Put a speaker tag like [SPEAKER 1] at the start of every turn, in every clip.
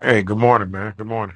[SPEAKER 1] Hey, good morning, man. Good morning.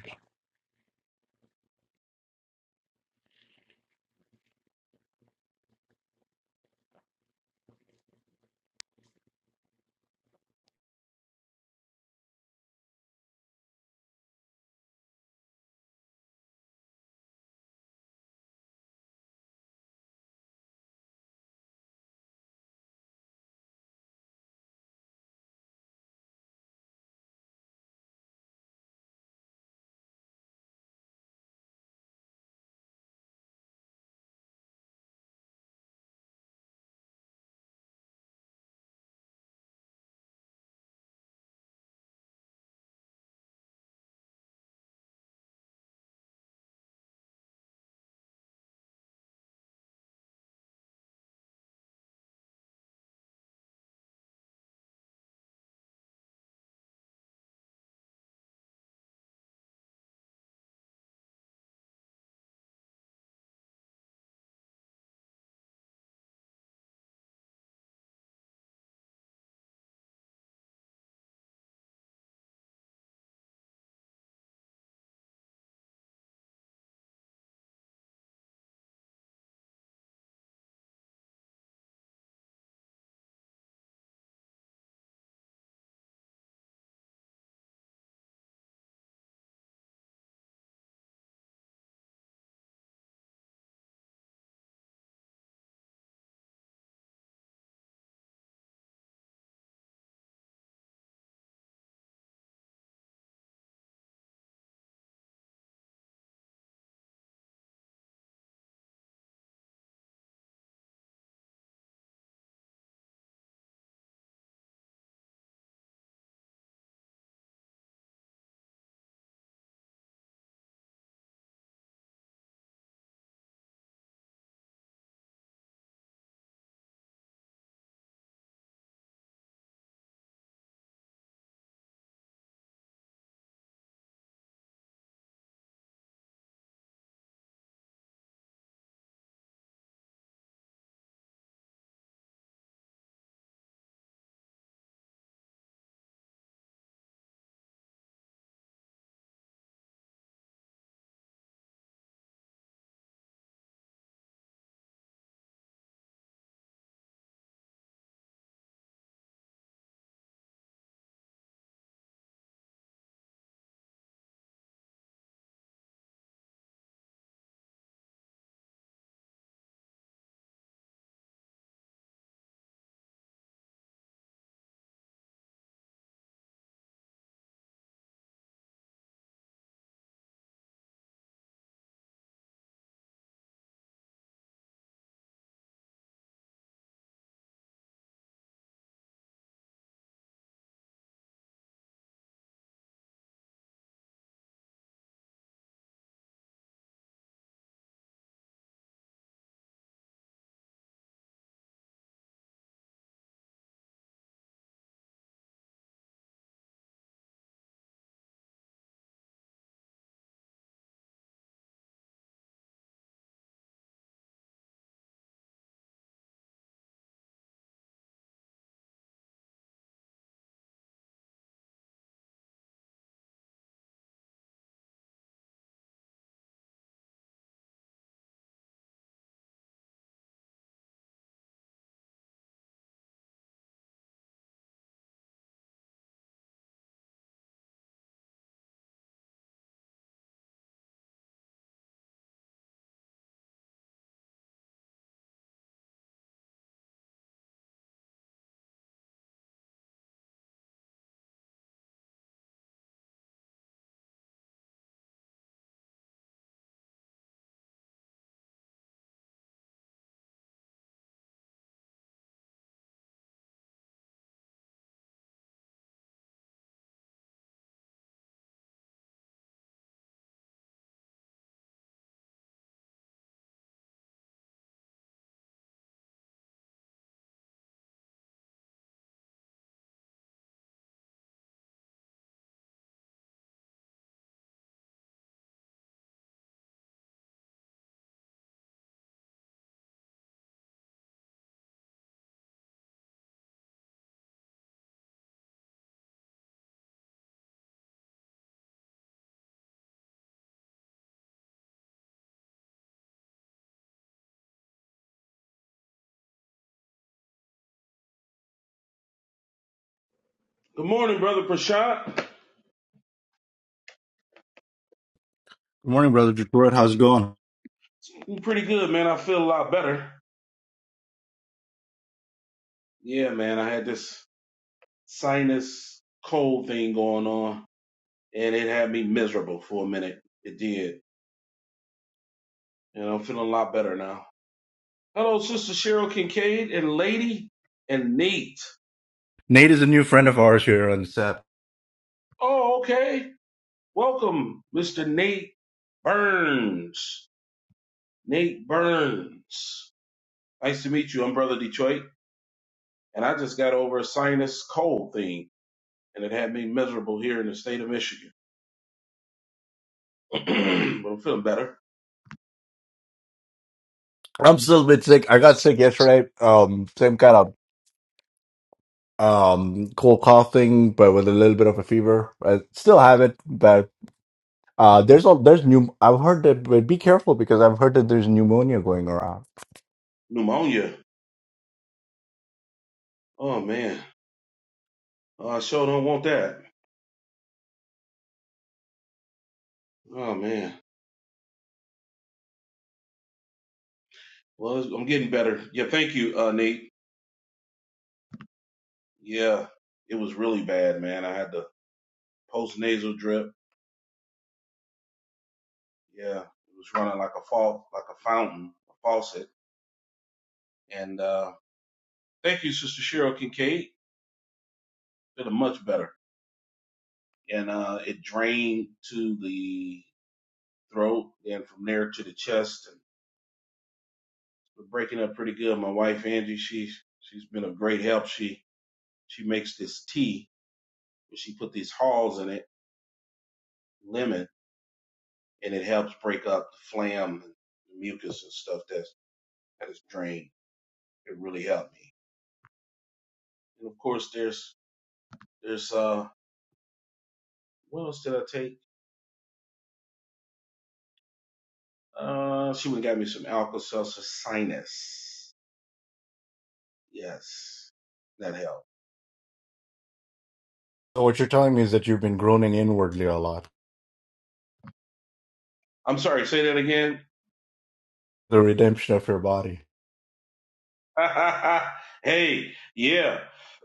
[SPEAKER 2] Good morning, brother Prashad.
[SPEAKER 3] Good morning, Brother Detroit. How's it going?
[SPEAKER 2] I'm pretty good, man. I feel a lot better. Yeah, man. I had this sinus cold thing going on, and it had me miserable for a minute. It did, and I'm feeling a lot better now. Hello, Sister Cheryl Kincaid and Lady and Nate.
[SPEAKER 3] Nate is a new friend of ours here on the set.
[SPEAKER 2] Oh, okay. Welcome, Mr. Nate Burns. Nate Burns. Nice to meet you. I'm Brother Detroit, and I just got over a sinus cold thing, and it had me miserable here in the state of Michigan. but I'm feeling better.
[SPEAKER 3] I'm still a bit sick. I got sick yesterday. Um, same kind of um cold cough thing, but with a little bit of a fever. I still have it, but uh, there's a there's new. I've heard that, but be careful because I've heard that there's pneumonia going around.
[SPEAKER 2] Pneumonia. Oh man. Oh, I sure don't want that. Oh man. Well, it's- I'm getting better. Yeah, thank you, uh, Nate. Yeah, it was really bad, man. I had the post nasal drip. Yeah, it was running like a fall, like a fountain, a faucet. And uh, thank you, Sister Cheryl Kincaid. Feeling much better. And uh, it drained to the throat, and from there to the chest, and we're breaking up pretty good. My wife Angie, she's she's been of great help. She She makes this tea where she put these hulls in it, lemon, and it helps break up the phlegm and the mucus and stuff that's that is drained. It really helped me. And of course, there's there's uh what else did I take? Uh, she went and got me some Alka-Seltzer Sinus. Yes, that helped.
[SPEAKER 3] So what you're telling me is that you've been groaning inwardly a lot.
[SPEAKER 2] I'm sorry, say that again.
[SPEAKER 3] The redemption of your body.
[SPEAKER 2] hey, yeah,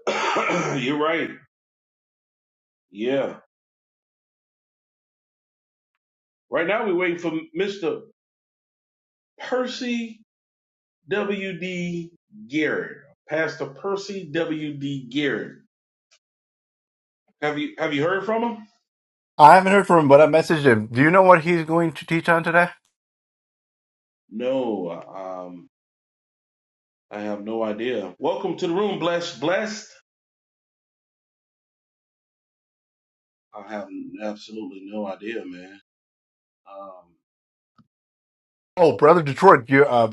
[SPEAKER 2] you're right. Yeah. Right now we're waiting for Mr. Percy. W.D. Garrett, Pastor Percy W.D. Garrett. Have you have you heard from him?
[SPEAKER 3] I haven't heard from him, but I messaged him. Do you know what he's going to teach on today?
[SPEAKER 2] No, um, I have no idea. Welcome to the room, blessed, blessed. I have absolutely no idea, man. Um,
[SPEAKER 3] Oh, brother Detroit, you uh,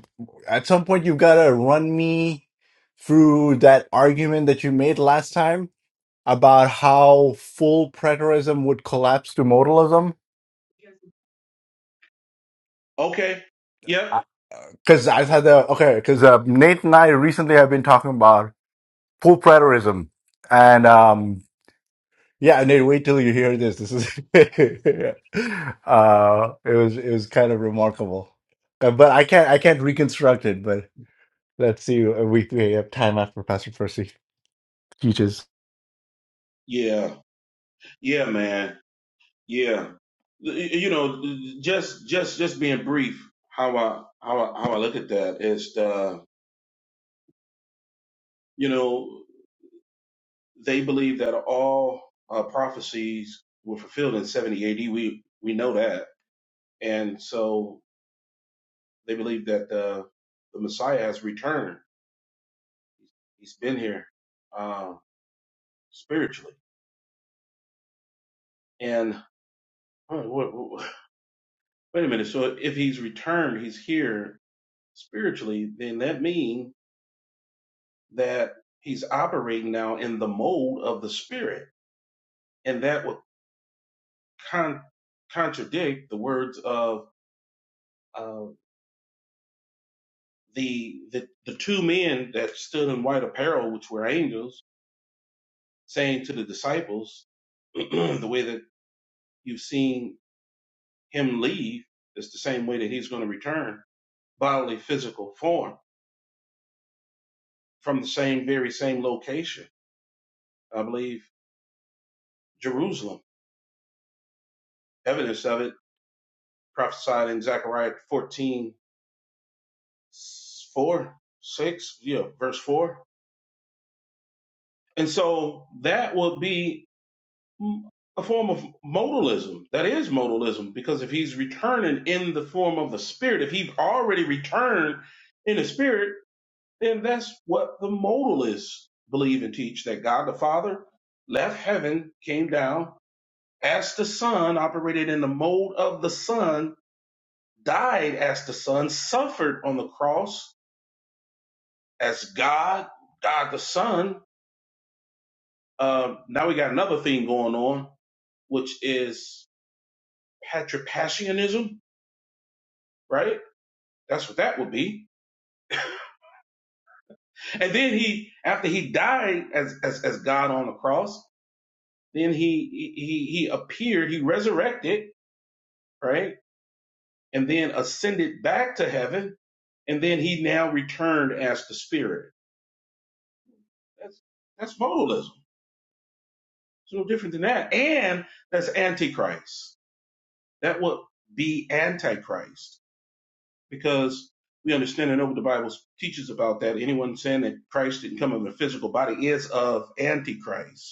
[SPEAKER 3] at some point you've got to run me through that argument that you made last time about how full preterism would collapse to modalism.
[SPEAKER 2] okay, yep,
[SPEAKER 3] Because I had the okay, because uh, Nate and I recently have been talking about full preterism, and um, yeah, Nate, wait till you hear this. This is uh, it was it was kind of remarkable, Uh, but I can't I can't reconstruct it, Let's see. uh, We, we have time after Pastor Percy teaches.
[SPEAKER 2] yeah, yeah, man, yeah. You know, just just just being brief, how I how I, how I look at that is, uh, you know. They believe that all uh, prophecies were fulfilled in 70 AD. We we know that, and so they believe that the the Messiah has returned. He's been here um, spiritually. And oh, wha- wha- wait a minute. So if he's returned, he's here spiritually. Then that means that he's operating now in the mold of the spirit, and that would con- contradict the words of the, the the two men that stood in white apparel, which were angels, saying to the disciples, the way that you've seen him leave is the same way that he's going to return, bodily physical form, from the same very same location, I believe Jerusalem. Evidence of it prophesied in Zechariah fourteen four, 6, yeah, verse 4. And so that will be m- a form of modalism. That is modalism because if he's returning in the form of the spirit, if he's already returned in the spirit, then that's what the modalists believe and teach that God the Father left heaven, came down as the Son, operated in the mold of the Son, died as the Son, suffered on the cross as God, God the Son. Um, now we got another thing going on, which is patripassianism right? That's what that would be. And then he, after he died as as, as God on the cross, then he he he appeared, he resurrected, right, and then ascended back to heaven, and then he now returned as the Spirit. That's that's modalism. It's no different than that, and that's antichrist. That would be antichrist because we understand and know what the Bible teaches about that. Anyone saying that Christ didn't come in a physical body is of antichrist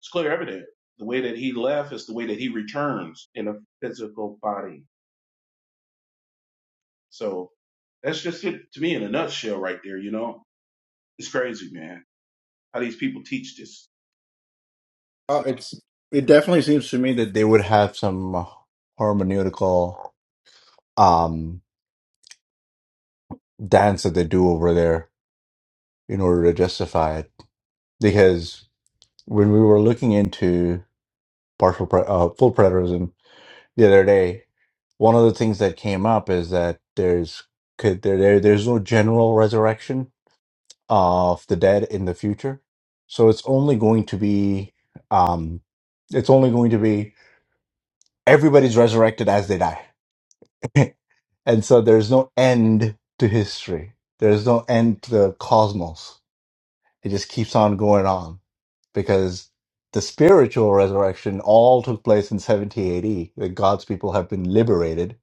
[SPEAKER 2] It's clear evident. The way that he left is the way that he returns in a physical body. So that's just it to me in a nutshell right there, you know? It's crazy, man. How these people teach this. It's
[SPEAKER 3] Uh, it's
[SPEAKER 2] nonsense.
[SPEAKER 3] it definitely seems to me that they would have some hermeneutical um dance that they do over there in order to justify it. Because when we were looking into partial pre- uh, full preterism the other day, one of the things that came up is that there's could there, there there's no general resurrection of the dead in the future. So it's only going to be, um, it's only going to be everybody's resurrected as they die. and so there's no end to history. There's no end to the cosmos. It just keeps on going on because the spiritual resurrection all took place in 70 AD. That God's people have been liberated,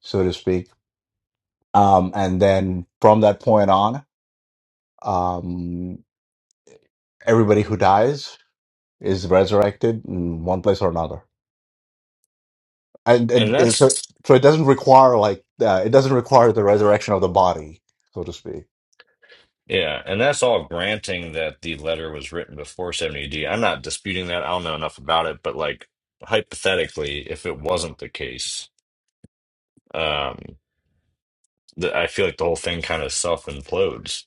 [SPEAKER 3] so to speak. Um, and then from that point on, um, everybody who dies is resurrected in one place or another. And,
[SPEAKER 4] And
[SPEAKER 3] and and so,
[SPEAKER 4] that's
[SPEAKER 3] so it doesn't require like uh, it doesn't require the resurrection of the body, so to speak.
[SPEAKER 4] yeah, and that's all granting that the letter was written before 70 AD. am not disputing that. I don't know enough about it, but like hypothetically, if it wasn't the case, um, the, I feel like the whole thing kind of self implodes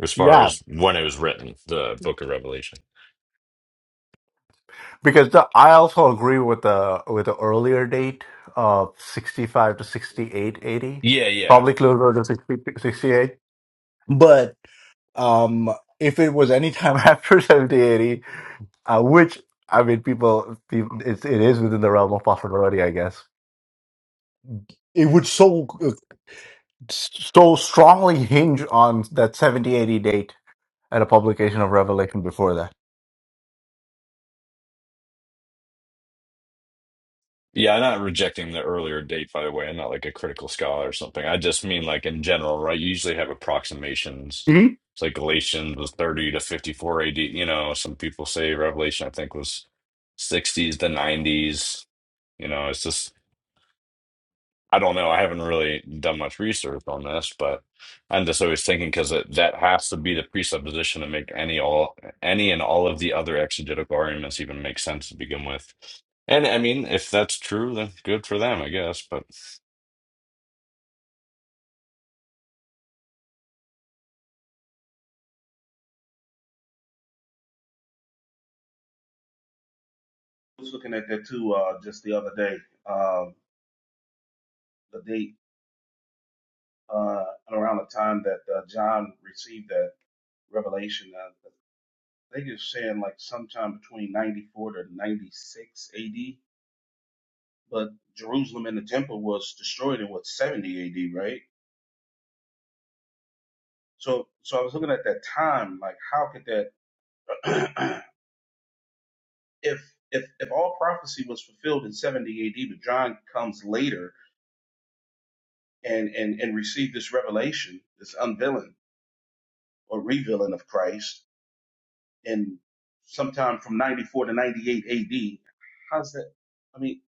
[SPEAKER 4] as far
[SPEAKER 3] Yeah,
[SPEAKER 4] as when it was written, the Book of Revelation.
[SPEAKER 3] because the, I also agree with the with the earlier date of sixty five to sixty eight eighty,
[SPEAKER 4] Yeah, yeah.
[SPEAKER 3] probably closer to 60, 68. But um, if it was any time after seventy eighty, uh, which I mean, people, people it's, it is within the realm of possibility, I guess. It would so so strongly hinge on that 70 80 date and a publication of revelation before that
[SPEAKER 4] Yeah, I'm not rejecting the earlier date, by the way. I'm not like a critical scholar or something. I just mean like in general, right? You usually have approximations.
[SPEAKER 3] Mhm.
[SPEAKER 4] It's like Galatians was 30 to 54 AD. You know, some people say Revelation, I think, was 60s to 90s. You know, it's just I don't know. I haven't really done much research on this, but I'm just always thinking because that has to be the presupposition to make any all any and all of the other exegetical arguments even make sense to begin with. And I mean, if that's true, then good for them, I guess. But
[SPEAKER 2] I was looking at that too uh, just the other day. Um the date uh, around the time that uh, John received that revelation. Uh, I think it's saying like sometime between 94 to 96 AD, but Jerusalem and the temple was destroyed in what, 70 AD, right? So so I was looking at that time, like how could that if if if all prophecy was fulfilled in 70 AD, but John comes later and and and received this revelation, this unveiling or revealing of Christ in sometime from 94 to 98 AD, how's that I mean,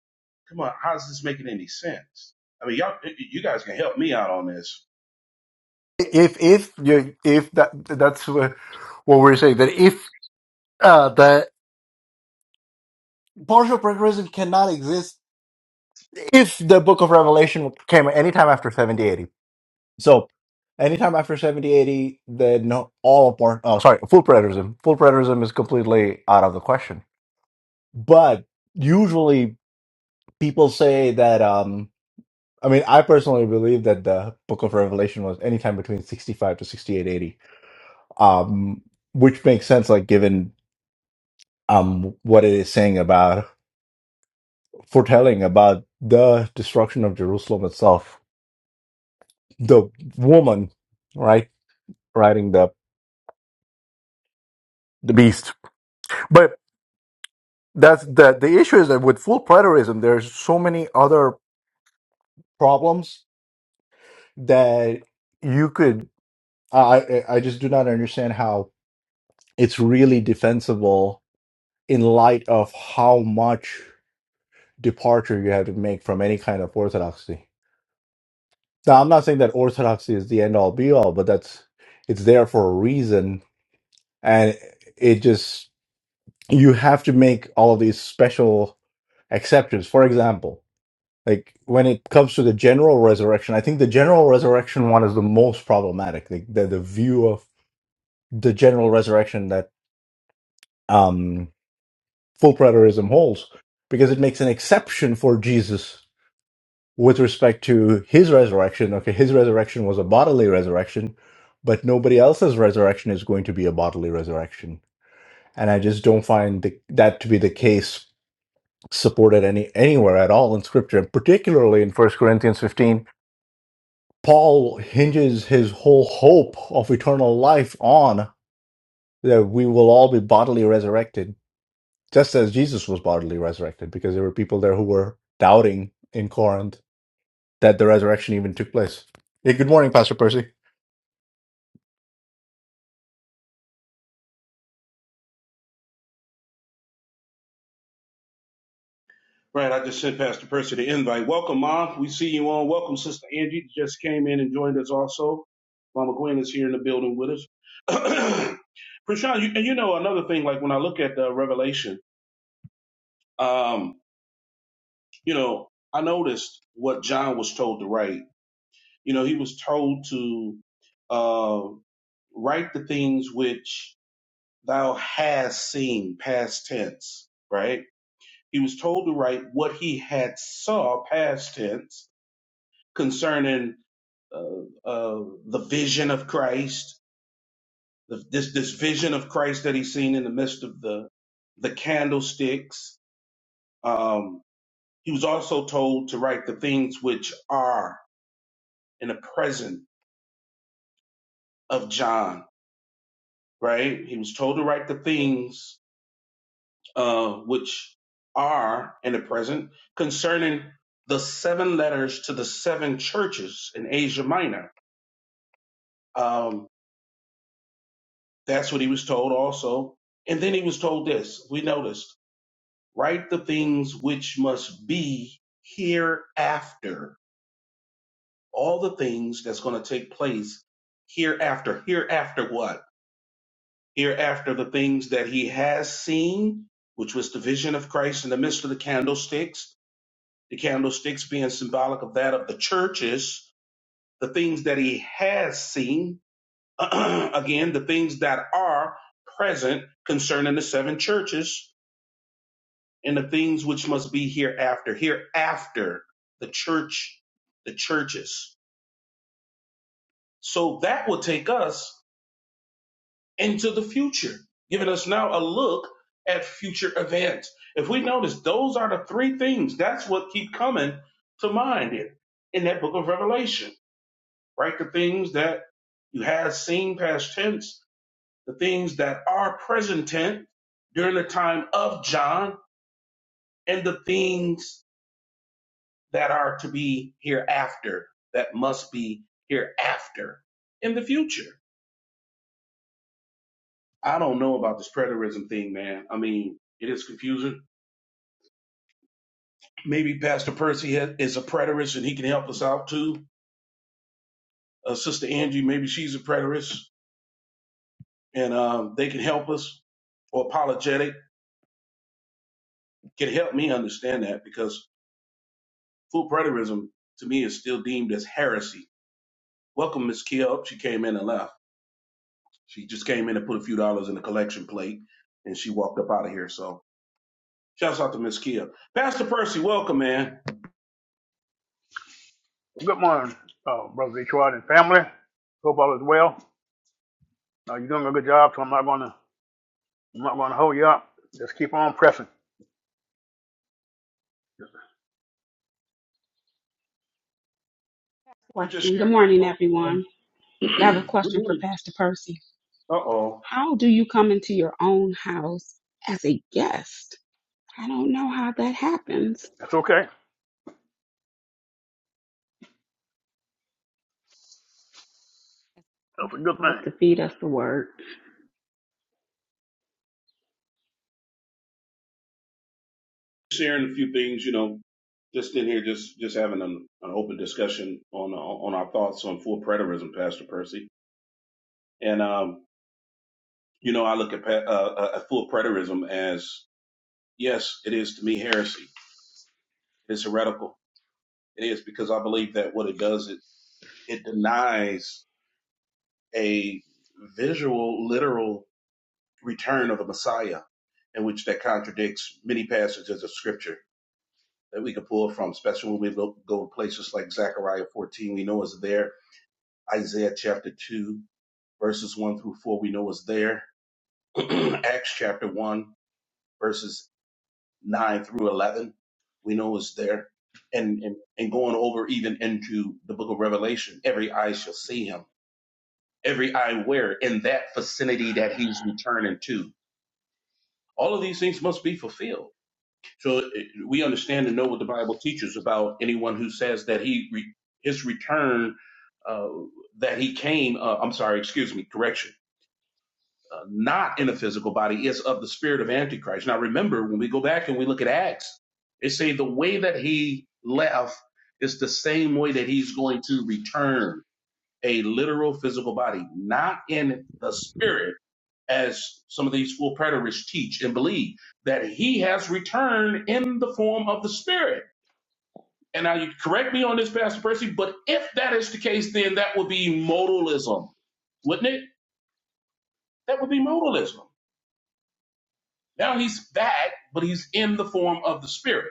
[SPEAKER 2] come on, how's this making any sense? I mean, y'all you guys can help me out on this
[SPEAKER 3] if if you if that that's what what we're saying that if uh the partial preterism cannot exist if the book of revelation came anytime after 70 80. so anytime after 70 80, then no- all part oh sorry full preterism full preterism is completely out of the question but usually people say that um I mean, I personally believe that the Book of Revelation was anytime between sixty-five to sixty-eight, eighty, um, which makes sense, like given um what it is saying about foretelling about the destruction of Jerusalem itself. The woman, right, riding the the beast, but that's the the issue is that with full preterism, there's so many other problems that you could. I I I just do not understand how it's really defensible in light of how much departure you have to make from any kind of orthodoxy. Now, I'm not saying that orthodoxy is the end all be all, but that's it's there for a reason, and it just you have to make all of these special exceptions. For example, like when it comes to the general resurrection, I think the general resurrection one is the most problematic. Like the, the view of the general resurrection that um, full preterism holds, because it makes an exception for Jesus with respect to his resurrection. Okay, his resurrection was a bodily resurrection, but nobody else's resurrection is going to be a bodily resurrection. And I just don't find the, that to be the case supported any anywhere at all in scripture, and particularly in First Corinthians 15. Paul hinges his whole hope of eternal life on that we will all be bodily resurrected, just as Jesus was bodily resurrected, because there were people there who were doubting in Corinth that the resurrection even took place. Hey, good morning, Pastor Percy.
[SPEAKER 2] Right, I just sent Pastor Percy the invite. Welcome, Mom. We see you on. Welcome, Sister Angie. Just came in and joined us also. Mama Gwen is here in the building with us. Prashant, you, and you know another thing, like when I look at the Revelation, um, you know, I noticed what John was told to write. You know, he was told to uh, write the things which thou hast seen, past tense, right? He was told to write what he had saw, past tense, concerning uh, uh, the vision of Christ, the, this this vision of Christ that he's seen in the midst of the the candlesticks. Um, he was also told to write the things which are in the present of John. Right? He was told to write the things uh, which are in the present concerning the seven letters to the seven churches in Asia Minor. Um, that's what he was told also. And then he was told this. We noticed write the things which must be hereafter. All the things that's going to take place hereafter. Hereafter what? Hereafter the things that he has seen, which was the vision of Christ in the midst of the candlesticks, the candlesticks being symbolic of that of the churches, the things that he has seen, again, the things that are present concerning the seven churches, and the things which must be hereafter, hereafter the church, the churches. So that will take us into the future, giving us now a look at future events. If we notice, those are the three things. That's what keep coming to mind in, in that book of Revelation, right? The things that you have seen past tense, the things that are present tense during the time of John, and the things that are to be hereafter, that must be hereafter in the future. I don't know about this preterism thing, man. I mean, it is confusing. Maybe Pastor Percy is a preterist and he can help us out too. Uh, Sister Angie, maybe she's a preterist and um, they can help us. Or apologetic can help me understand that because full preterism to me is still deemed as heresy. Welcome, Miss Kiel. She came in and left. She just came in and put a few dollars in the collection plate and she walked up out of here. So Shouts out to Miss Kia. Pastor Percy, welcome, man.
[SPEAKER 5] Good morning, uh, brother Detroit and family. Hope all is well. Uh, you're doing a good job, so I'm not gonna I'm not gonna hold you up. Just keep on pressing.
[SPEAKER 2] We were just
[SPEAKER 6] Question.
[SPEAKER 2] sharing
[SPEAKER 6] Good
[SPEAKER 2] our
[SPEAKER 6] morning,
[SPEAKER 2] thoughts.
[SPEAKER 6] everyone.
[SPEAKER 2] on-
[SPEAKER 6] But I have a question for Pastor Percy.
[SPEAKER 2] uh oh.
[SPEAKER 6] How do you come into your own house as a guest? I don't know how that happens.
[SPEAKER 5] That's okay. That's a good
[SPEAKER 6] Love
[SPEAKER 5] thing.
[SPEAKER 6] to feed us the word.
[SPEAKER 2] Sharing a few things, you know, just in here, just just having an, an open discussion on uh, on our thoughts on full preterism, Pastor Percy. And um, you know, I look at pa- uh, uh, at full preterism as yes, it is to me heresy. It's heretical. It is because I believe that what it does, it it denies a visual, literal return of the Messiah, in which that contradicts many passages of Scripture that we can pull from, especially when we go, go to places like Zechariah 14, we know is there. Isaiah chapter 2, verses 1 through 4, we know is there. Acts chapter 1, verses 9 through 11, we know is there. And, and, and going over even into the book of Revelation, every eye shall see him, every eye where in that vicinity that he's returning to. All of these things must be fulfilled So it, we understand and know what the Bible teaches about anyone who says that he re, his return uh, that he came. Uh, I'm sorry, excuse me, correction. Uh, not in a physical body is of the spirit of antichrist now remember when we go back and we look at acts it say the way that he left is the same way that he's going to return a literal physical body, not in the spirit, as some of these full preterists teach and believe, that he has returned in the form of the spirit. And now you can correct me on this, Pastor Percy, but if that is the case, then that would be modalism, wouldn't it? That would be modalism. Now he's back, but he's in the form of the spirit.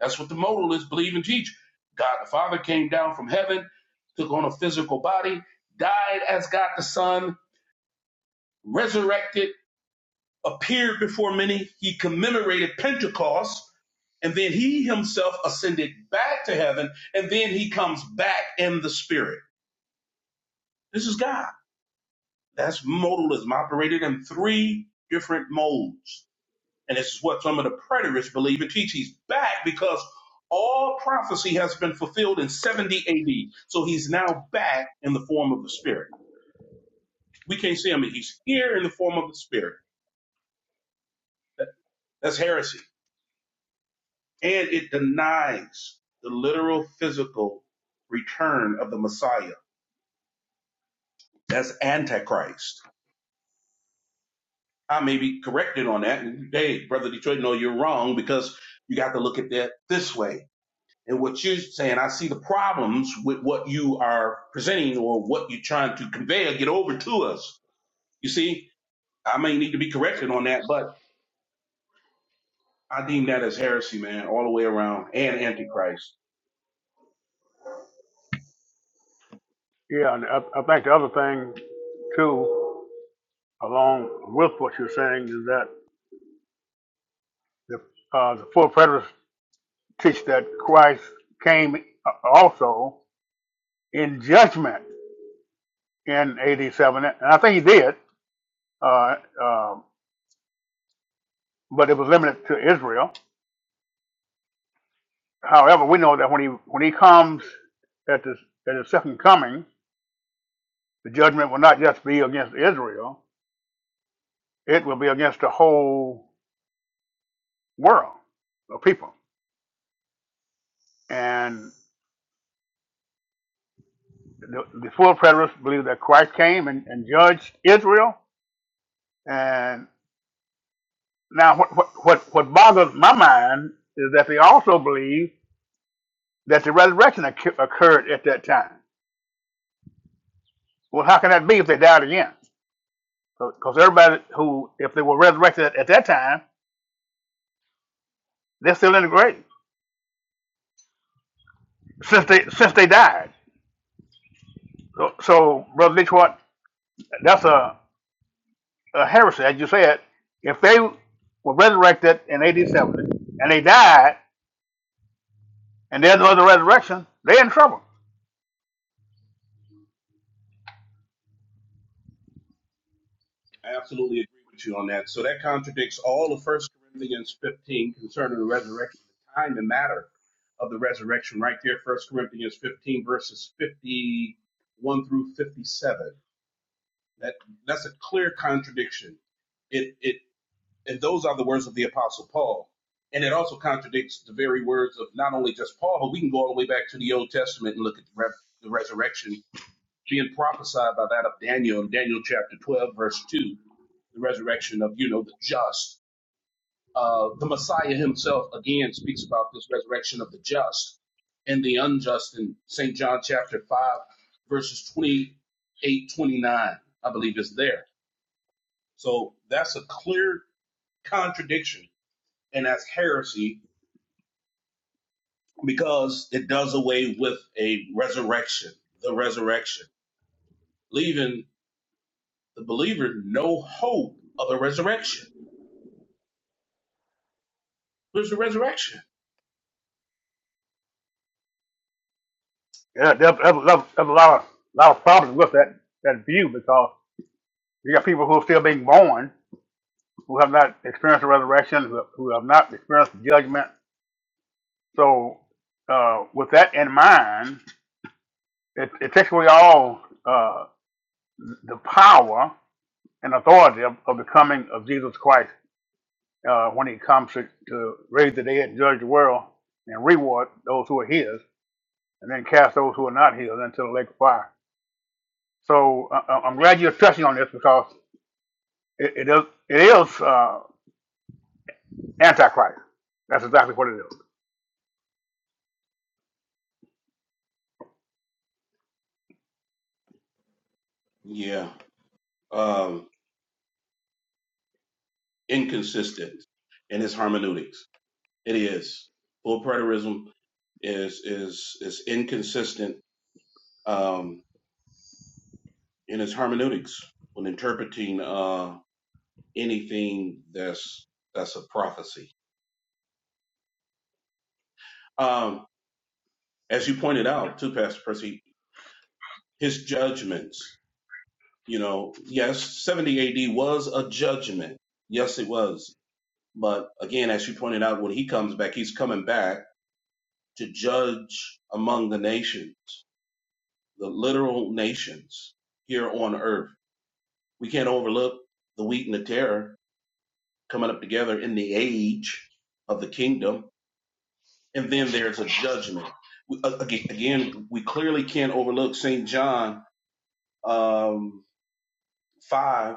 [SPEAKER 2] That's what the modalists believe and teach. God the Father came down from heaven, took on a physical body, died as God the Son, resurrected appeared before many. He commemorated Pentecost, and then he himself ascended back to heaven, and then he comes back in the spirit. This is God. That's modalism operated in three different modes. And this is what some of the preterists believe and teach. He's back because all prophecy has been fulfilled in 70 AD. So he's now back in the form of the spirit. We can't see him. He's here in the form of the spirit. That- That's heresy. and it denies the literal physical return of the Messiah. That's antichrist. I may be corrected on that. And hey, brother Detroit, no, you're wrong because you got to look at that this way. And what you're saying, I see the problems with what you are presenting or what you're trying to convey or get over to us. You see, I may need to be corrected on that, but I deem that as heresy, man, all the way around and antichrist.
[SPEAKER 5] Yeah, and I, I think the other thing too, along with what you're saying, is that the uh, the four predators teach that Christ came uh, also in judgment in AD 7, and I think he did, uh, uh, but it was limited to Israel However, we know that when he when he comes at the at his second coming, the judgment will not just be against Israel; it will be against the whole world of people. And the, the full preterists believe that Christ came and, and judged Israel. And now, what what what what boggles my mind is that they also believe that the resurrection occu- occurred at that time. Well, how can that be if they died again? Because everybody who, if they were resurrected at, at that time, they're still in the grave. since they since they died. So, so Brother Detroit, that's a, a heresy, as you said. If they were resurrected in AD 70 and they died, and there's no other resurrection, they're in trouble.
[SPEAKER 2] I absolutely agree with you on that. So that contradicts all of First Corinthians 15 concerning the resurrection, the time and matter of the resurrection, right there, First Corinthians 15 verses 51 through 57. That that's a clear contradiction. It it and those are the words of the Apostle Paul. And it also contradicts the very words of not only just Paul, but we can go all the way back to the Old Testament and look at the, rev the resurrection being prophesied by that of Daniel in Daniel chapter 12, verse 2 the resurrection of, you know, the just. Uh, the Messiah himself again speaks about this resurrection of the just and the unjust in St. John chapter 5, verses 28, 29. I believe is there. So that's a clear contradiction and that's heresy because it does away with a resurrection, the resurrection, leaving the believer no hope of a resurrection. There's a resurrection.
[SPEAKER 5] Yeah, there's, there's, there's a lot of lot of problems with that that view because you got people who are still being born who have not experienced the resurrection, who, who have not experienced the judgment. So, uh, with that in mind, it, it takes away all uh, the power and authority of, of the coming of Jesus Christ uh, when he comes to, to raise the dead and judge the world and reward those who are his and then cast those who are not his into the lake of fire. So uh, uh, I'm glad you're touching on this because it, it is, it is uh, antichrist. That's exactly what it is.
[SPEAKER 2] Yeah. Um, inconsistent in his hermeneutics. It is full preterism is is is inconsistent um, in his hermeneutics when interpreting uh, anything that's that's a prophecy. Um, as you pointed out, too, Pastor Percy, his judgments. You know, yes, 70 AD was a judgment. Yes, it was. But again, as you pointed out, when he comes back, he's coming back to judge among the nations. the literal nations here on earth. We can't overlook the wheat and the terror coming up together in the age of the kingdom. And then there's a judgment. We- a- aga- Again, we clearly can't overlook St. John um, 5,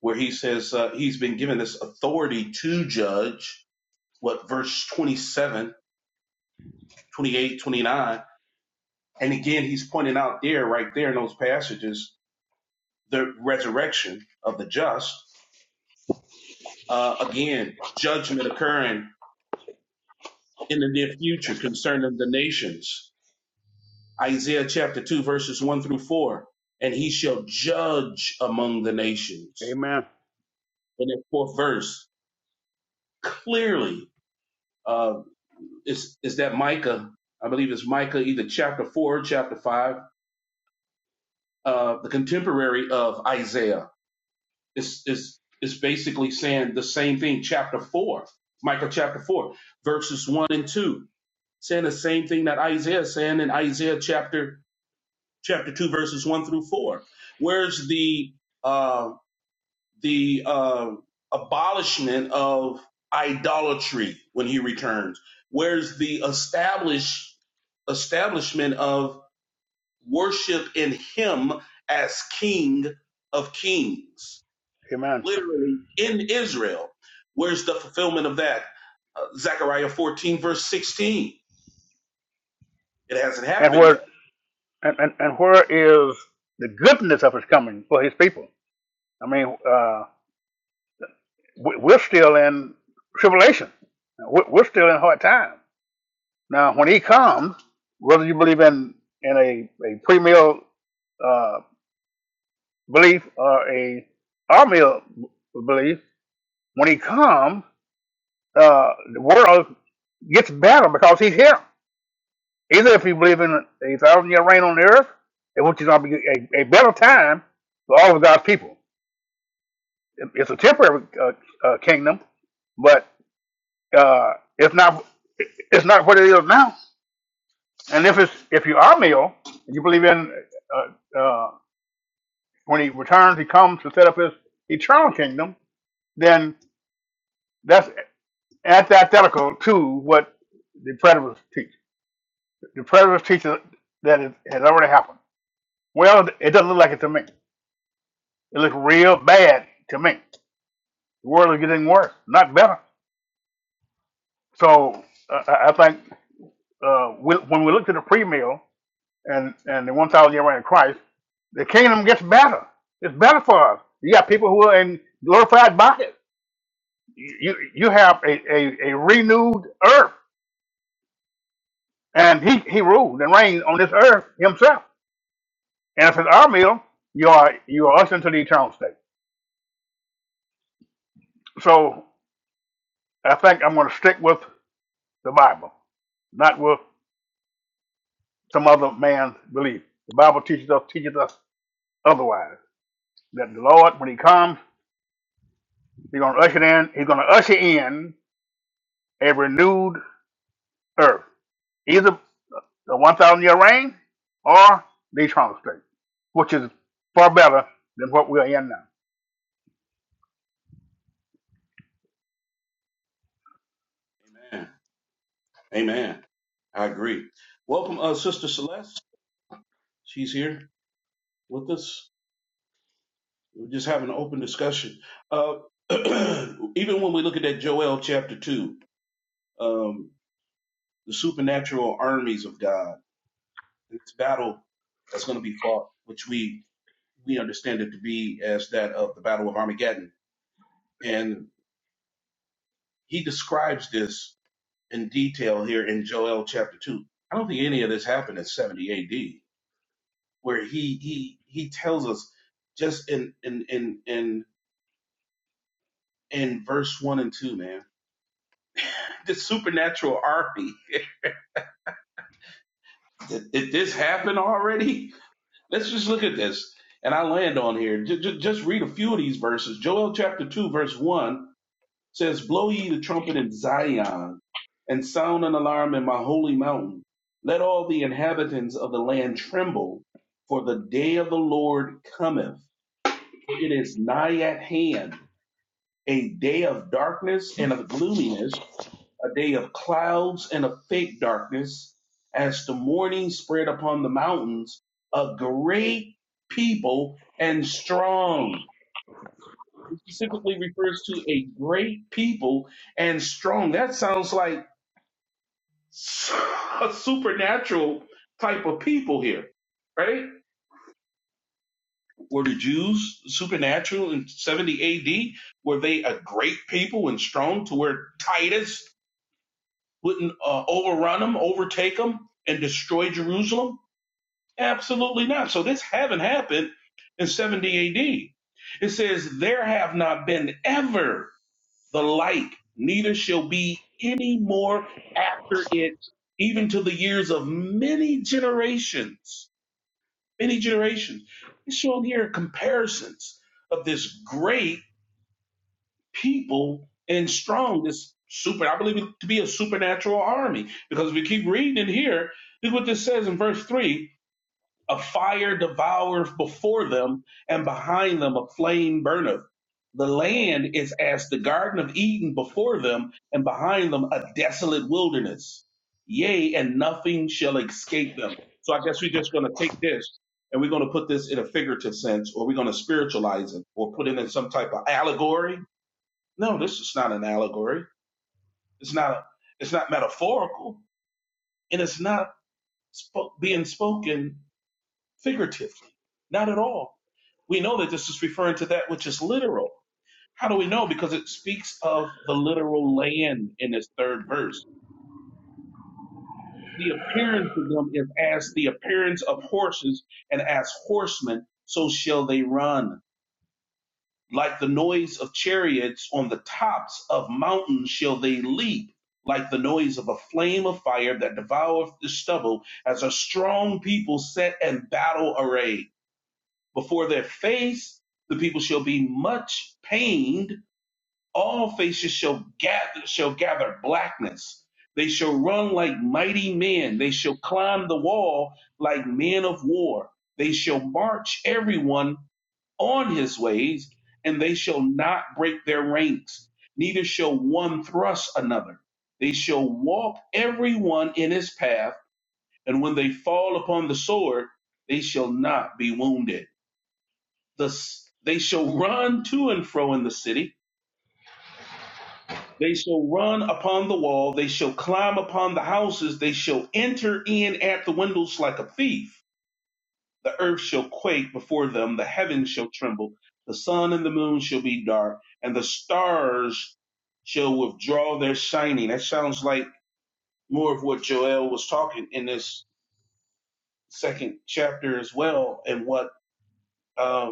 [SPEAKER 2] where he says uh, he's been given this authority to judge, what, verse 27, 28, 29? And again, he's pointing out there, right there in those passages, the resurrection of the just uh, again, judgment occurring in the near future concerning the nations. Isaiah chapter 2, verses 1 through 4. And he shall judge among the nations.
[SPEAKER 5] Amen.
[SPEAKER 2] And that fourth verse clearly uh, is, is that Micah, I believe it's Micah, either chapter 4 or chapter 5, uh, the contemporary of Isaiah Is is is basically saying the same thing, chapter 4, Micah chapter 4, verses 1 and 2, saying the same thing that Isaiah is saying in Isaiah chapter chapter 2, verses 1 through 4. Where's the uh, the uh, abolishment of idolatry when he returns? Where's the establish, establishment of worship in him as King of kings?
[SPEAKER 5] Amen.
[SPEAKER 2] literally in Israel. Where's the fulfillment of that? Uh, Zechariah 14, verse 16. It hasn't
[SPEAKER 5] And
[SPEAKER 2] happened
[SPEAKER 5] where
[SPEAKER 2] yet.
[SPEAKER 5] and, and, and where is the goodness of his coming for his people? I mean, uh, we, we're still in tribulation. We're, we're still in hard times Now, when he comes, whether you believe in in a a pre-meal uh, belief or a all meal belief, when he comes, uh, the world gets better because he's here. Either if you believe in a thousand year reign on the earth, in which is going to be a, a better time for all of God's people. It- It's a temporary uh, uh, kingdom, but uh, it's not it's not what it is now. And if it's if you are male, you believe in uh, uh, when he returns, he comes to set up his eternal kingdom, then that's antithetical to what the predators teach. The predators teach that it has already happened. Well, it doesn't look like it to me. It looks real bad to me. The world is getting worse, not better. So uh, I I think uh, we, when we look to the pre-meal and, and the 1,000 year reign of Christ, the kingdom gets better. It's better for us. You got people who are in glorified bodies. you you have a, a, a renewed earth and he, he ruled and reigned on this earth himself and if it's our meal you are you are us into the eternal state so i think i'm going to stick with the bible not with some other man's belief the bible teaches us teaches us otherwise that the lord when he comes he's going to usher in he's going to usher in a renewed earth the 1,000 year reign or the eternal state, which is far better than what we're in now.
[SPEAKER 2] Amen. Amen. I agree. Welcome, uh, Sister Celeste. She's here with us. We're just having an open discussion. Uh, even when we look at that Joel chapter 2, um, the supernatural armies of God, this battle that's going to be fought, which we, we understand it to be as that of the Battle of Armageddon. And he describes this in detail here in Joel chapter 2. I don't think any of this happened in 70 AD, where he he he tells us just in in in in in verse one and two, man, this supernatural army. Did, did this happen already? Let's just look at this, and I land on here. Just, just read a few of these verses. Joel chapter two, verse one says, Blow ye the trumpet in Zion, and sound an alarm in my holy mountain. Let all the inhabitants of the land tremble, for the day of the Lord cometh. it is nigh at hand, a day of darkness and of gloominess, a day of clouds and of fake darkness, as the morning spread upon the mountains, a great people and strong. It specifically refers to a great people and strong. That sounds like a supernatural type of people here, right? Were the Jews supernatural in 70 AD? Were they a great people and strong to where Titus wouldn't uh, overrun them, overtake them, and destroy Jerusalem? Absolutely not. So this haven't happened in 70 AD. It says, there have not been ever the like, neither shall be any more after it, even to the years of many generations. Many generations. It's showing here comparisons of this great people and strong, this super, I believe it to be a supernatural army. Because if we keep reading it here, look what this says in verse 3 a fire devoureth before them, and behind them a flame burneth. The land is as the Garden of Eden before them, and behind them a desolate wilderness. Yea, and nothing shall escape them. So I guess we're just going to take this and we're going to put this in a figurative sense, or we're going to spiritualize it, or put it in some type of allegory. No, this is not an allegory. It's not. A, it's not metaphorical, and it's not spo- being spoken figuratively? Not at all. We know that this is referring to that which is literal. How do we know? Because it speaks of the literal land in this third verse. The appearance of them is as the appearance of horses, and as horsemen, so shall they run. Like the noise of chariots on the tops of mountains shall they leap, like the noise of a flame of fire that devoureth the stubble, as a strong people set in battle array. Before their face the people shall be much pained. All faces shall gather shall gather blackness. They shall run like mighty men. They shall climb the wall like men of war. They shall march everyone on his ways, and they shall not break their ranks, neither shall one thrust another. They shall walk everyone in his path, and when they fall upon the sword, they shall not be wounded the they shall run to and fro in the city they shall run upon the wall they shall climb upon the houses they shall enter in at the windows like a thief the earth shall quake before them the heavens shall tremble the sun and the moon shall be dark and the stars shall withdraw their shining that sounds like more of what joel was talking in this second chapter as well and what um,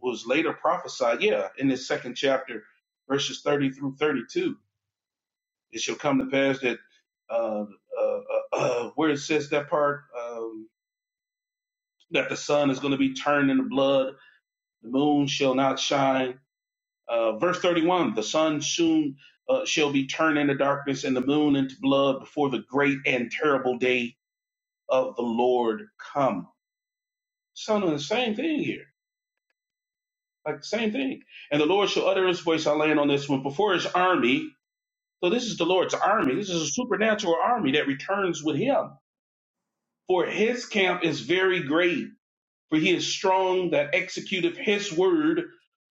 [SPEAKER 2] was later prophesied, yeah, in this second chapter, verses 30 through 32. It shall come to pass that uh, uh, uh, uh, where it says that part, um, that the sun is going to be turned into blood, the moon shall not shine. Uh, verse 31, the sun soon uh, shall be turned into darkness and the moon into blood before the great and terrible day of the Lord come. Son the same thing here, like the same thing. And the Lord shall utter his voice, I land on this one, before his army So this is the Lord's army. This is a supernatural army that returns with him. For his camp is very great, for he is strong that executeth his word.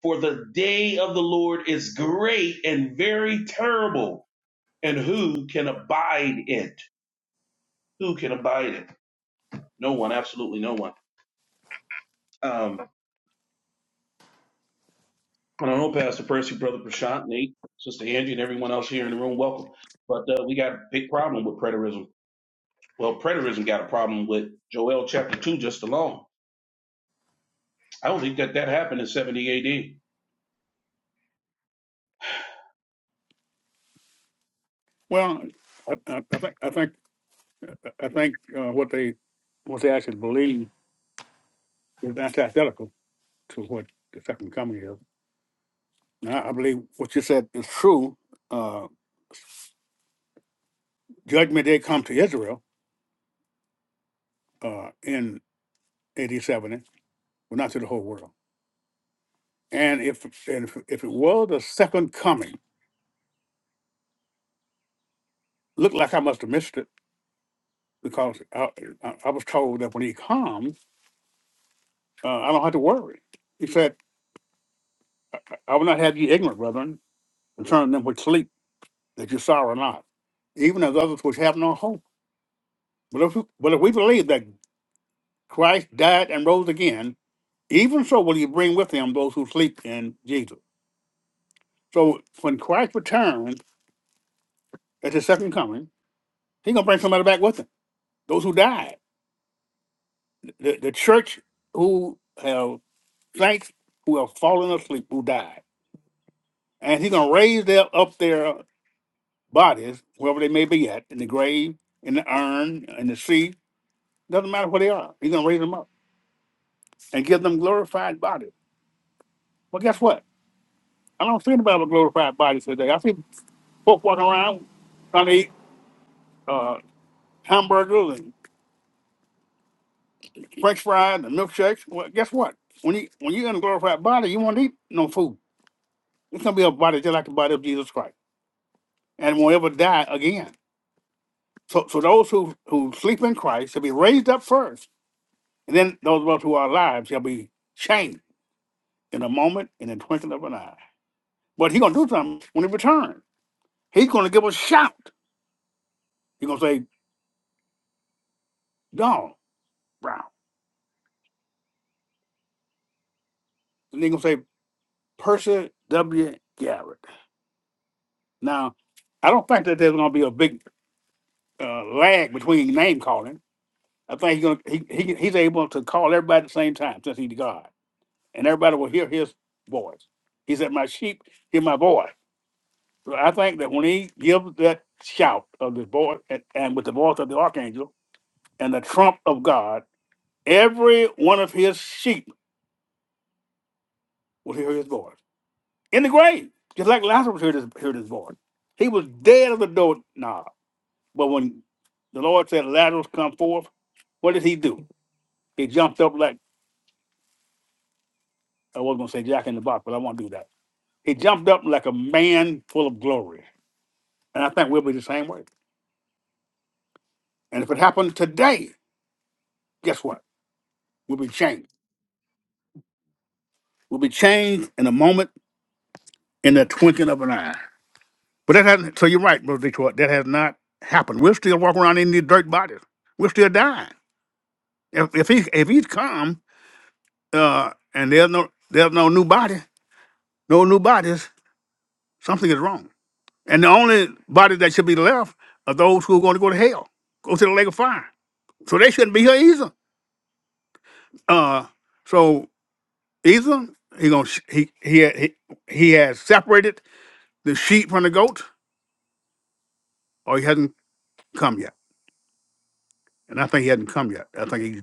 [SPEAKER 2] For the day of the Lord is great and very terrible. And who can abide it? Who can abide it? No one, absolutely no one. Um, and I know Pastor Percy, Brother Prashant, Nate, Sister Angie, and everyone else here in the room, welcome. But uh, we got a big problem with preterism. Well, preterism got a problem with Joel chapter 2 just alone I don't think that that happened in 70 AD.
[SPEAKER 5] Well, I, I I think I think I think uh, what they what they actually believe is antithetical to what the second coming is. Now, I believe what you said is true. Uh, judgment did come to Israel uh, in AD seventy, well, not to the whole world. And if and if, if it was the second coming, looked like I must have missed it because I, I, I was told that when he comes. Uh, I don't have to worry. He said, I will not have you ignorant, brethren, concerning them which sleep, that you sorrow not, even as others which have no hope. But if, but if we believe that Christ died and rose again, even so will He bring with him those who sleep in Jesus. So when Christ returns at his second coming, he's going to bring somebody back with him. Those who died, the, the church who have saints who have fallen asleep, who died. And he's going to raise them up there bodies, wherever they may be at, in the grave, in the urn, in the sea, doesn't matter where they are. He's gonna raise them up and give them glorified bodies. Well, guess what? I don't see anybody with glorified bodies today. I see folks walking around trying to eat uh, hamburgers and French fries and milkshakes. Well, guess what? When you when you're in a glorified body, you won't eat no food. It's gonna be a body just like the body of Jesus Christ, and won't ever die again. So, so those who who sleep in Christ shall be raised up first, and then those of us who are alive shall be changed in a moment, in the twinkling of an eye. But he gonna do something when he returns. He's gonna give us a shout. He gonna say, Don Brown. And he gonna say, Percy W. Garrett. Now, I don't think that there's gonna be a big uh, lag between name calling. I think he's gonna he, he he's able to call everybody at the same time since he's God. And everybody will hear his voice. He said, My sheep hear my voice. So I think that when he gives that shout of the voice and, and with the voice of the archangel and the trump of God, Every one of his sheep will hear his voice in the grave, just like Lazarus heard his, heard his voice. He was dead of the door knob. But when the Lord said, Lazarus, come forth, what did he do? He jumped up like, I was going to say Jack in the box, but I won't do that. He jumped up like a man full of glory. And I think we'll be the same way. And if it happened today, guess what? We'll be changed. We'll be changed in a moment, in the twinkling of an eye. But that hasn't, so you're right, Brother Detroit. That has not happened. We're still walking around in these dirt bodies. We're still dying. If, if he if he's come uh, and there's no there's no new body, no new bodies, something is wrong. And the only bodies that should be left are those who are going to go to hell, go to the lake of fire. So they shouldn't be here either. Uh, so either he gonna sh- he, he he he has separated the sheep from the goats, or he hasn't come yet. And I think he hasn't come yet. I think he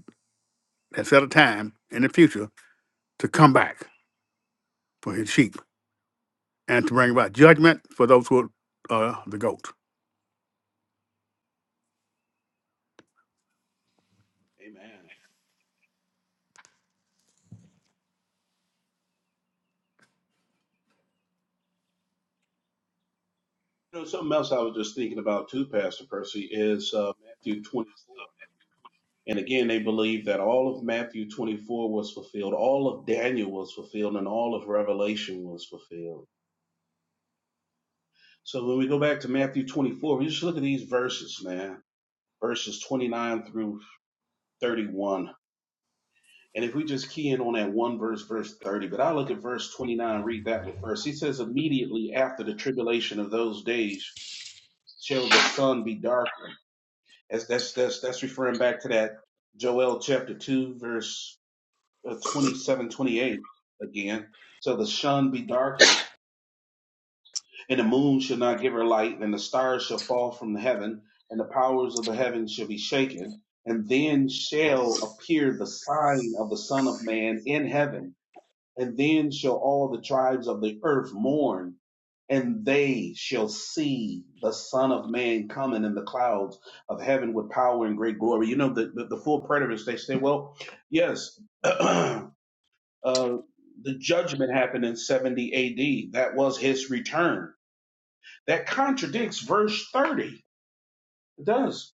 [SPEAKER 5] has set a time in the future to come back for his sheep and to bring about judgment for those who are uh, the goat.
[SPEAKER 2] Amen. You know, something else I was just thinking about too, Pastor Percy, is uh, Matthew 24. And again, they believe that all of Matthew 24 was fulfilled, all of Daniel was fulfilled, and all of Revelation was fulfilled. So when we go back to Matthew 24, we just look at these verses, man, verses 29 through 31. And if we just key in on that one verse, verse 30, but I look at verse 29, read that one first. He says, immediately after the tribulation of those days, shall the sun be darkened. As that's that's that's referring back to that Joel chapter two verse uh, 27, twenty-eight again. So the sun be darkened, and the moon shall not give her light, and the stars shall fall from the heaven, and the powers of the heavens shall be shaken. And then shall appear the sign of the Son of Man in heaven, and then shall all the tribes of the earth mourn, and they shall see the Son of Man coming in the clouds of heaven with power and great glory. You know, the, the, the full preterists, they say, well, yes, uh, the judgment happened in 70 AD. That was his return. That contradicts verse 30. It does.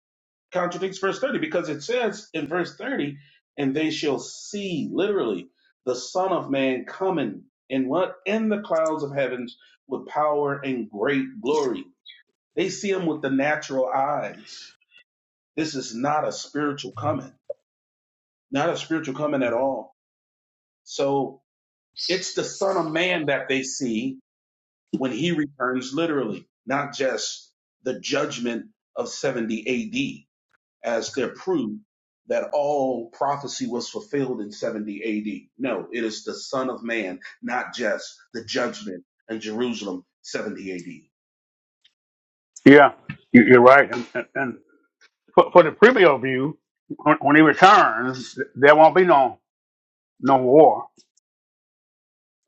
[SPEAKER 2] Contradicts verse 30 because it says in verse 30, and they shall see literally the Son of Man coming in what? In the clouds of heavens with power and great glory they see him with the natural eyes. This is not a spiritual coming, not a spiritual coming at all. So it's the Son of Man that they see when he returns literally, not just the judgment of 70 AD as their proof that all prophecy was fulfilled in 70 AD. No, it is the Son of Man, not just the judgment in Jerusalem 70 AD.
[SPEAKER 5] Yeah, you- you're right. And, and, and for, for the previous view, when, when he returns, there won't be no no war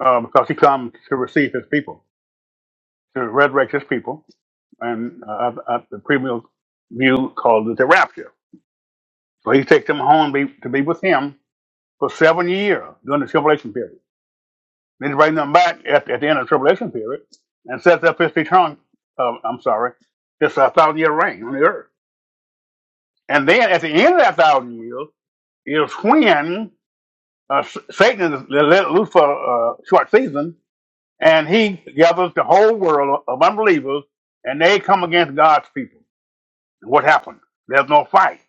[SPEAKER 5] uh, because he comes to receive his people, to resurrect his people, and uh, at, at the previous view called it the rapture. So he takes them home be, to be with him for seven years during the tribulation period. Then he brings them back at, at the end of the tribulation period and sets up his eternal, uh, I'm sorry, his uh, thousand year reign on the earth. And then at the end of that thousand years is when uh, S- Satan is let loose for a short season and he gathers the whole world of unbelievers and they come against God's people. And what happened? There's no fight.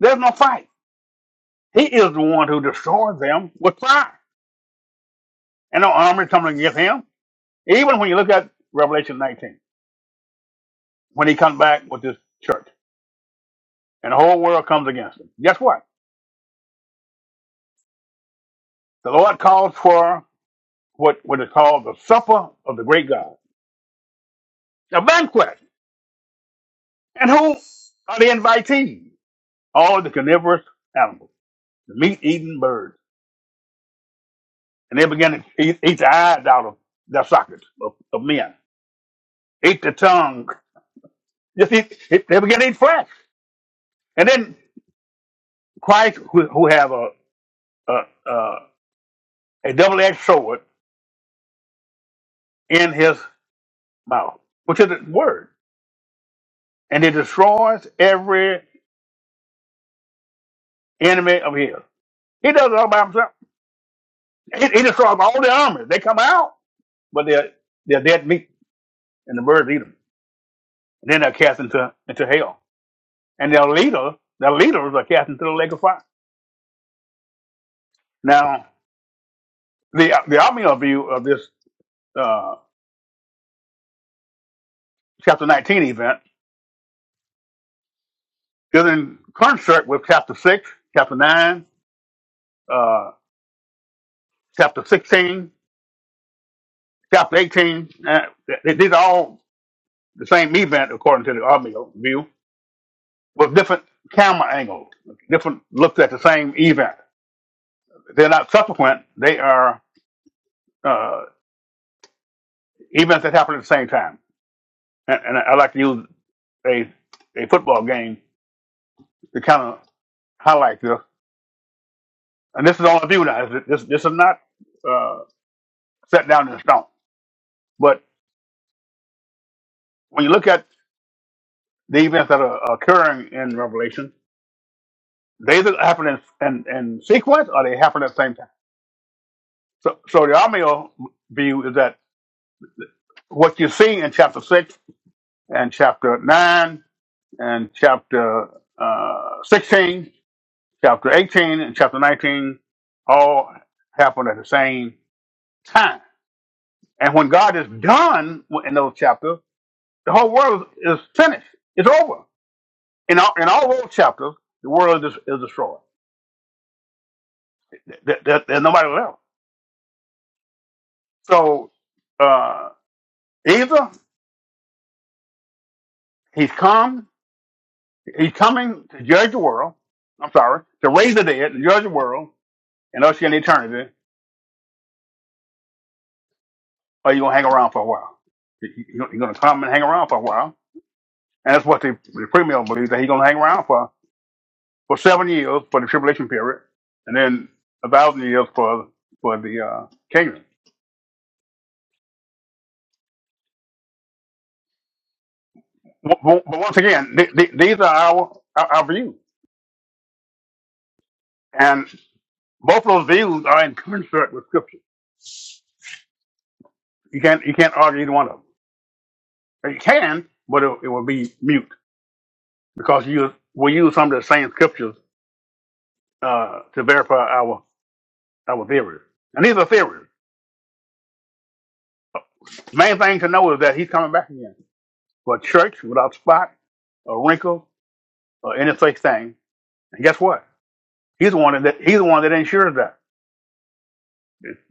[SPEAKER 5] There's no fight. He is the one who destroys them with fire. And no army coming against him. Even when you look at Revelation 19. when he comes back with this church, and the whole world comes against him. Guess what? The Lord calls for what what is called the supper of the great God, a banquet. And who are the invitees? All the carnivorous animals, the meat-eating birds, and they begin to eat, eat the eyes out of their sockets of, of men, eat the tongue. Just eat, eat- they begin to eat flesh. And then Christ, who, who have a a, a, a double-edged sword in his mouth, which is the word. and he destroys every enemy of his. He does it all by himself. He, he destroys all the armies. They come out, but they're they're dead meat, and the birds eat them. And then they're cast into into hell, and their leader, their leaders are cast into the lake of fire. Now, the the omnio view of this uh, chapter nineteen event is in concert with chapter six, chapter nine, uh, chapter sixteen, chapter eighteen. Uh, th- th- these are all the same event according to the omnio view with different camera angles, different looks at the same event. They're not subsequent; they are uh, events that happen at the same time. And, and I like to use a a football game to kind of highlight this. And this is on view now. This this is not uh, set down in stone. But when you look at the events that are occurring in Revelation, they either happen in, in, in sequence or they happen at the same time. So, so the Amio view is that what you see in chapter six and chapter nine and chapter uh, 16, chapter 18, and chapter 19 all happened at the same time. And when God is done with- in those chapters, the whole world is finished. It's over. In all, in all those chapters, the world is, is destroyed. Th- th- th- There's nobody left. So uh, either he's come, he's coming to judge the world. I'm sorry, to raise the dead, to judge the world, and usher in eternity, or you're gonna hang around for a while. You're gonna come and hang around for a while, and that's what the, the premier believes that he's gonna hang around for for seven years for the tribulation period, and then a thousand years for for the uh, kingdom. But but once again, th- th- these are our, our our views, and both of those views are in concert with scripture. You can't you can't argue either one of them. You can, but it, it will be mute because you we use some of the same scriptures uh, to verify our our theories, and these are theories. Main thing to know is that he's coming back again for a church without spot, a wrinkle, or any such thing. And guess what? He's the one that he's the one that ensures that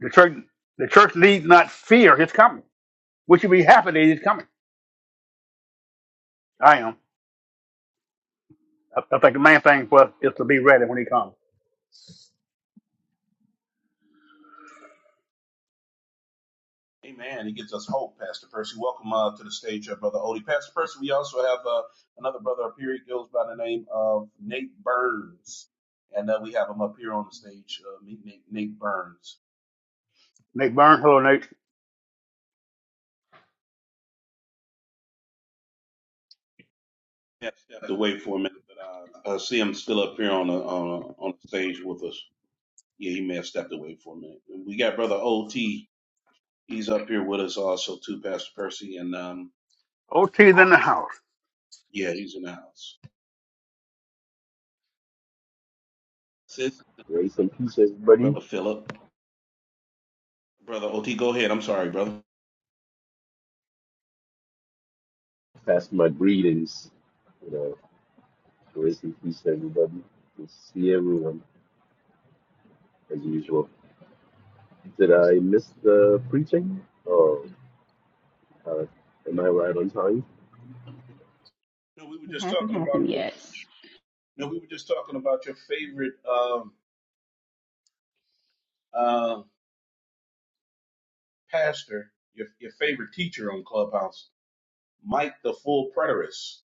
[SPEAKER 5] the church the church needs not fear his coming. We should be happy that he's coming. I am. I, I think the main thing for us is to be ready when he comes.
[SPEAKER 2] Amen. He gives us hope, Pastor Percy. Welcome uh, to the stage, uh, Brother Odie. Pastor Percy, we also have uh, another brother up here. He goes by the name of Nate Burns. And uh, we have him up here on the stage, uh, Nate, Nate, Nate Burns.
[SPEAKER 5] Nate Burns, hello Nate.
[SPEAKER 2] Yeah, stepped away for a minute, but uh, I see him still up here on the, on, the, on the stage with us. Yeah, he may have stepped away for a minute. We got Brother OT. He's up here with us also, too, Pastor Percy. And um,
[SPEAKER 5] OT's in the house.
[SPEAKER 2] yeah, he's in the house. Sis,
[SPEAKER 7] Grace and peace, everybody.
[SPEAKER 2] Brother Philip. Brother OT, go ahead. I'm sorry, brother.
[SPEAKER 7] Pass my greetings. You know, grace and peace, everybody. Good to see everyone as usual. Did I miss the preaching? Oh, uh, am I right on time?
[SPEAKER 2] No, we were
[SPEAKER 6] It
[SPEAKER 2] just
[SPEAKER 6] hasn't
[SPEAKER 2] talking about
[SPEAKER 6] happened
[SPEAKER 2] your.
[SPEAKER 6] yet.
[SPEAKER 2] No, we were just talking about your favorite um, uh, pastor, your your favorite teacher on Clubhouse, Mike the Full Preterist.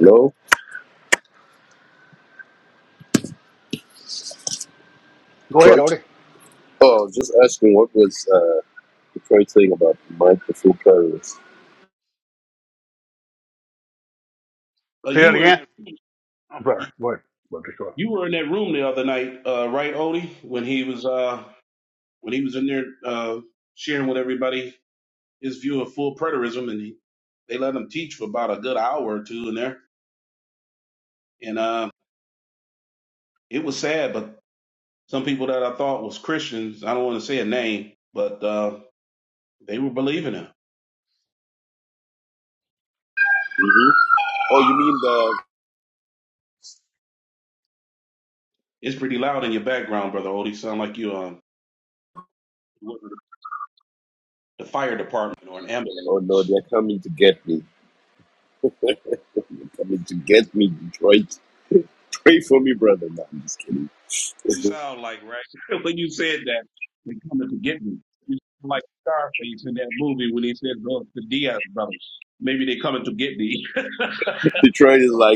[SPEAKER 7] No,
[SPEAKER 5] Go ahead,
[SPEAKER 7] Detroit.
[SPEAKER 5] Odie.
[SPEAKER 7] Oh, I was just asking what was uh, Detroit saying about mindful presence.
[SPEAKER 2] Uh,
[SPEAKER 5] Say
[SPEAKER 2] you
[SPEAKER 5] it
[SPEAKER 2] were in
[SPEAKER 5] again.
[SPEAKER 2] that,
[SPEAKER 5] I'm
[SPEAKER 2] you,
[SPEAKER 5] sorry. Go ahead. But the short.
[SPEAKER 2] you were in that room the other night, uh, right, Odie? When he was uh, when he was in there uh, sharing with everybody his view of full preterism, and he, they let him teach for about a good hour or two in there, and uh, it was sad. But some people that I thought was Christians, I don't want to say a name, but uh, they were believing him
[SPEAKER 7] hmm Oh, you mean the?
[SPEAKER 2] It's pretty loud in your background, brother Odie. Sound like you um the fire department or an
[SPEAKER 7] Oh no,
[SPEAKER 2] ambulance.
[SPEAKER 7] they're coming to get me. They're coming to get me, Detroit. Pray for me, brother. No, I'm just kidding.
[SPEAKER 2] You sound like right when you said that they coming to get me. You sound like Scarface in that movie when he said go the Diaz brothers. Maybe they coming to get me.
[SPEAKER 7] Detroit is like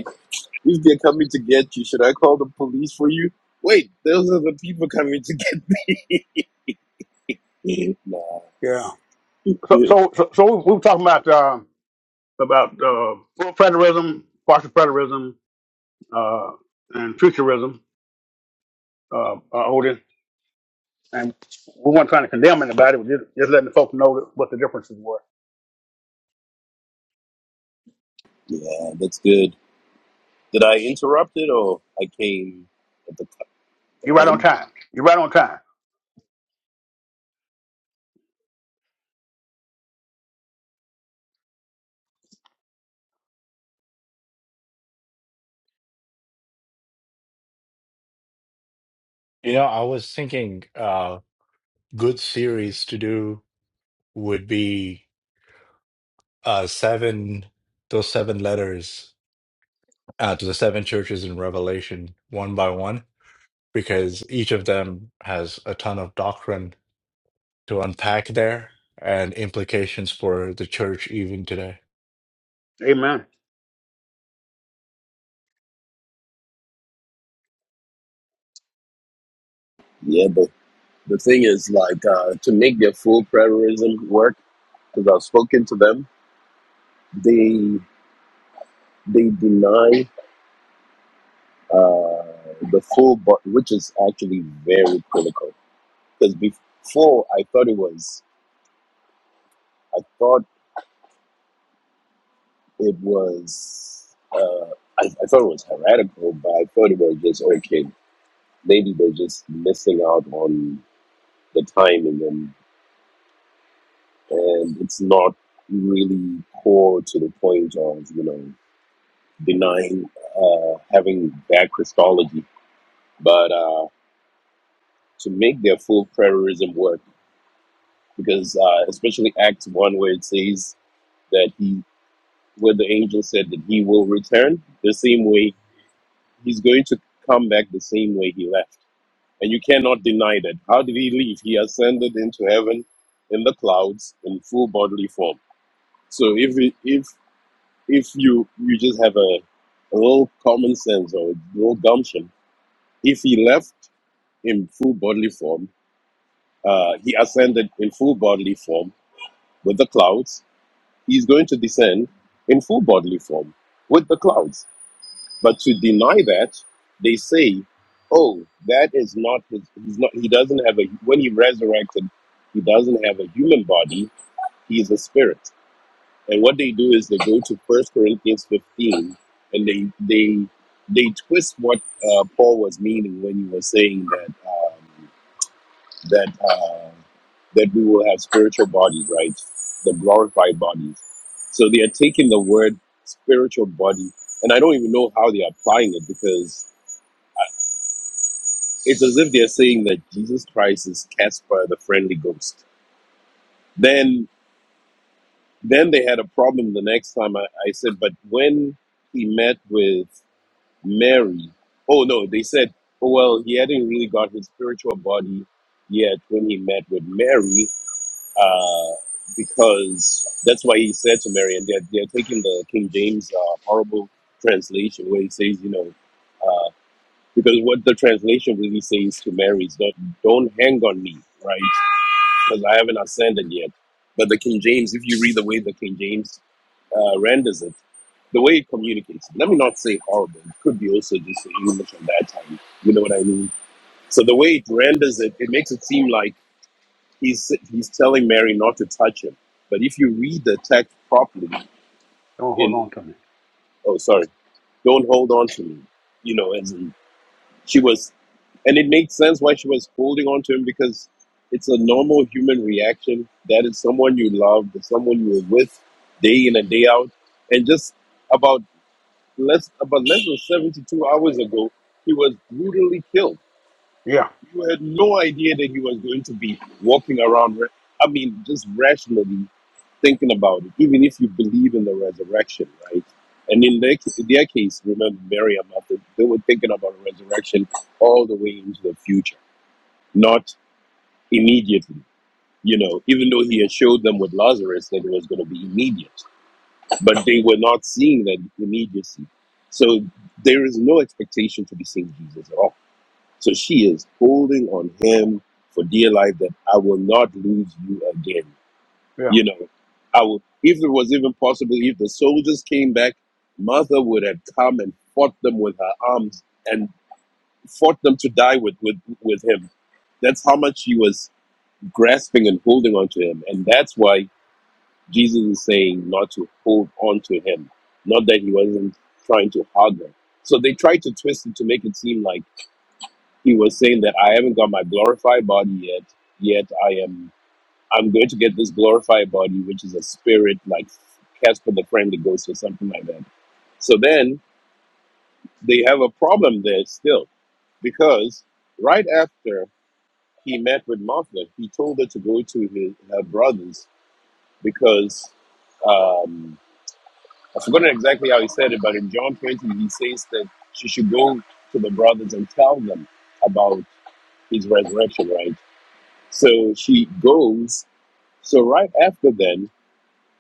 [SPEAKER 7] If they're coming to get you, should I call the police for you? Wait, those are the people coming to get me. nah.
[SPEAKER 5] Yeah. So so so, so we, we were talking about um about uh, full federalism, partial federalism, uh, and futurism, uh, uh, Odin. And we weren't trying to condemn anybody, we're just, just letting the folks know that, what the differences were.
[SPEAKER 7] Yeah, that's good. Did I interrupt it or I came at the cut
[SPEAKER 5] You're right on
[SPEAKER 7] end?
[SPEAKER 5] time. You're right on time.
[SPEAKER 3] You know, I was thinking uh good series to do would be uh seven those seven letters uh to the seven churches in Revelation one by one because each of them has a ton of doctrine to unpack there and implications for the church even today.
[SPEAKER 5] Amen.
[SPEAKER 7] Yeah, but the thing is, like, uh, to make their full preterism work, because I've spoken to them, they they deny uh, the full, but which is actually very critical. Because before I thought it was, I thought. it was uh, I, I thought it was heretical, but I thought it was just okay. Maybe they're just missing out on the timing, and and it's not really core to the point of you know denying uh, having bad Christology, but uh, to make their full prayerism work, because uh, especially Acts one where it says that he where the angel said that he will return the same way he's going to come back the same way he left and you cannot deny that. How did he leave? He ascended into heaven in the clouds in full bodily form. So if it- if if you you just have a, a little common sense or a little gumption, if he left in full bodily form, uh, he ascended in full bodily form with the clouds. He's going to descend in full bodily form with the clouds. But to deny that, they say, "Oh, that is not his. He's not. He doesn't have a. When he resurrected, he doesn't have a human body. He is a spirit." And what they do is they go to First Corinthians fifteen, and they they they twist what uh, Paul was meaning when he was saying that um, that uh, that we will have spiritual bodies, right? The glorified bodies. So they are taking the word spiritual body, and I don't even know how they are applying it because It's as if they're saying that Jesus Christ is Casper the friendly ghost. Then then they had a problem the next time I, I said, but when he met with Mary, oh no, they said, oh well, he hadn't really got his spiritual body yet when he met with Mary, uh, because that's why he said to Mary, and they're, they're taking the King James uh, horrible translation where he says, you know, uh, because what the translation really says to Mary is not don't hang on me, right? because I haven't ascended yet. But the King James, if you read the way the King James uh, renders it, the way it communicates, let me not say horrible, it could be also just the English at that time. You know what I mean? So the way it renders it, it makes it seem like he's he's telling Mary not to touch him. But if you read the text properly,
[SPEAKER 5] Don't hold on
[SPEAKER 7] in
[SPEAKER 5] to me.
[SPEAKER 7] oh sorry, don't hold on to me, you know, as in She was, and it makes sense why she was holding on to him because it's a normal human reaction. That is someone you love, the someone you were with day in and day out. And just about less about less than 72 hours ago, he was brutally killed.
[SPEAKER 5] Yeah,
[SPEAKER 7] You had no idea that he was going to be walking around. ra- I mean, just rationally thinking about it, even if you believe in the resurrection, right? And in their, in their case, remember Miriam, after they were thinking about resurrection all the way into the future, not immediately. You know, even though he had showed them with Lazarus that it was going to be immediate, but they were not seeing that immediacy. So there is no expectation to be seeing Jesus at all. So she is holding on him for dear life that I will not lose you again
[SPEAKER 5] yeah,
[SPEAKER 7] you know, I would, if it was even possible, if the soldiers came back, mother would have come and fought them with her arms and fought them to die with, with, with him. That's how much she was grasping and holding on to him. And that's why Jesus is saying not to hold on to him, not that he wasn't trying to hug her. So they tried to twist it to make it seem like he was saying that I haven't got my glorified body yet. Yet I am. I'm going to get this glorified body, which is a spirit like Casper the Friendly Ghost or something like that. So then they have a problem there still because right after he met with Martha, he told her to go to his, her brothers because um, I've forgotten exactly how he said it, but in John 20, he says that she should go to the brothers and tell them about his resurrection, right? So she goes. So right after then,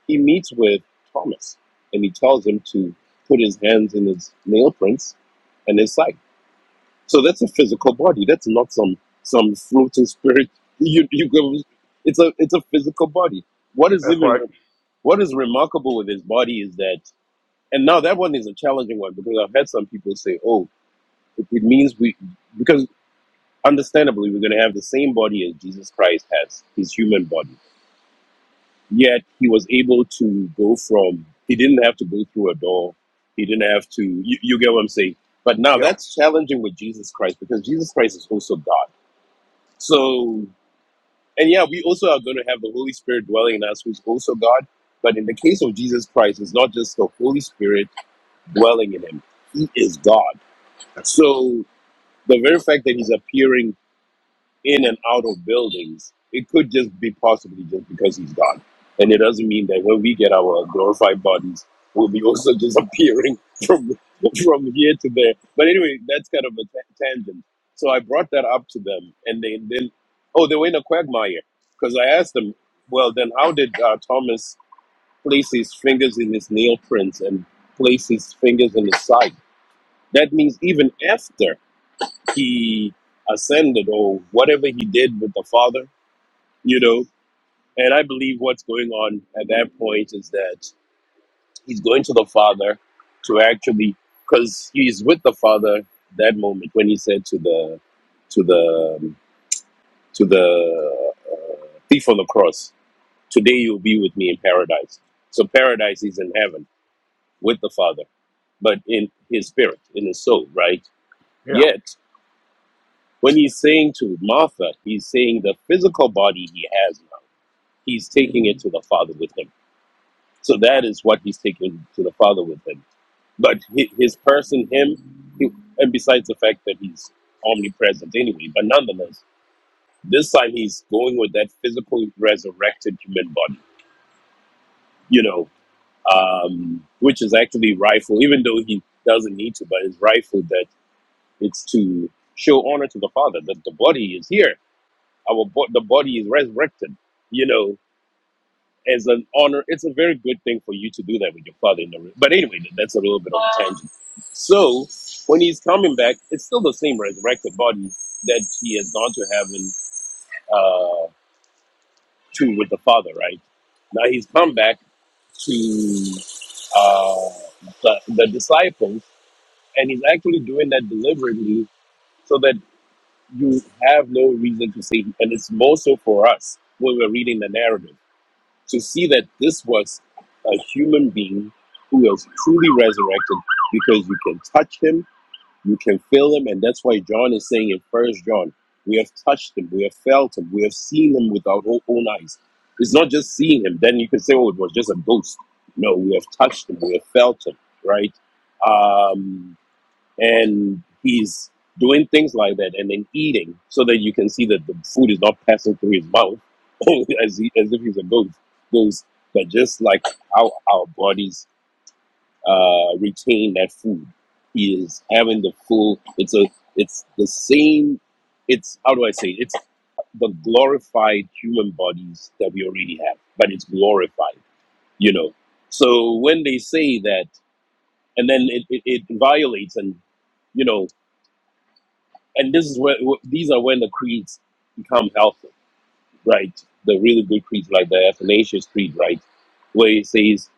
[SPEAKER 7] he meets with Thomas and he tells him to put his hands in his nail prints and his side. So that's a physical body. That's not some some floating spirit. You you go. It's a it's a physical body. What is
[SPEAKER 5] that's
[SPEAKER 7] even
[SPEAKER 5] right.
[SPEAKER 7] re- what is remarkable with his body is that. And now that one is a challenging one because I've had some people say, "Oh, it, it means we," because understandably we're going to have the same body as Jesus Christ has, his human body Yet he was able to go from, he didn't have to go through a door. He didn't have to, you, you get what I'm saying? But now
[SPEAKER 5] Yeah,
[SPEAKER 7] that's challenging with Jesus Christ because Jesus Christ is also God. So, and yeah, we also are going to have the Holy Spirit dwelling in us, who's also God. But in the case of Jesus Christ, it's not just the Holy Spirit dwelling in him, he is God. So, the very fact that he's appearing in and out of buildings. It could just be possibly just because he's God. And it doesn't mean that when we get our glorified bodies, we'll be also just appearing from from here to there. But anyway, that's kind of a ta- tangent. So I brought that up to them, and they then, oh, they were in a quagmire because I asked them, well, then how did uh, Thomas place his fingers in his nail prints and place his fingers in his side? That means even after he ascended or whatever he did with the Father you know. And I believe what's going on at that point is that he's going to the father to actually, because he's with the father that moment when he said to the to the to the thief on the cross, "Today you'll be with me in paradise." So paradise is in heaven with the father, but in his spirit, in his soul, right?
[SPEAKER 5] yeah.
[SPEAKER 7] Yet when he's saying to Martha, he's saying the physical body he has now, he's taking it to the father with him So that is what he's taking to the Father with him. But hi- his person, him, he, and besides the fact that he's omnipresent anyway, but nonetheless, this time he's going with that physical resurrected human body, you know, um, which is actually rightful, even though he doesn't need to, but it's rightful that it's to show honor to the Father that the body is here. Our bo- the body is resurrected, you know. as an honor, it's a very good thing for you to do that with your father. In the room. But anyway, that's a little bit of a tangent. So when he's coming back, it's still the same resurrected body that he has gone to heaven uh, to with the Father, right? Now he's come back to uh, the, the disciples, and he's actually doing that deliberately so that you have no reason to say, and it's more so for us when we're reading the narrative to see that this was a human being who was truly resurrected because you can touch him, you can feel him, and that's why John is saying in First John, we have touched him, we have felt him, we have seen him with our whole own eyes. It's not just seeing him. Then you can say, oh, it was just a ghost. No, we have touched him, we have felt him, right? Um, and he's doing things like that and then eating so that you can see that the food is not passing through his mouth as, he, as if he's a ghost, ghost. But just like how our bodies uh, retain that food, he is having the full. It's a. It's the same. It's how do I say? It's the glorified human bodies that we already have, but it's glorified, you know. So when they say that, and then it, it, it violates and you know and this is where wh- these are when the creeds become helpful, right? The really good creeds, like the Athanasius Creed, right, where it says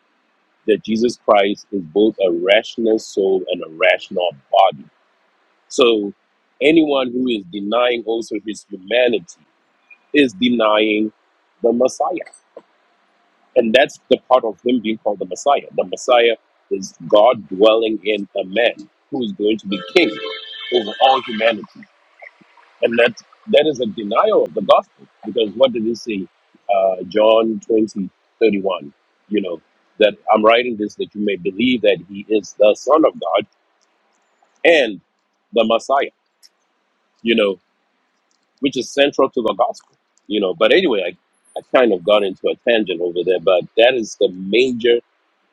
[SPEAKER 7] that Jesus Christ is both a rational soul and a rational body. So anyone who is denying also his humanity is denying the Messiah, and that's the part of him being called the Messiah. The Messiah is God dwelling in a man who is going to be king over all humanity. And that that is a denial of the gospel because what did he say? Uh, John 20 31? you know, that I'm writing this that you may believe that he is the Son of God and the Messiah, you know, which is central to the gospel, you know. But anyway, I, I kind of got into a tangent over there, but that is the major.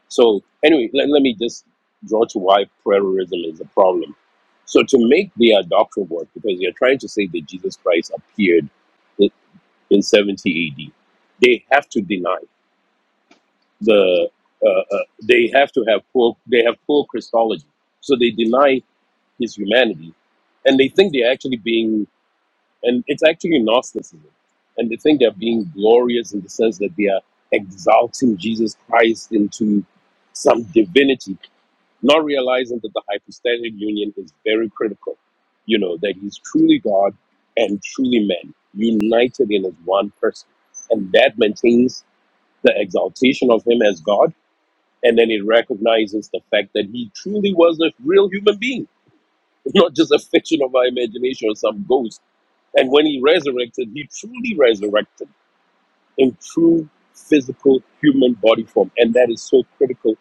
[SPEAKER 7] So, anyway, let, let me just draw to why prayerism is a problem. So, to make the uh, doctrine work, because you're trying to say that Jesus Christ appeared. in 70 AD. They have to deny the, uh, uh, they have to have poor, they have poor Christology. So they deny his humanity and they think they're actually being, and it's actually Gnosticism. And they think they're being glorious in the sense that they are exalting Jesus Christ into some divinity not realizing that the hypostatic union is very critical. You know, that he's truly God and truly man, united in as one person. And that maintains the exaltation of him as God. And then it recognizes the fact that he truly was a real human being, not just a fiction of our imagination or some ghost. And when he resurrected, he truly resurrected in true physical human body form. And that is so critical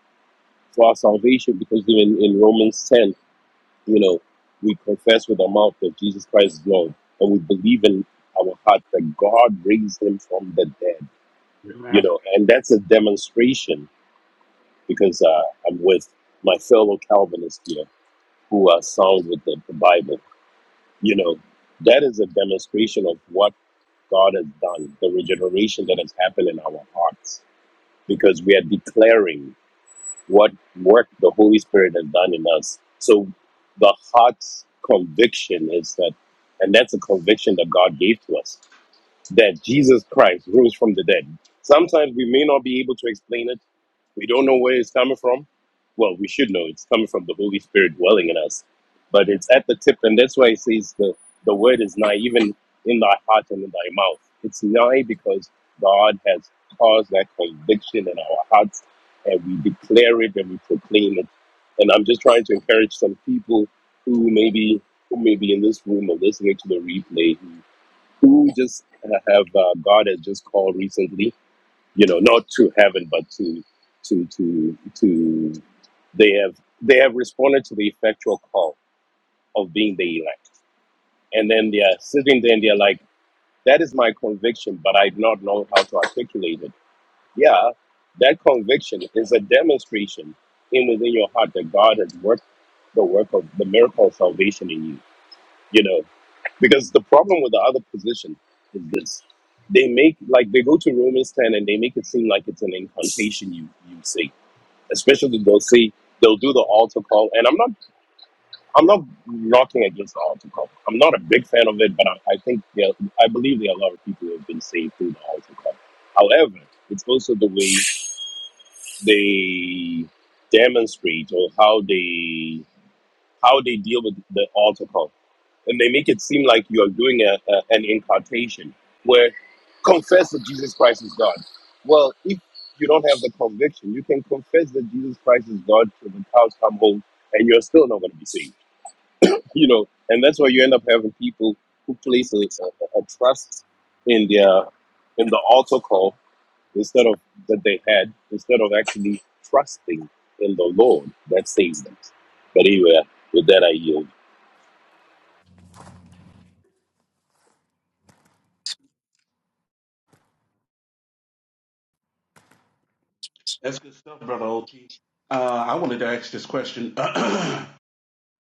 [SPEAKER 7] for our salvation because even in Romans 10, you know, we confess with our mouth that Jesus Christ is Lord, and we believe in our heart that God raised him from the dead. You
[SPEAKER 5] Amen.
[SPEAKER 7] know, and that's a demonstration because uh, I'm with my fellow Calvinists here who are sound with the, the Bible. You know, that is a demonstration of what God has done, the regeneration that has happened in our hearts, because we are declaring. what work the Holy Spirit has done in us. So the heart's conviction is that, and that's a conviction that God gave to us that Jesus Christ rose from the dead. Sometimes we may not be able to explain it. We don't know where it's coming from. Well, we should know it's coming from the Holy Spirit dwelling in us. But it's at the tip, and that's why it says the, the word is nigh, even in thy heart and in thy mouth. It's nigh because God has caused that conviction in our hearts, and we declare it and we proclaim it. And I'm just trying to encourage some people who maybe who may be in this room or listening to the replay who just have uh, God has just called recently, you know, not to heaven, but to to to to they have they have responded to the effectual call of being the elect, and then they are sitting there and they're like, "That is my conviction, but I do not know how to articulate it." Yeah, that conviction is a demonstration in within your heart that God has worked the work of the miracle of salvation in you. You know, because the problem with the other position is this. They make like they go to Romans ten and they make it seem like it's an incantation you, you say. Especially they'll say they'll do the altar call and I'm not I'm not knocking against the altar call. I'm not a big fan of it, but I, I think there I believe there are a lot of people who have been saved through the altar call. However, it's also the way they demonstrate or how they how they deal with the altar call and they make it seem like you're doing a, a, an incantation where confess that Jesus Christ is God. Well, if you don't have the conviction, you can confess that Jesus Christ is God till the cows come home and you're still not going to be saved. You know, and that's why you end up having people who place a, a, a trust in their in the altar call instead of that they had instead of actually trusting in the Lord that saved them. But anyway, with that I yield.
[SPEAKER 2] That's good stuff, brother Odie. Uh, I wanted to ask this question: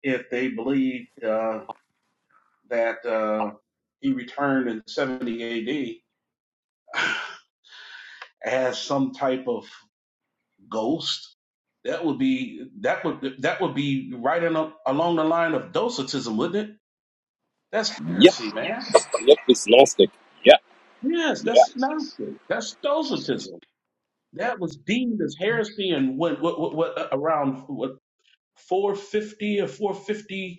[SPEAKER 2] if they believe uh, that uh, he returned in 70 AD as some type of Ghost. That would be that would that would be right in a, along the line of docetism, wouldn't it? That's
[SPEAKER 7] Yep,
[SPEAKER 2] heresy, man.
[SPEAKER 7] yep, it's gnostic. Yeah,
[SPEAKER 2] Yes,
[SPEAKER 7] yeah.
[SPEAKER 2] that's nonsense. That's docetism. That was deemed as heresy and what what what, what uh, around what four fifty or four fifty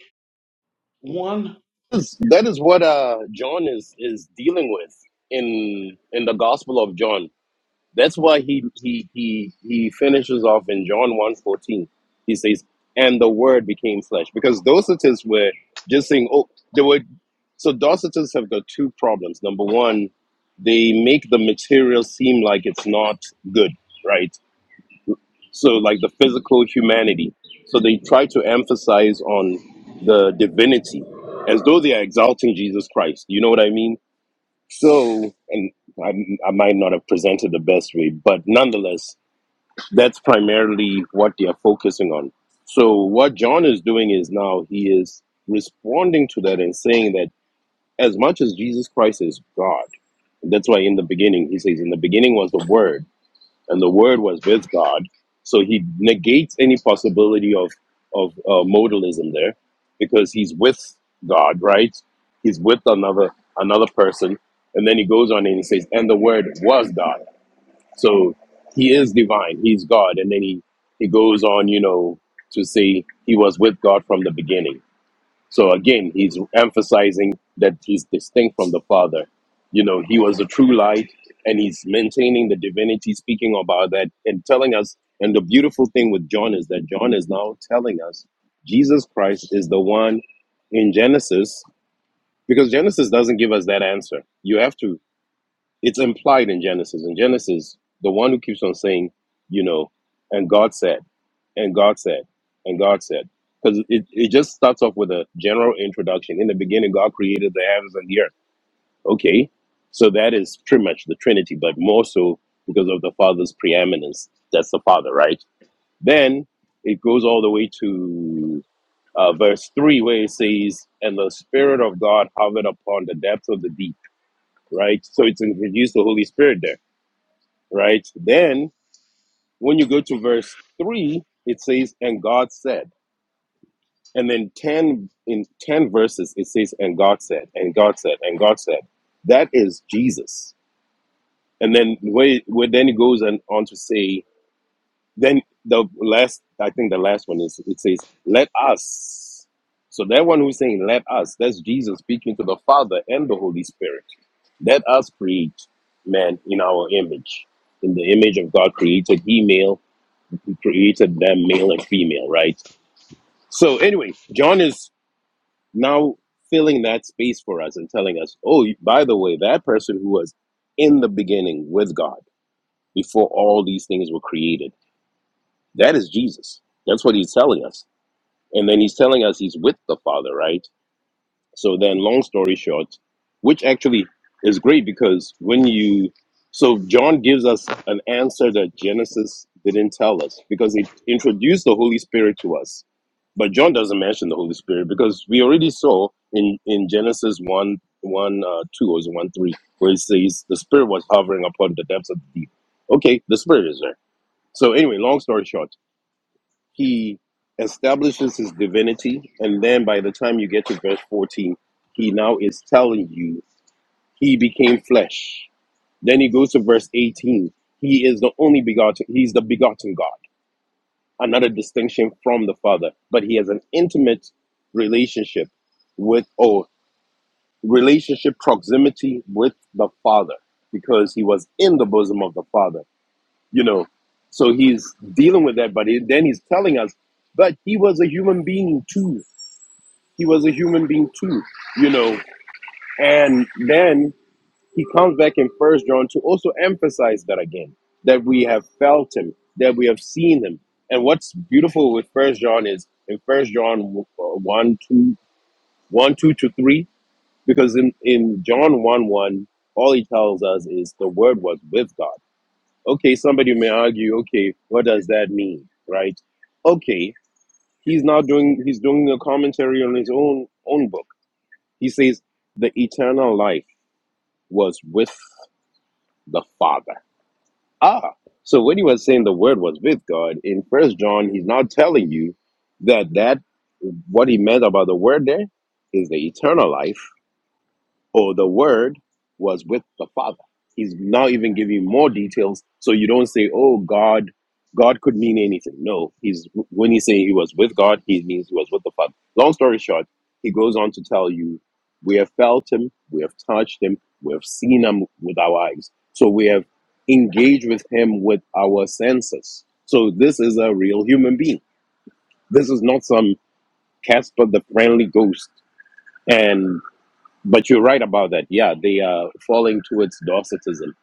[SPEAKER 2] one.
[SPEAKER 7] is that is what uh John is is dealing with in in the Gospel of John. That's why he he he he finishes off in John one fourteen. He says, "And the Word became flesh," because Docetists were just saying, "Oh, they were." So Docetists have got two problems. Number one, they make the material seem like it's not good, right? so like the physical humanity so they try to emphasize on the divinity as though they are exalting jesus christ you know what i mean so and I, I might not have presented the best way but nonetheless that's primarily what they are focusing on so what john is doing is now he is responding to that and saying that as much as jesus christ is god that's why in the beginning he says in the beginning was the word and the Word was with God. So he negates any possibility of of uh, modalism there, because he's with God, right? He's with another another person, and then he goes on and he says, "And the Word was God." So he is divine. He's God, and then he he goes on, you know, to say he was with God from the beginning. So again, he's emphasizing that he's distinct from the Father. You know, he was the true light and he's maintaining the divinity, speaking about that and telling us. And the beautiful thing with John is that John is now telling us Jesus Christ is the one in Genesis, because Genesis doesn't give us that answer. You have to it's implied in Genesis. In Genesis, the one who keeps on saying, you know, and God said, and God said, and God said, because it, it just starts off with a general introduction. In the beginning, God created the heavens and the earth. Okay, so that is pretty much the Trinity, but more so because of the Father's preeminence. That's the Father, right? Then it goes all the way to uh, verse 3, where it says, And the Spirit of God hovered upon the depths of the deep, right? So it's introduced the Holy Spirit there right? Then when you go to verse 3, it says, And God said. And then 10 in 10 verses, it says, And God said, and God said, and God said. That is Jesus. And then where, where then it goes and on to say, then the last, I think the last one is it says, Let us. So that one who's saying let us, that's Jesus speaking to the Father and the Holy Spirit. Let us create man in our image. In the image of God created he male He created them male and female, right? So anyway, John is now filling that space for us and telling us, oh, by the way, that person who was in the beginning with God before all these things were created, that is Jesus. That's what he's telling us. And then he's telling us he's with the Father, right? So then, long story short, which actually is great because when you, so John gives us an answer that Genesis didn't tell us because it introduced the Holy Spirit to us. But John doesn't mention the Holy Spirit because we already saw in, in Genesis 1, 1 uh, 2 or is it 1 3, where it says the Spirit was hovering upon the depths of the deep. Okay, the Spirit is there. So, anyway, long story short he establishes his divinity and then by the time you get to verse 14 he now is telling you he became flesh then he goes to verse 18 he is the only begotten he's the begotten god another distinction from the father but he has an intimate relationship with or relationship proximity with the father because he was in the bosom of the father you know so he's dealing with that but he- then he's telling us but he was a human being too he was a human being too, you know. And then he comes back in First John to also emphasize that again, that we have felt him, that we have seen him. And what's beautiful with First John is in First John w- uh, 1, two, one, two to 3, because in, in John 1, 1, all he tells us is the word was with God. Okay, somebody may argue, okay, what does that mean? Right? Okay, he's not doing he's doing a commentary on his own own book He says the eternal life was with the Father. Ah, so when he was saying the Word was with God in First John, he's now telling you that that what he meant about the Word there is the eternal life or the word was with the father he's now even giving more details so you don't say oh god god could mean anything no he's when he's saying he was with god he means he was with the father long story short he goes on to tell you we have felt him we have touched him we have seen him with our eyes so we have engaged with him with our senses so this is a real human being this is not some casper the friendly ghost and but you're right about that. Yeah, they are falling towards Docetism.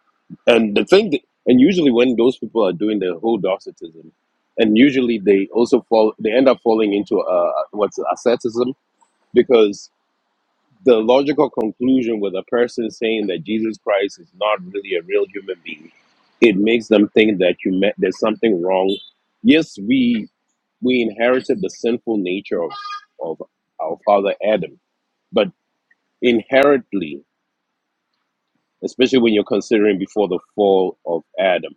[SPEAKER 7] And the thing, that, and usually when those people are doing the whole Docetism, and usually they also fall, they end up falling into uh, what's asceticism because the logical conclusion with a person saying that Jesus Christ is not really a real human being, it makes them think that you met, there's something wrong. Yes, we we inherited the sinful nature of of our father Adam, but inherently especially when you're considering before the fall of Adam,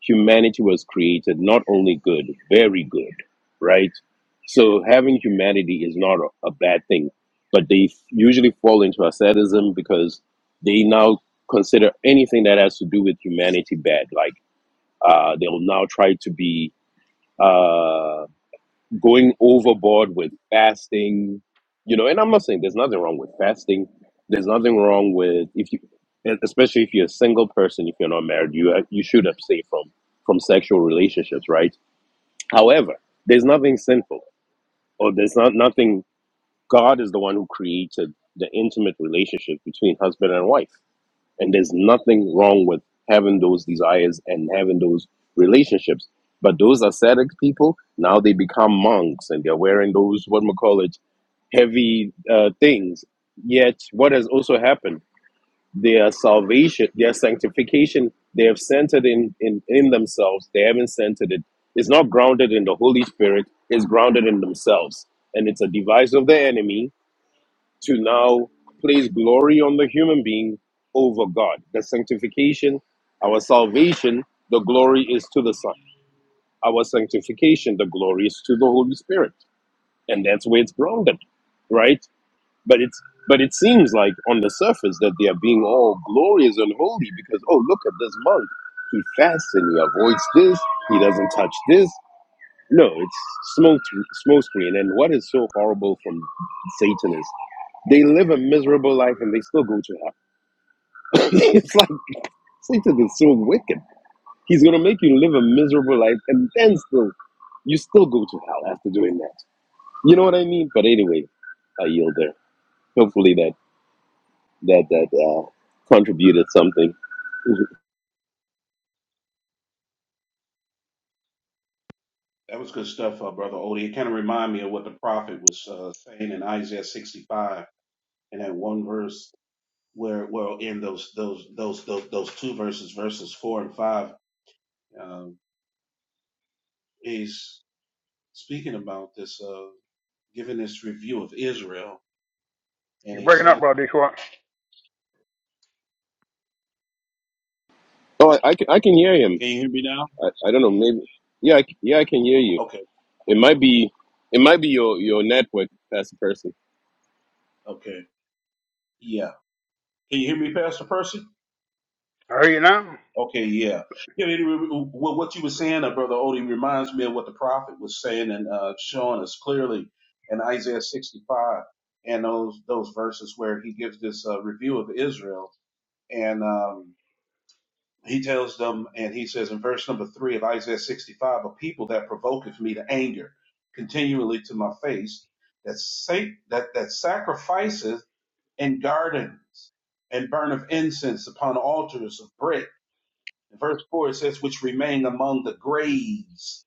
[SPEAKER 7] humanity was created not only good, very good, right? So having humanity is not a, a bad thing, but they f- usually fall into asceticism because they now consider anything that has to do with humanity bad. Like uh, they'll now try to be. uh, going overboard with fasting, you know, and I'm not saying there's nothing wrong with fasting. There's nothing wrong with if you, e-, especially if you're a single person, if you're not married, you uh, you should abstain from from sexual relationships, right? However, there's nothing sinful, or there's not nothing. God is the one who created the intimate relationship between husband and wife. And there's nothing wrong with having those desires and having those relationships. But those ascetic people, now they become monks and they're wearing those, what we call it, heavy uh, things. Yet, what has also happened? Their salvation, their sanctification, they have centered in, in, in themselves. They haven't centered it. It's not grounded in the Holy Spirit, it's grounded in themselves. And it's a device of the enemy to now place glory on the human being over God. The sanctification, our salvation, the glory is to the Son. Our sanctification, the glory is to the Holy Spirit. And that's where it's grounded, right? But it's but it seems like on the surface that they are being all glorious and holy because oh look at this monk. He fasts and he avoids this, he doesn't touch this. No, it's smoke smoke screen. And what is so horrible from Satan is they live a miserable life and they still go to hell. it's like Satan is so wicked. He's gonna make you live a miserable life and then still you still go to hell after doing that. You know what I mean? But anyway, I yield there. Hopefully that that that uh, contributed something.
[SPEAKER 2] That was good stuff, uh, brother Odie. It kind of remind me of what the prophet was uh, saying in Isaiah sixty five, and that one verse where well in those those those those, those two verses, verses four and five. Um, he's speaking about this, uh, giving this review of Israel, and
[SPEAKER 5] You're
[SPEAKER 2] he
[SPEAKER 5] breaking up,
[SPEAKER 2] says,
[SPEAKER 5] brother Detroit.
[SPEAKER 7] Oh, I, I can I can hear him.
[SPEAKER 2] "Can you hear me now?
[SPEAKER 7] I, I don't know. Maybe yeah I, c- yeah I can hear you.
[SPEAKER 2] Okay,
[SPEAKER 7] It might be it might be your your network as a person.
[SPEAKER 2] okay, yeah. Can you hear me, Pastor Percy?
[SPEAKER 5] I hear you now.
[SPEAKER 2] Okay, yeah. Yeah, it, it- what you were saying, uh, Brother Odie, reminds me of what the prophet was saying and uh, showing us clearly in Isaiah 65 and those those verses where he gives this uh, review of Israel, and um, he tells them, and he says in verse number three of Isaiah 65, a people that provoketh me to anger continually to my face, that sa- that that sacrifices in gardens and burn of incense upon altars of brick. In verse four it says, which remain among the graves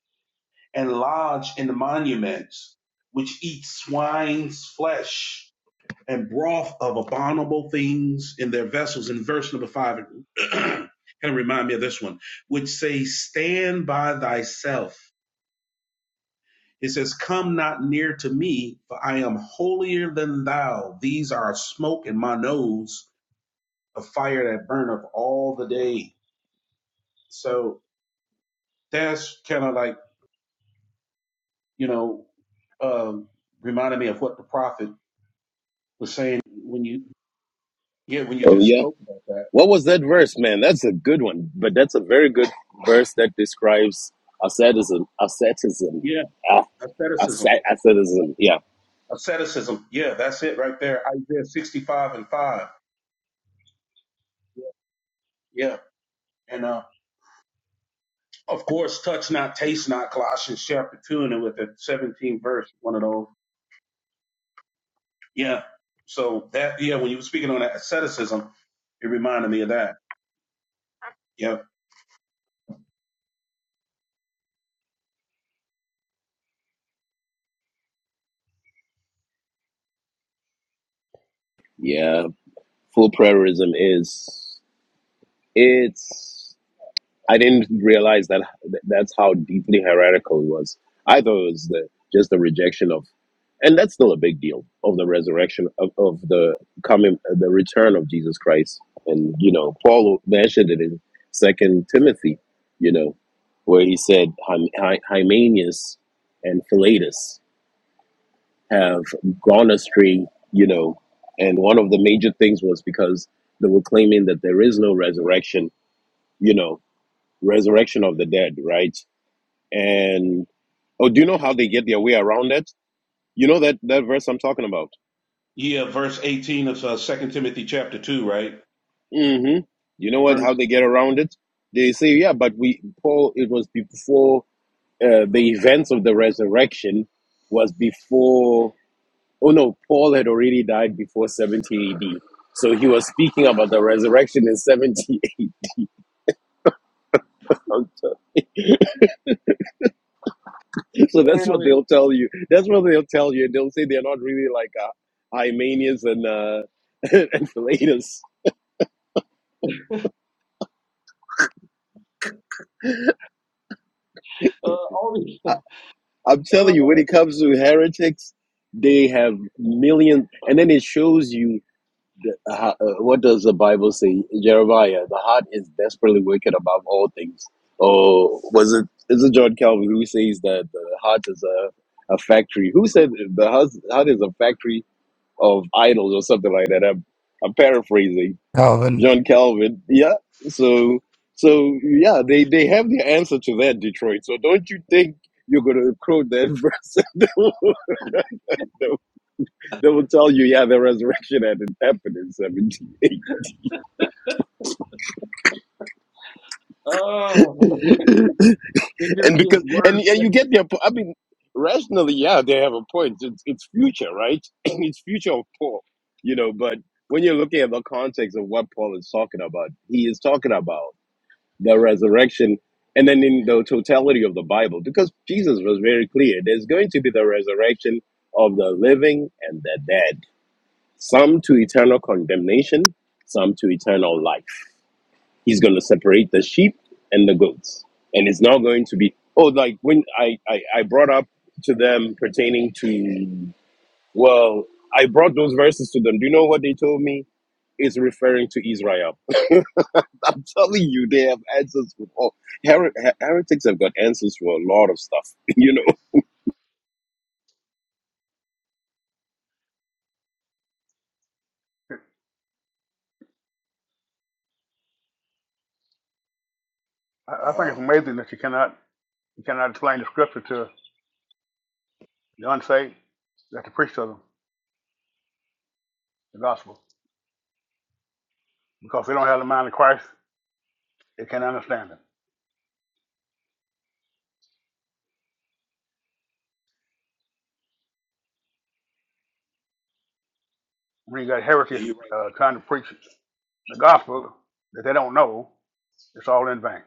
[SPEAKER 2] and lodge in the monuments, which eat swine's flesh and broth of abominable things in their vessels. In verse number five, kind of remind me of this one, which say, Stand by thyself. It says, Come not near to me, for I am holier than thou. These are a smoke in my nose, a fire that burneth all the day. So that's kind of like, you know, uh, reminded me of what the prophet was saying when you, yeah, when you
[SPEAKER 7] Oh
[SPEAKER 2] just
[SPEAKER 7] yeah.
[SPEAKER 2] spoke about that.
[SPEAKER 7] What was that verse, man? That's a good one, but that's a very good verse that describes asceticism. Asceticism.
[SPEAKER 2] Yeah,
[SPEAKER 7] Ah,
[SPEAKER 2] asceticism.
[SPEAKER 7] asceticism. Yeah.
[SPEAKER 2] Asceticism. Yeah, that's it right there. Isaiah 65 and 5. Yeah. Yeah. And uh, of course, touch not, taste not, Colossians chapter 2, and then with the 17 verse, one of those. Yeah. So that, yeah, when you were speaking on that asceticism, it reminded me of that. Yeah.
[SPEAKER 7] Yeah. Full prayerism is. It's. I didn't realize that that's how deeply heretical it was. I thought it was the, just the rejection of, and that's still a big deal of the resurrection of, of the coming, uh, the return of Jesus Christ. And you know, Paul mentioned it in Second Timothy, you know, where he said Hy- Hy- Hymenius and Philetus have gone astray, you know, and one of the major things was because they were claiming that there is no resurrection, you know, resurrection of the dead, right? And oh, do you know how they get their way around it? You know that that verse I'm talking about.
[SPEAKER 2] Yeah, verse 18 of uh, 2 Timothy chapter 2, right?
[SPEAKER 7] Mm-hmm. You know what? How
[SPEAKER 2] Verse.
[SPEAKER 7] they get around it? They say, yeah, but we Paul. It was before uh, the events of the resurrection was before. Oh no, Paul had already died before 70 AD. So he was speaking about the resurrection in 78. so that's
[SPEAKER 2] Wait a
[SPEAKER 7] what
[SPEAKER 2] minute.
[SPEAKER 7] they'll tell you. That's what they'll tell you. They'll say they're not really like uh, Hymenius and uh, and Philetus.
[SPEAKER 2] Uh, all these,
[SPEAKER 7] I, I'm telling you, when
[SPEAKER 2] oh,
[SPEAKER 7] it comes to heretics, they have millions. And then it shows you uh, uh, what does the Bible say, Jeremiah? The heart is desperately wicked above all things. Oh, was it? Is it John Calvin who says that the heart is a, a factory? Who said the heart heart is a factory of idols or something like that? I'm, I'm paraphrasing
[SPEAKER 3] Alvin,
[SPEAKER 7] John Calvin. Yeah. So so yeah, they they have the answer to that Detroit. So don't you think you're gonna quote that verse? they, will, they will they will tell you, yeah, the resurrection had happened in
[SPEAKER 2] oh,
[SPEAKER 7] seventeen,
[SPEAKER 2] it
[SPEAKER 7] and
[SPEAKER 2] just gets
[SPEAKER 7] because and
[SPEAKER 2] worse.
[SPEAKER 7] and you get their. po- I mean, rationally, yeah, they have a point. It's it's future, right? it's future of Paul, you know. But when you're looking at the context of what Paul is talking about, he is talking about. the resurrection, and then in the totality of the Bible, because Jesus was very clear there's going to be the resurrection of the living and the dead, some to eternal condemnation, some to eternal life. He's going to separate the sheep and the goats. And it's not going to be, oh, like when I, I, I brought up to them pertaining to, well, I brought those verses to them. Do you know what they told me? It's referring to Israel. I'm telling you, they have answers for all. Her- her- heretics have got answers for a lot of stuff, you know.
[SPEAKER 5] I, I think it's
[SPEAKER 2] Wow.
[SPEAKER 5] amazing that you cannot you cannot explain the scripture to the unsaved, that the priest of them, the gospel, because they don't have the mind of Christ, they can't understand it. When you got
[SPEAKER 2] Yeah,
[SPEAKER 5] heretics
[SPEAKER 2] you're right.
[SPEAKER 5] uh, trying to preach the gospel that they don't know, it's all in vain.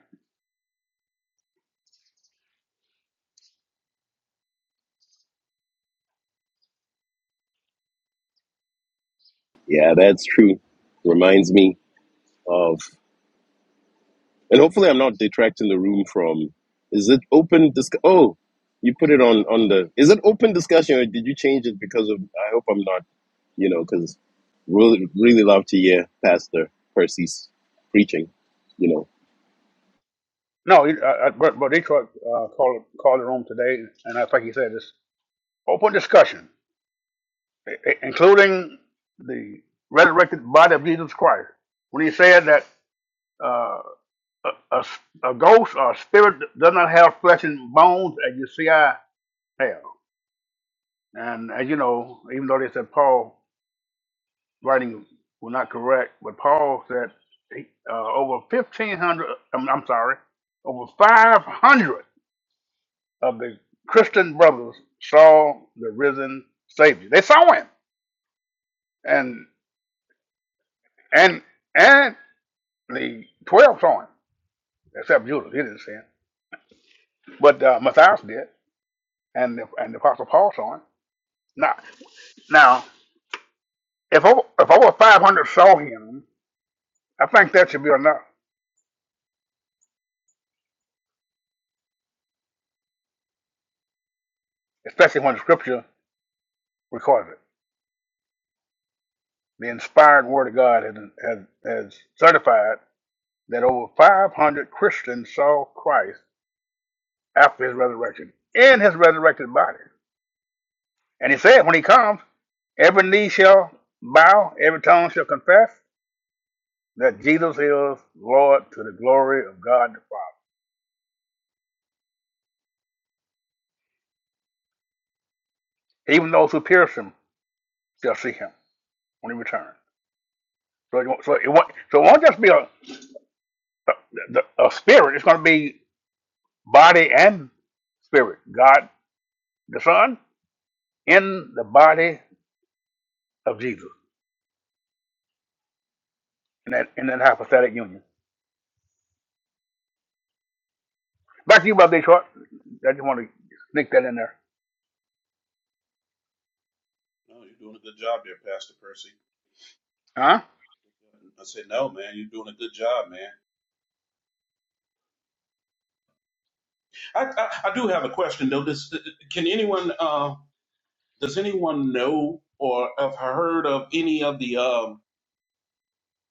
[SPEAKER 7] Yeah, that's true. Reminds me of, and hopefully I'm not detracting the room from. Is it open? Disc- oh, you put it on on the. Is it open discussion or did you change it because of? I hope I'm not, you know, because really really love to hear Pastor Percy's preaching, you know.
[SPEAKER 5] No, he- I, I, but, but Detroit uh, called, called the room today, and I think he said this open discussion, i- i- including the resurrected body of Jesus Christ. When he said that uh, a, a s- a ghost or a spirit does not have flesh and bones as you see I have. And as you know, even though they said Paul writings were not correct, but Paul said he, uh, over 1,500, I'm, I'm sorry, over 500 of the Christian brothers saw the risen Savior. They saw him, and and and the 12 saw him, except Judas. He didn't see him, but uh, Matthias did, and the, and the Apostle Paul saw him. Now, now, if over, if over 500 saw him, I think that should be enough, especially when the Scripture records it. The inspired Word of God has, has, has certified that over 500 Christians saw Christ after his resurrection in his resurrected body. And he said, when he comes, every knee shall bow, every tongue shall confess that Jesus is Lord to the glory of God the Father. Even those who pierce him shall see him when he returns. So it won't, so it won't, so it won't just be a, a, a spirit, it's going to be body and spirit. God the Son in the body of Jesus in that in that hypostatic union. Back to you, Brother Detroit. I just want to sneak that in there.
[SPEAKER 2] No, you're doing a good job there, Pastor Percy.
[SPEAKER 5] Huh?
[SPEAKER 2] I said, no, man, you're doing a good job, man. I, I, I do have a question though. Does can anyone uh, does anyone know or have heard of any of the um,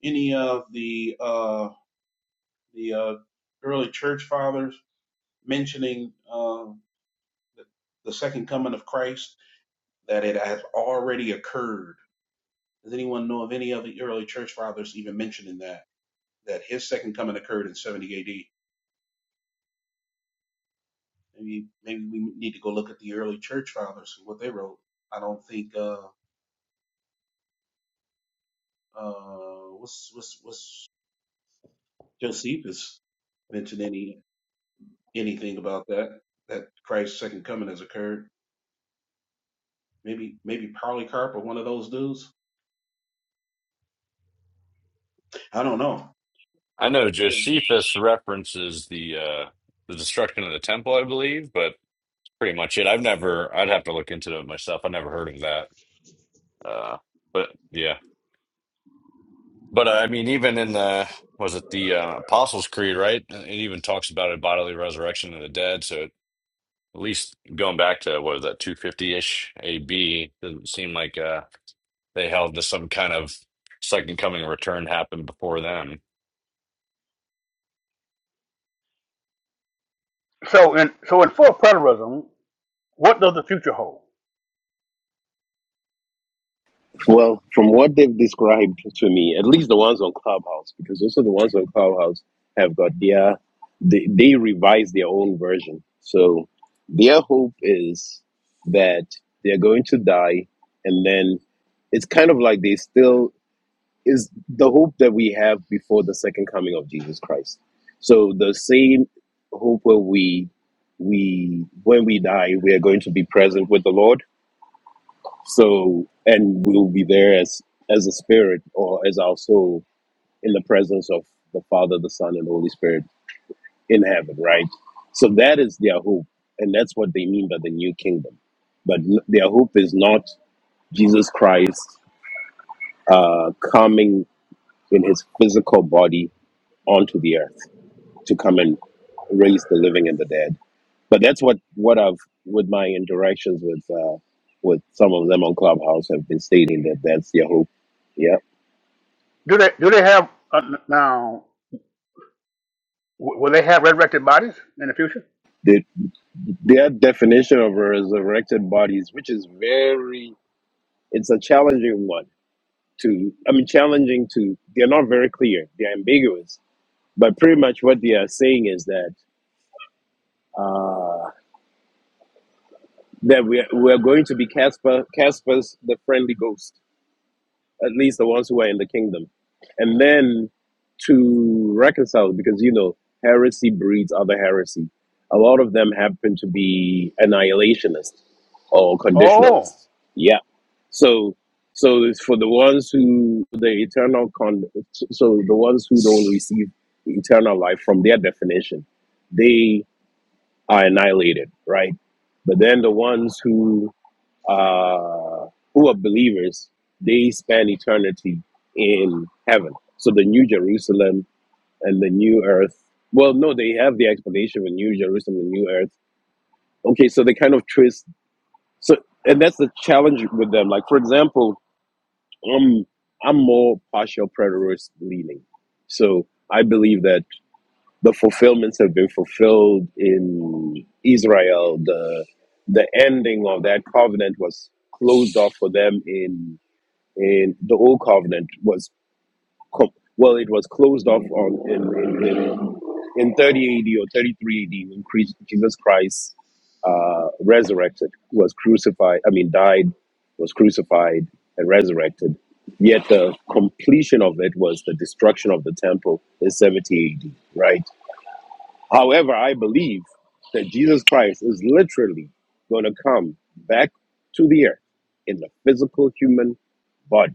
[SPEAKER 2] any of the uh, the uh, early church fathers mentioning uh, the, the second coming of Christ that it has already occurred? Does anyone know of any of the early church fathers even mentioning that that his second coming occurred in 70 AD? Maybe maybe we need to go look at the early church fathers and what they wrote. I don't think uh uh what's what's what's Josephus mentioned any anything about that that Christ's second coming has occurred. Maybe maybe Polycarp or one of those dudes. I don't know,
[SPEAKER 4] I
[SPEAKER 2] but
[SPEAKER 4] know
[SPEAKER 2] hey,
[SPEAKER 4] Josephus references the uh the destruction of the temple, I believe, but pretty much it. I've never. I'd have to look into it myself. I never heard of that. Uh, but yeah. But uh, I mean, even in the was it the uh, Apostles' Creed, right? Uh, It even talks about a bodily resurrection of the dead. So at least going back to what was that 250-ish AB, doesn't seem like uh, they held to some kind of second coming return happened before them.
[SPEAKER 5] So in so in full preterism, what does the future hold?
[SPEAKER 7] Well, from what they've described to me, at least the ones on Clubhouse, because also the ones on Clubhouse have got their they, they revise their own version. So their hope is that they're going to die, and then it's kind of like they still is the hope that we have before the second coming of Jesus Christ. So the same hope where we we when we die we are going to be present with the Lord so, and we'll be there as as a spirit or as our soul in the presence of the Father, the Son, and the Holy Spirit in heaven, right? So that is their hope, and that's what they mean by the new kingdom. But n- their hope is not Jesus Christ uh, coming in his physical body onto the earth to come and raise the living and the dead. But that's what what I've with my interactions with uh, with some of them on Clubhouse have been stating that that's their hope. Yeah.
[SPEAKER 5] Do they do they have uh, now? w- Will they have resurrected bodies in the future?
[SPEAKER 7] The, their definition of a resurrected bodies, which is very, it's a challenging one to, I mean, challenging to, they're not very clear, they're ambiguous. But pretty much what they are saying is that uh, that we're, we're going to be Casper, Casper's the friendly ghost at least the ones who are in the kingdom. And then to reconcile, because you know, heresy breeds other heresy. A lot of them happen to be annihilationists or
[SPEAKER 5] Oh,
[SPEAKER 7] conditionalists. Yeah. So, so it's for the ones who the eternal con, so the ones who don't receive eternal life from their definition, they are annihilated, right? But then the ones who uh, who are believers, they spend eternity in heaven. So the New Jerusalem and the New Earth. Well, no, they have the explanation of a New Jerusalem and New Earth. Okay, so they kind of twist. So, and that's the challenge with them. Like, for example, I'm I'm more partial preterist leaning. So I believe that the fulfillments have been fulfilled in Israel. The the ending of that covenant was closed off for them in. And the old covenant was com- well, it was closed off on in in, in, in 30 AD or 33 AD when Christ, Jesus Christ uh, resurrected, was crucified. I mean, died, was crucified, and resurrected. Yet the completion of it was the destruction of the temple in 70 AD, right? However, I believe that Jesus Christ is literally going to come back to the earth in the physical human body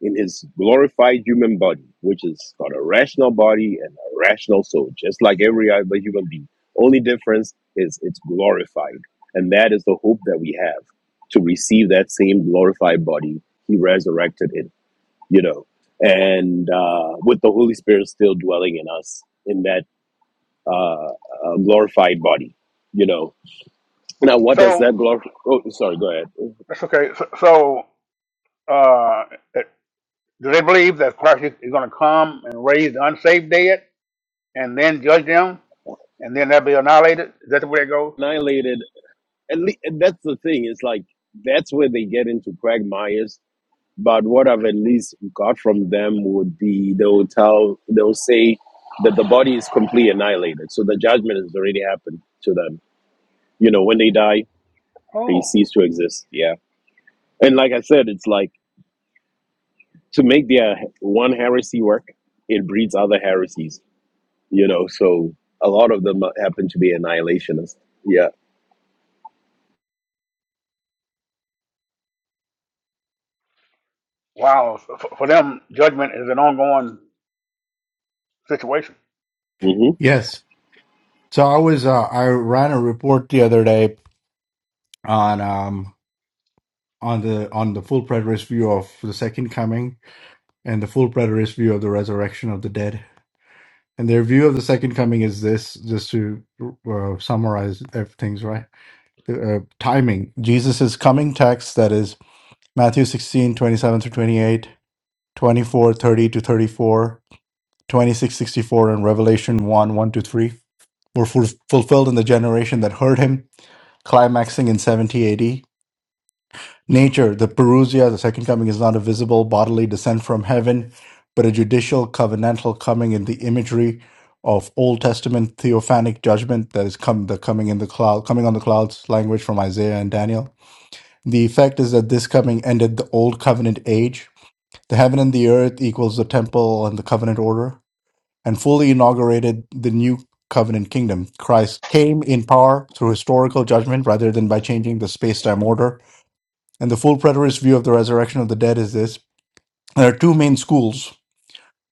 [SPEAKER 7] in his glorified human body, which is got a rational body and a rational soul, just like every other human being. Only difference is it's glorified. And that is the hope that we have to receive that same glorified body he resurrected in. you know, and uh, with the Holy Spirit still dwelling in us in that uh, uh, glorified body, you know. Now, what does
[SPEAKER 5] so
[SPEAKER 7] that glorify? Oh, sorry, go ahead.
[SPEAKER 5] that's okay. So, so uh, do they believe that Christ is, is going to come and raise the unsaved dead and then judge them and then they'll be annihilated? Is that the way it goes?
[SPEAKER 7] Annihilated at least that's the thing it's like that's where they get into quagmires but what i've at least got from them would be they'll tell they'll say that the body is completely annihilated so the judgment has already happened to them you know when they die they
[SPEAKER 5] Oh,
[SPEAKER 7] cease to exist yeah and like i said it's like to make their one heresy work it breeds other heresies you know so a lot of them happen to be annihilationists yeah
[SPEAKER 5] Wow, for, for them, judgment is an ongoing situation.
[SPEAKER 7] hmm
[SPEAKER 3] yes. So I was uh, I ran a report the other day on. um, on the on the full preterist view of the second coming and the full preterist view of the resurrection of the dead. And their view of the second coming is this, just to uh, summarize ev- things right. Uh, timing. Jesus' coming text, that is Matthew sixteen twenty-seven 27 through 28, twenty-four, thirty to 34, 26 64, and Revelation 1, 1 to 3, were ful- fulfilled in the generation that heard him, climaxing in 70 AD. Nature, the parousia, the second coming, is not a visible bodily descent from heaven, but a judicial covenantal coming in the imagery of Old Testament theophanic judgment that is come the coming in the cloud, coming on the clouds language from Isaiah and Daniel. The effect is that this coming ended the old covenant age. The heaven and the earth equals the temple and the covenant order, and fully inaugurated the new covenant kingdom. Christ came in power through historical judgment rather than by changing the space time order and the full preterist view of the resurrection of the dead is this there are two main schools.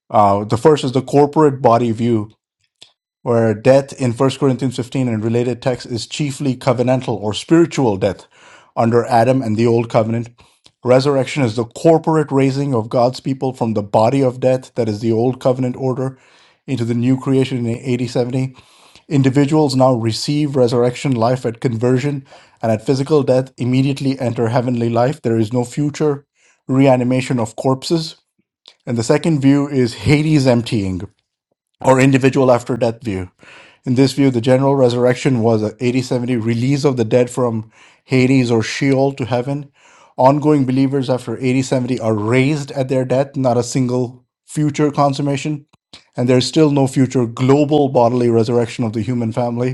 [SPEAKER 3] Uh, the first is the corporate body view, where death in 1 Corinthians 15 and related texts is chiefly covenantal or spiritual death under Adam and the Old Covenant. Resurrection is the corporate raising of God's people from the body of death, that is the Old Covenant order, into the new creation in AD Individuals now receive resurrection life at conversion and at physical death immediately enter heavenly life. There is no future reanimation of corpses. And the second view is Hades emptying or individual after death view. In this view, the general resurrection was a 80 seventy release of the dead from Hades or Sheol to heaven. Ongoing believers after 80 seventy are raised at their death, not a single future consummation. And there's still no future global bodily resurrection of the human family.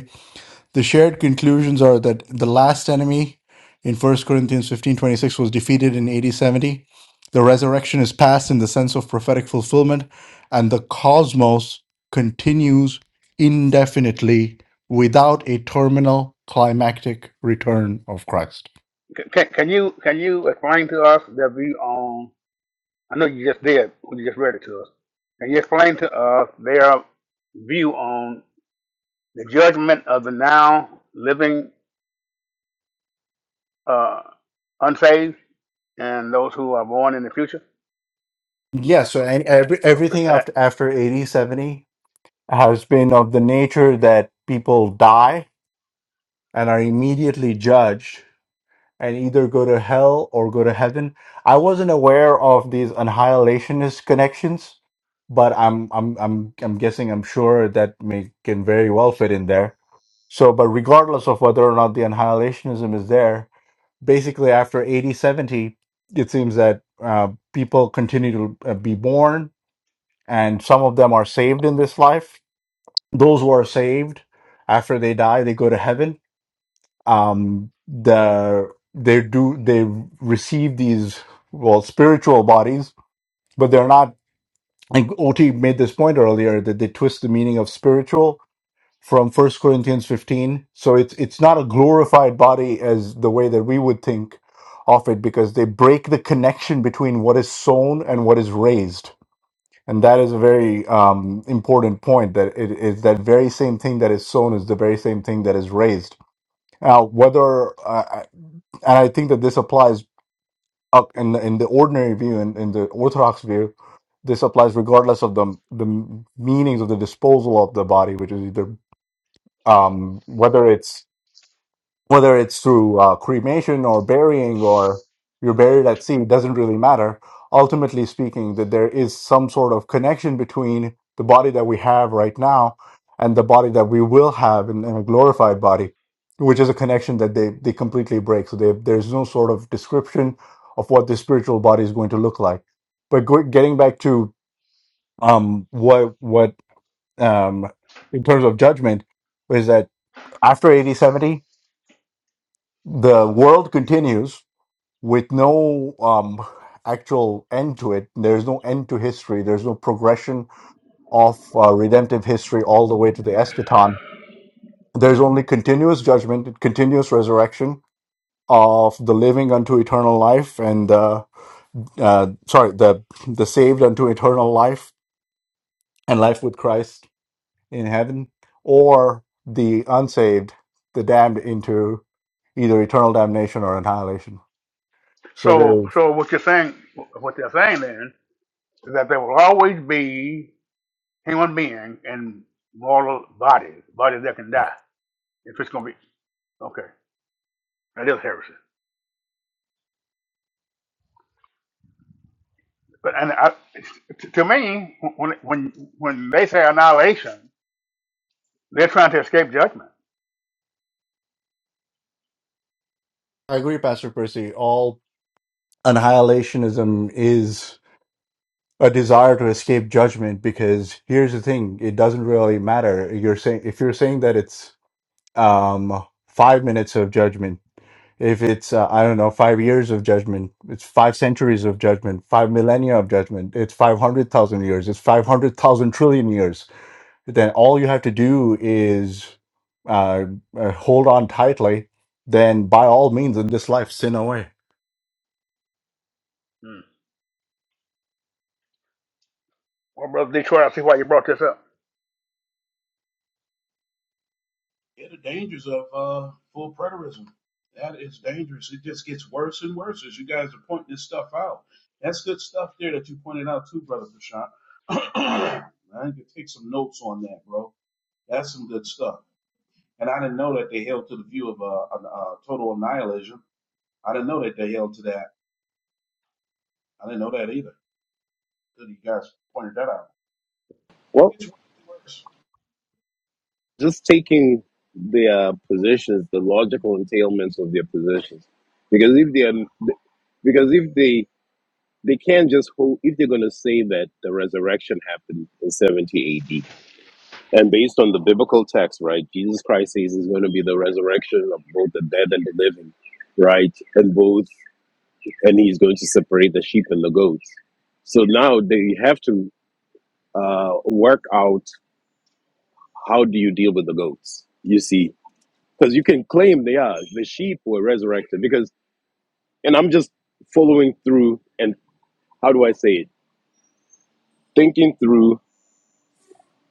[SPEAKER 3] The shared conclusions are that the last enemy in First Corinthians 15 26, was defeated in AD 70. The resurrection is past in the sense of prophetic fulfillment, and the cosmos continues indefinitely without a terminal climactic return of Christ.
[SPEAKER 5] Can, can, can you can you explain to us their view on? I know you just did when you just read it to us. Can you explain to us their view on the judgment of the now living uh, unsaved and those who are born in the future?
[SPEAKER 3] Yeah, so any, every,
[SPEAKER 5] So,
[SPEAKER 3] everything after, after AD 70 has been of the nature that people die and are immediately judged and either go to hell or go to heaven. I wasn't aware of these annihilationist connections, but I'm I'm I'm I'm guessing I'm sure that may can very well fit in there. So, but regardless of whether or not the annihilationism is there, basically after 8070, it seems that uh, people continue to uh, be born, and some of them are saved in this life. Those who are saved after they die, they go to heaven um, the they do they receive these well spiritual bodies, but they're not. And OT made this point earlier that they twist the meaning of spiritual from First Corinthians fifteen. So it's it's not a glorified body as the way that we would think of it, because they break the connection between what is sown and what is raised. And that is a very um, important point. That it is that very same thing that is sown is the very same thing that is raised. Now, whether uh, and I think that this applies uh, in the, in the ordinary view and in, in the Orthodox view. This applies regardless of the the meanings of the disposal of the body, which is either um, whether it's whether it's through uh, cremation or burying or you're buried at sea, doesn't really matter. Ultimately speaking, that there is some sort of connection between the body that we have right now and the body that we will have in, in a glorified body, which is a connection that they, they completely break. So they, there's no sort of description of what the spiritual body is going to look like. But go, getting back to um, what what um, in terms of judgment is that after eighty seventy the world continues with no um, actual end to it. There's no end to history. There's no progression of uh, redemptive history all the way to the eschaton. There's only continuous judgment, and continuous resurrection of the living unto eternal life, and uh, uh, sorry, the the saved unto eternal life and life with Christ in heaven, or the unsaved, the damned into either eternal damnation or annihilation. So
[SPEAKER 5] so
[SPEAKER 3] there.
[SPEAKER 5] so what you're saying, what they're saying then, is that there will always be human beings in mortal bodies, bodies that can die. If it's gonna be Okay, that is heresy. But and I, t- to me, when when when they say annihilation, they're trying to escape judgment.
[SPEAKER 3] I agree, Pastor Percy. All annihilationism is a desire to escape judgment because here's the thing it doesn't really matter. You're saying, if you're saying that it's um, five minutes of judgment, if it's, uh, I don't know, five years of judgment, it's five centuries of judgment, five millennia of judgment, it's 500,000 years, it's 500,000 trillion years, then all you have to do is uh, uh, hold on tightly, then by all means in this life, sin away
[SPEAKER 5] Hmm. Well, brother Detroit, I see why you brought this up.
[SPEAKER 2] yeah, the dangers of uh, full preterism. That is dangerous. It just gets worse and worse as you guys are pointing this stuff out. That's good stuff there that you pointed out too, brother Prashant. I need to take some notes on that, bro. That's some good stuff. And I didn't know that they held to the view of uh, uh, total nihilism. I didn't know that they held to that. I didn't know that either. Until you guys pointed that out.
[SPEAKER 7] well
[SPEAKER 2] It gets worse.
[SPEAKER 7] just taking their positions, the logical entailments of their positions, because if they are, because if they they can't just hold if they're going to say that the resurrection happened in 70 AD, and based on the biblical text, right, Jesus Christ says is going to be the resurrection of both the dead and the living, right, and both, and he's going to separate the sheep and the goats. So now they have to uh, work out how do you deal with the goats. You see, because you can claim they are the sheep were resurrected because and i'm just following through and how do i say it thinking through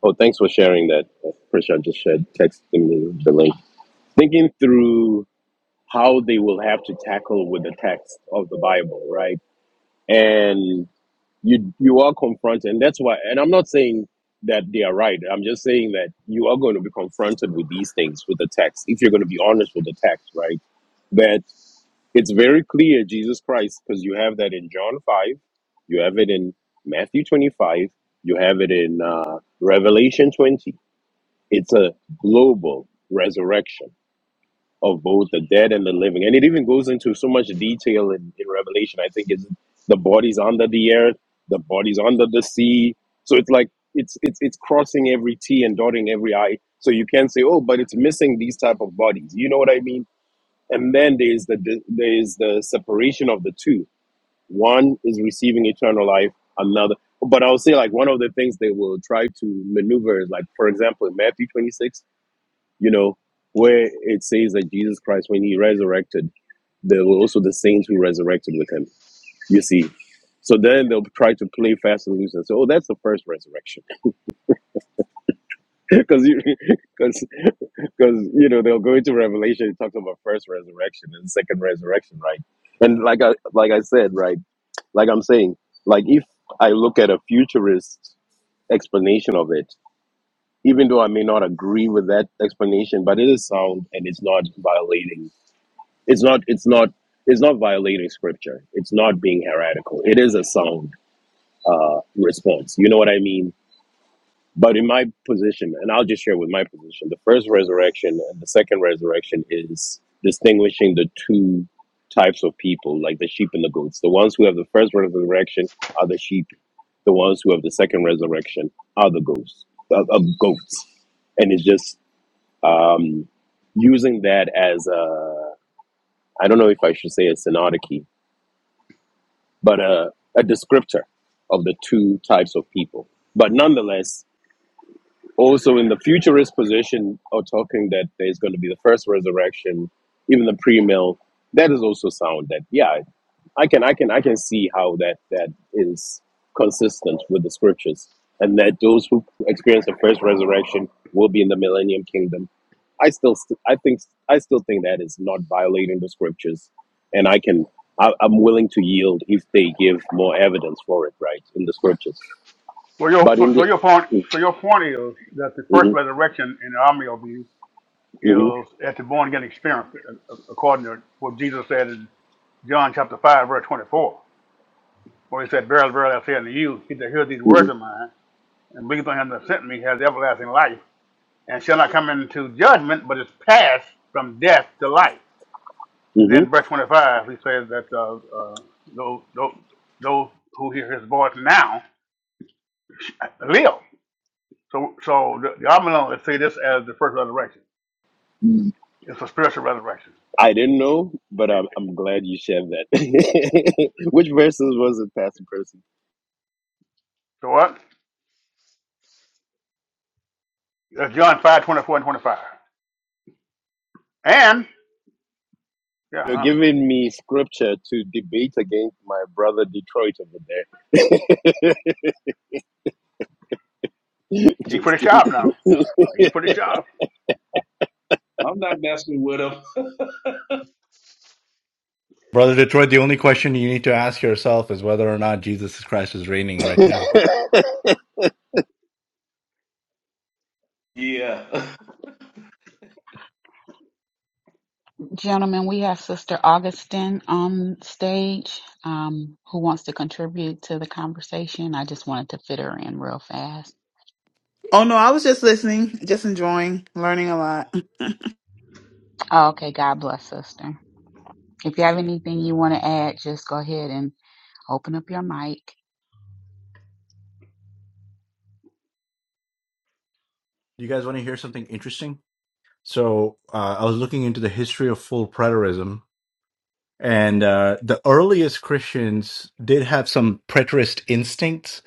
[SPEAKER 7] oh thanks for sharing that Prisha just shared texting me the link thinking through how they will have to tackle with the text of the bible right and you you are confronted and that's why and i'm not saying that they are right i'm just saying that you are going to be confronted with these things with the text if you're going to be honest with the text right That It's very clear Jesus Christ because you have that in John 5, you have it in Matthew 25, you have it in uh, Revelation 20. It's a global resurrection of both the dead and the living. And it even goes into so much detail in, in Revelation. I think it's the bodies under the earth, the bodies under the sea. So it's like it's it's it's crossing every T and dotting every I. So you can't say, oh, but it's missing these type of bodies. You know what I mean? and then there is the there is the separation of the two. One is receiving eternal life, another. But I'll say like one of the things they will try to maneuver is like, for example, in Matthew twenty six, you know, where it says that Jesus Christ, when he resurrected, there were also the saints who resurrected with him. You see, so then they'll try to play fast and loose and say, oh, that's the first resurrection because you because because you know they'll go into revelation it talks about first resurrection and second resurrection right and like i like i said right like i'm saying like if i look at a futurist explanation of it even though i may not agree with that explanation but it is sound and it's not violating it's not it's not it's not violating scripture it's not being heretical it is a sound uh response you know what i mean But in my position, and I'll just share with my position, the first resurrection and the second resurrection is distinguishing the two types of people, like the sheep and the goats. The ones who have the first resurrection are the sheep. The ones who have the second resurrection are the goats. Of of goats, and it's just um, using that as a I don't know if I should say a synodicy, but a, a descriptor of the two types of people. But nonetheless, also in the futurist position are talking that there's going to be the first resurrection, even the pre-mill. That is also sound. That yeah, I can I can I can see how that that is consistent with the scriptures, and that those who experience the first resurrection will be in the millennium kingdom. I still st- I think I still think that is not violating the scriptures, and I can I, I'm willing to yield if they give more evidence for it, right, in the scriptures.
[SPEAKER 5] So your
[SPEAKER 7] But
[SPEAKER 5] so,
[SPEAKER 7] in
[SPEAKER 5] so
[SPEAKER 7] the
[SPEAKER 5] your point so your point is that the
[SPEAKER 7] mm-hmm,
[SPEAKER 5] first resurrection in the army of you
[SPEAKER 7] mm-hmm,
[SPEAKER 5] is at the born again experience, a- a- according to what Jesus said in John chapter five verse twenty four, where he said, "Verily, verily, I say unto you, he that hears these
[SPEAKER 7] mm-hmm.
[SPEAKER 5] words of mine and believes on him that sent me has everlasting life." and shall not come into judgment, but is passed from death to life. And
[SPEAKER 7] hmm
[SPEAKER 5] then verse 25, he says that uh, uh, those, those, those who hear his voice now live. So, so the, the Amillennialists see this as the first resurrection. It's a spiritual resurrection.
[SPEAKER 7] I didn't know, but I'm, I'm glad you shared that. Which verses was it, Pastor Percy?
[SPEAKER 5] So what? That's John 5 24 and 25. And, yeah,
[SPEAKER 7] You're
[SPEAKER 5] huh?
[SPEAKER 7] giving me scripture to debate against my brother Detroit over there.
[SPEAKER 5] He's
[SPEAKER 7] Just
[SPEAKER 5] pretty
[SPEAKER 7] kidding.
[SPEAKER 5] sharp now. He's pretty sharp.
[SPEAKER 2] I'm not messing with them.
[SPEAKER 3] Brother Detroit, the only question you need to ask yourself is whether or not Jesus Christ is reigning right now.
[SPEAKER 2] Yeah.
[SPEAKER 6] Gentlemen, we have Sister Augustine on stage um, who wants to contribute to the conversation. I just wanted to fit her in real fast.
[SPEAKER 8] Oh no, I was just listening, just enjoying, learning a lot.
[SPEAKER 6] Oh, okay, God bless, Sister. If you have anything you want to add, just go ahead and open up your mic.
[SPEAKER 3] You guys want to hear something interesting? So, uh, I was looking into the history of full preterism, and uh, the earliest Christians did have some preterist instincts,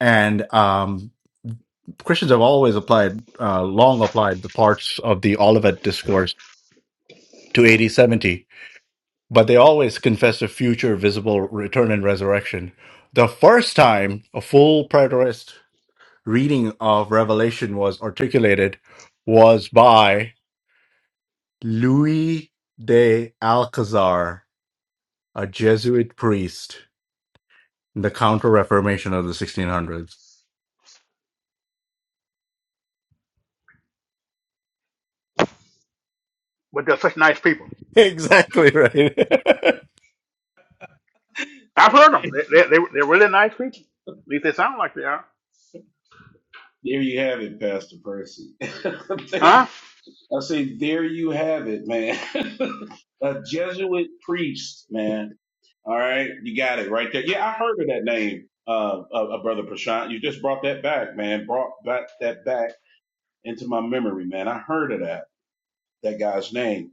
[SPEAKER 3] and um, Christians have always applied, uh, long applied the parts of the Olivet discourse to AD 70, but they always confess a future visible return and resurrection. The first time a full preterist reading of Revelation was articulated was by Louis de Alcazar, a Jesuit priest in the Counter Reformation of the 1600s.
[SPEAKER 5] But they're such nice people.
[SPEAKER 3] Exactly right.
[SPEAKER 5] I've heard them. They, they, they, they're really nice people. At least they sound like they are.
[SPEAKER 2] there you have it, Pastor Percy. Thank-
[SPEAKER 5] Huh?
[SPEAKER 2] I say, there you have it, man. A Jesuit priest, man. All right. You got it right there. Yeah, I heard of that name, uh, uh, uh, Brother Prashant. You just brought that back, man. Brought back that back into my memory, man. I heard of that that guy's name.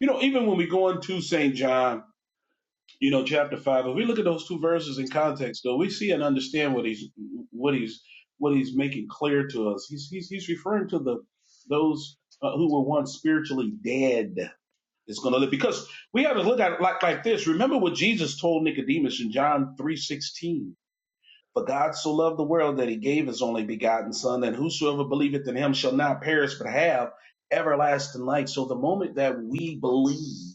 [SPEAKER 2] You know, even when we go into St. John, you know, chapter five, if we look at those two verses in context, though, we see and understand what he's what he's what he's making clear to us. He's he's he's referring to the those uh, who were once spiritually dead is going to live because we have to look at it like like this. Remember what Jesus told Nicodemus in John three sixteen for God so loved the world that he gave his only begotten Son, that whosoever believeth in him shall not perish but have everlasting life. So the moment that we believe,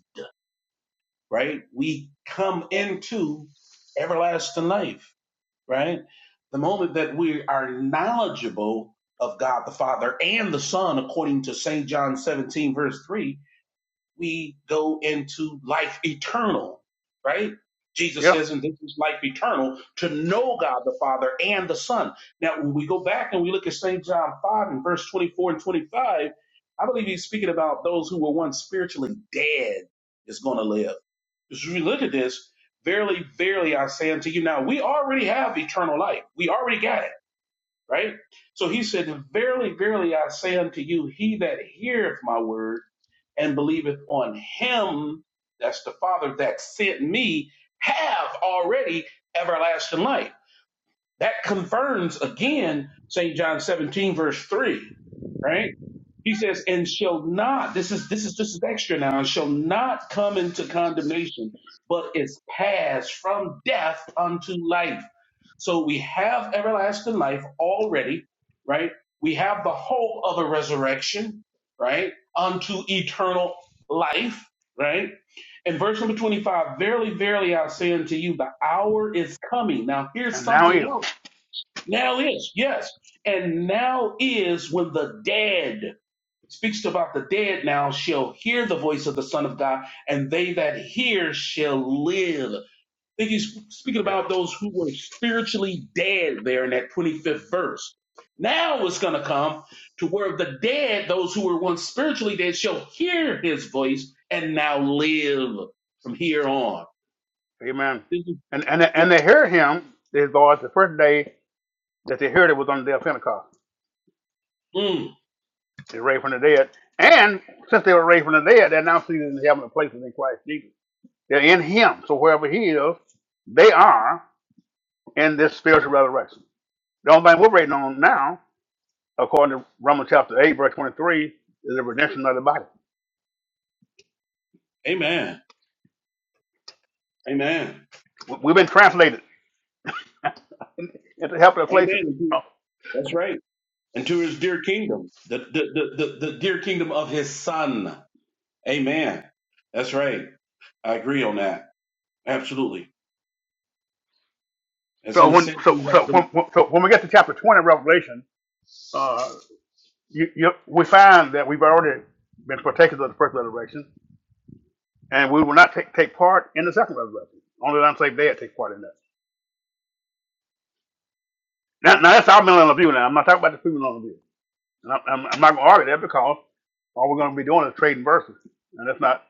[SPEAKER 2] right, we come into everlasting life, right? The moment that we are knowledgeable of God the Father and the Son, according to St. John 17, verse 3, we go into life eternal, right? Jesus
[SPEAKER 5] Yeah.
[SPEAKER 2] says, and this is life eternal, to know God the Father and the Son. Now, when we go back and we look at St. John 5 and verse 24 and 25, I believe he's speaking about those who were once spiritually dead is going to live. As we look at this, verily, verily, I say unto you now, we already have eternal life. We already got it right? So he said, Verily, verily, I say unto you, he that heareth my word and believeth on him, that's the Father that sent me, have already everlasting life that confirms again St. John 17, verse 3, right? He says, and shall not, this is this is this is extra now, and shall not come into condemnation, but is passed from death unto life. So we have everlasting life already, right? We have the hope of a resurrection, right? Unto eternal life, right? And verse number 25, verily, verily, I say unto you, the hour is coming. Now here's
[SPEAKER 5] And now he
[SPEAKER 2] something
[SPEAKER 5] is.
[SPEAKER 2] else now is, yes. And now is when the dead, speaks about the dead now, shall hear the voice of the Son of God, and they that hear shall live. I think he's speaking
[SPEAKER 5] Yeah.
[SPEAKER 2] about those who were spiritually dead there in that 25th verse. Now it's going to come to where the dead, those who were once spiritually dead, shall hear his voice and now live from here on.
[SPEAKER 5] Amen.
[SPEAKER 2] This is-
[SPEAKER 5] And and
[SPEAKER 2] yeah.
[SPEAKER 5] and they heard him, his voice, the first day that they heard it was on the day of Pentecost.
[SPEAKER 2] Mm.
[SPEAKER 5] They were raised from the dead. And since they were raised from the dead, they're now seated in the heavenly places in Christ Jesus. They're in him. So wherever he is, they are in this spiritual resurrection. The only thing we're waiting on now, according to Romans chapter 8, verse 23, is the redemption of the body.
[SPEAKER 2] Amen. Amen.
[SPEAKER 5] We- We've been translated into helpless places.
[SPEAKER 2] Amen.
[SPEAKER 5] Uh,
[SPEAKER 2] That's right. and to his dear kingdom, the, the, the, the, the dear kingdom of his son. Amen. That's right. I agree on that. Absolutely. That's
[SPEAKER 5] So
[SPEAKER 2] in a
[SPEAKER 5] when
[SPEAKER 2] sense,
[SPEAKER 5] so so when, when- so when we get to chapter 20 of Revelation, uh, you, you, we find that we've already been partakers of the first resurrection, and we will not take, take part in the second resurrection. Only the unsaved dead take part in that. Now, now that's our millennial view. Now, I'm not talking about the premillennial view. And I'm, I'm, I'm not going to argue that because all we're going to be doing is trading verses, and that's not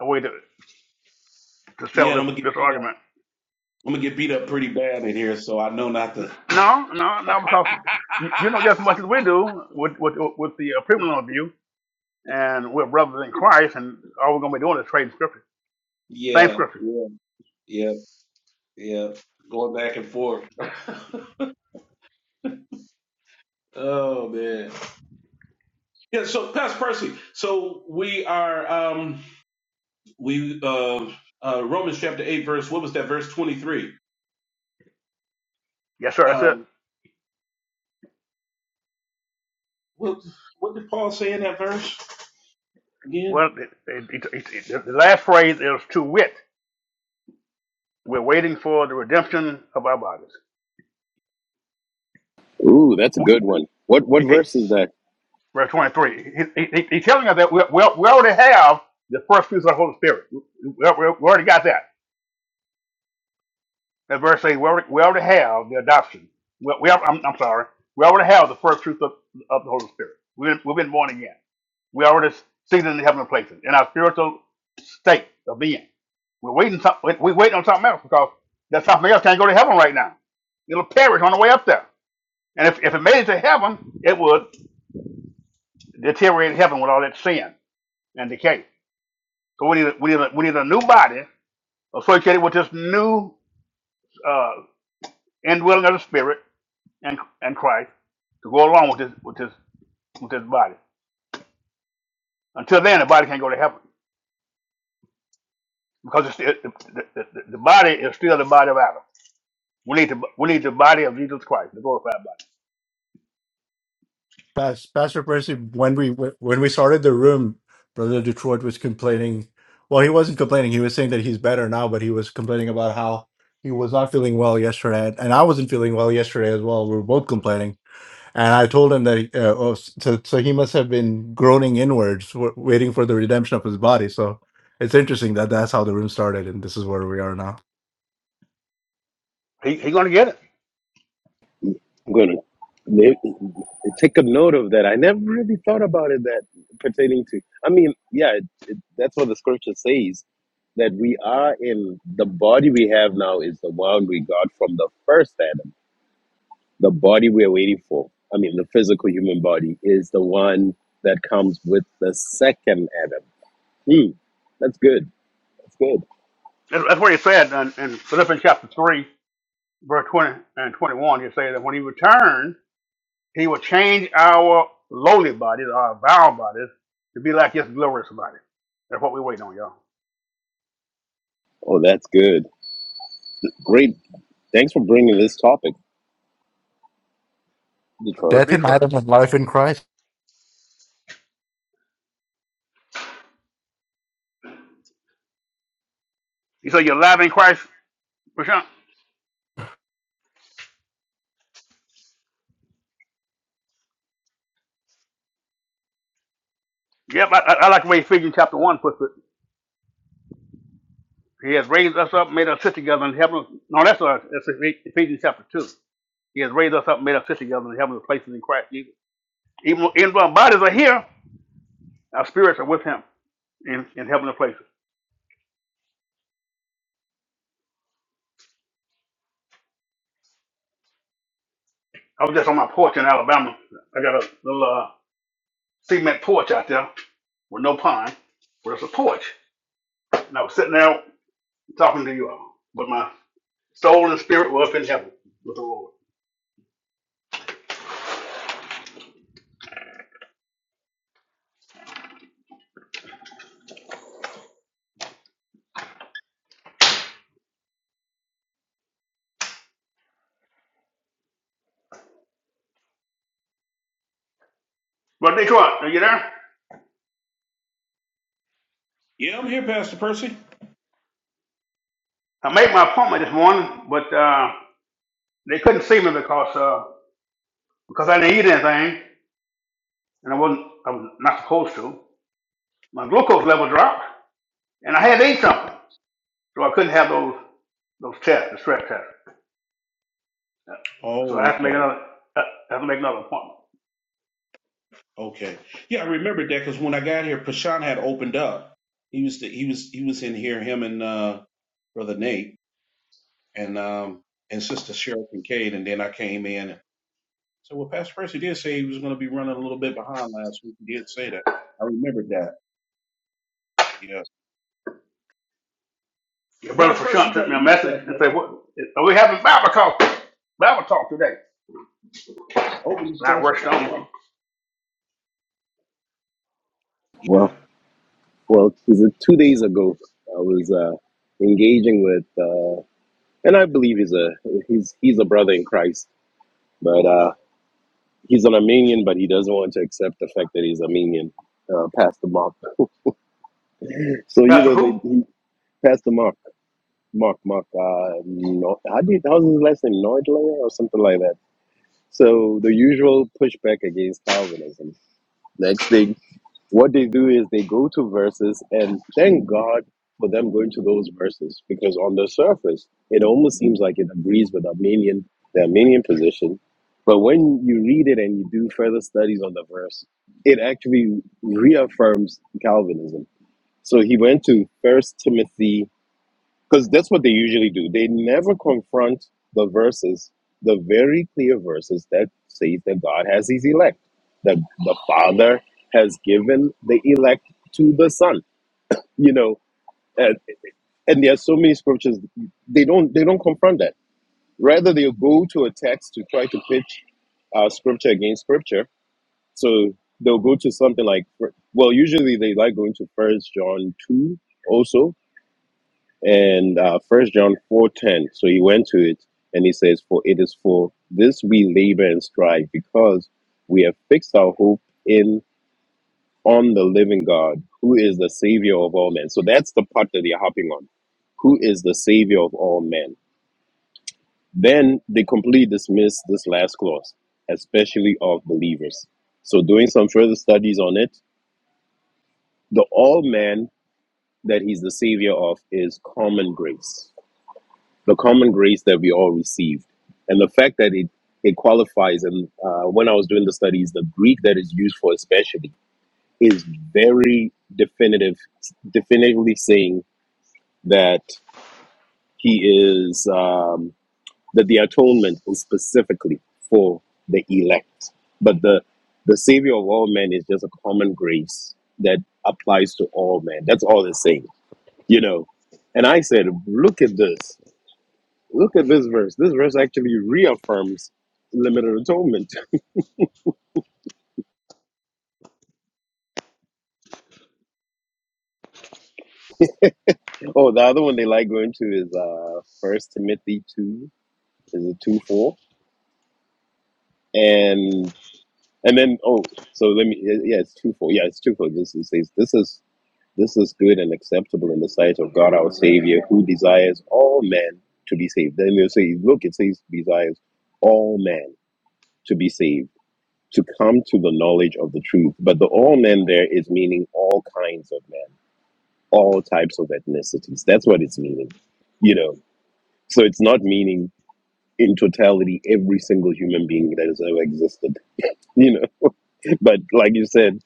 [SPEAKER 5] a way to, to
[SPEAKER 2] yeah,
[SPEAKER 5] sell
[SPEAKER 2] and
[SPEAKER 5] this,
[SPEAKER 2] I'm gonna get
[SPEAKER 5] this
[SPEAKER 2] beat up.
[SPEAKER 5] argument.
[SPEAKER 2] I'm gonna get beat up pretty bad in here, so I know not to.
[SPEAKER 5] No, no, no, because you, you know just as much as we do with with, with the uh, premillennial view, and we're brothers in Christ, and all we're going to be doing is trading scripture, same
[SPEAKER 2] Yeah,
[SPEAKER 5] scripture.
[SPEAKER 2] yeah, yeah, yeah. Going back and forth. Oh man. Yeah. So, Pastor Percy. So we are. Um, we uh, uh, Romans chapter eight, verse. What was that? Verse twenty three.
[SPEAKER 5] Yes, sir. That's it.
[SPEAKER 2] Um, what what did Paul say in that verse again?
[SPEAKER 5] Well, it, it, it, it, the last phrase is to wit. We're waiting for the redemption of our bodies.
[SPEAKER 7] Ooh, that's a
[SPEAKER 5] W-
[SPEAKER 7] good one. What what
[SPEAKER 5] it-
[SPEAKER 7] verse is that?
[SPEAKER 5] Verse 23. He, he, he- he's telling us that we, we, we already have the first fruits of the Holy Spirit. We, we, we already got that. That verse 8, we already, we already have the adoption. We, we have, I'm, I'm sorry. We already have the first fruits of, of the Holy Spirit. We've been, we've been born again. We are already seated in the heavenly places in our spiritual state of being. We're waiting. some- we- We're waiting on something else because that something else can't go to heaven right now. It'll perish on the way up there. And if, if it made it to heaven, it would deteriorate heaven with all that sin and decay. So we need a, we need a, we need a new body associated with this new uh, indwelling of the Spirit and and Christ to go along with this with this with this body. Until then, the body can't go to heaven because it's, it, the, the, the the body is still the body of Adam. We need the we need the body of Jesus Christ, the glorified body.
[SPEAKER 3] Pas- Pastor Percy, when we when we started the room, Brother Detroit was complaining. Well, he wasn't complaining. He was saying that he's better now, but he was complaining about how he was not feeling well yesterday, and I wasn't feeling well yesterday as well. We were both complaining And I told him that, uh, oh, so, so he must have been groaning inwards, w- waiting for the redemption of his body. So it's interesting that that's how the room started, and this is where we are now.
[SPEAKER 5] He he's gonna get it.
[SPEAKER 7] I'm going to make, take a note of that. I never really thought about it that pertaining to. I mean, yeah, it, it, that's what the scripture says that we are in the body we have now is the one we got from the first Adam. The body we're waiting for, I mean, the physical human body, is the one that comes with the second Adam. Hmm, that's good. That's good.
[SPEAKER 5] That's, that's what he said in, in Philippians chapter three, verse twenty and twenty one. He said that when he returns, he will change our lowly bodies, our vile bodies, to be like his glorious body. That's what we're waiting on, y'all.
[SPEAKER 7] Oh, that's good. Great. Thanks for bringing this topic, Detroit.
[SPEAKER 5] Brother
[SPEAKER 3] Death
[SPEAKER 5] be
[SPEAKER 3] in
[SPEAKER 5] trust.
[SPEAKER 3] Adam and life in Christ.
[SPEAKER 5] He said, "You're alive in Christ, Prashant." Yep, I, I, I like the way Ephesians chapter one puts it. He has raised us up, made us sit together in heaven. No, that's uh, that's Ephesians chapter two. He has raised us up, made us sit together in heavenly places in Christ Jesus Even, even though our bodies are here, our spirits are with him in, in heavenly places. I was just on my porch in Alabama. I got a little uh, cement porch out there with no pine, but it's a porch. And I was sitting there talking to you all. But my soul and spirit were up in heaven with the Lord. But Detroit, are you there?
[SPEAKER 2] Yeah, I'm here, Pastor Percy.
[SPEAKER 5] I made my appointment this morning, but uh, they couldn't see me because uh, because I didn't eat anything, and I wasn't I was not supposed to. My glucose level dropped, and I had to eat something. So I couldn't have those those tests, the stress tests. So I
[SPEAKER 2] Oh,
[SPEAKER 5] have to make
[SPEAKER 2] okay,
[SPEAKER 5] another I have to make another appointment.
[SPEAKER 2] okay. Yeah, I remember that because when I got here, Prashant had opened up. He was the, he was he was in here, him and uh, brother Nate and um and sister Cheryl Kincaid, and then I came in. And, so, well, Pastor Percy did say he was going to be running a little bit behind last week. He did say that. I remembered that. Yes.
[SPEAKER 5] Your
[SPEAKER 2] But
[SPEAKER 5] brother
[SPEAKER 2] Pastor Percy,
[SPEAKER 5] Prashant
[SPEAKER 2] you got
[SPEAKER 5] sent
[SPEAKER 2] to
[SPEAKER 5] me a
[SPEAKER 2] eat
[SPEAKER 5] message
[SPEAKER 2] stuff,
[SPEAKER 5] and said,
[SPEAKER 2] man.
[SPEAKER 5] "What are we having Bible talk? Bible talk today?"
[SPEAKER 2] Open
[SPEAKER 5] And I
[SPEAKER 2] discussion.
[SPEAKER 5] rushed
[SPEAKER 2] Yeah,
[SPEAKER 5] on.
[SPEAKER 7] Well.
[SPEAKER 2] yeah.
[SPEAKER 7] Well, is it two days ago? I was uh, engaging with, uh, and I believe he's a he's he's a brother in Christ, but uh, he's an Armenian, but he doesn't want to accept the fact that he's Armenian. Uh, Pastor Mark. So you
[SPEAKER 5] Pastor
[SPEAKER 7] know, they,
[SPEAKER 5] who?
[SPEAKER 7] he, Pastor Mark, Mark, Mark. Uh, no, how do you, how's his last name? Neudlinger or something like that. So the usual pushback against Calvinism. Next thing What they do is they go to verses and thank God for them going to those verses because on the surface it almost seems like it agrees with Armenian the Armenian position. But when you read it and you do further studies on the verse, it actually reaffirms Calvinism. So he went to First Timothy because that's what they usually do. They never confront the verses, the very clear verses that say that God has his elect, that the Father has given the elect to the Son. You know, and, and there are so many scriptures they don't they don't confront that. Rather, they go to a text to try to pitch uh, scripture against scripture. So they'll go to something like, well, usually they like going to First John two also and uh, First John four ten. So he went to it and he says, "For it is for this we labor and strive, because we have fixed our hope in on the living God, who is the Savior of all men." So that's the part that they're hopping on. Who is the Savior of all men? Then they completely dismiss this last clause, especially of believers. So doing some further studies on it, the all men that he's the Savior of is common grace the common grace that we all received, and the fact that it it qualifies. And uh, when I was doing the studies, the Greek that is used for especially is very definitive, definitively saying that he is um, that the atonement is specifically for the elect, but the the savior of all men is just a common grace that applies to all men. That's all it's saying, you know. And I said, look at this. Look at this verse. This verse actually reaffirms limited atonement. Oh, the other one they like going to is uh First Timothy two. Is it two four? And and then oh, so let me yeah, yeah, it's two four. Yeah, it's two four. This is says this is this is good and acceptable in the sight of God our Savior, who desires all men to be saved. Then they'll say, look, it says desires all men to be saved, to come to the knowledge of the truth. But the all men there is meaning all kinds of men all types of ethnicities. That's what it's meaning, you know. So it's not meaning in totality every single human being that has ever existed, you know. But like you said,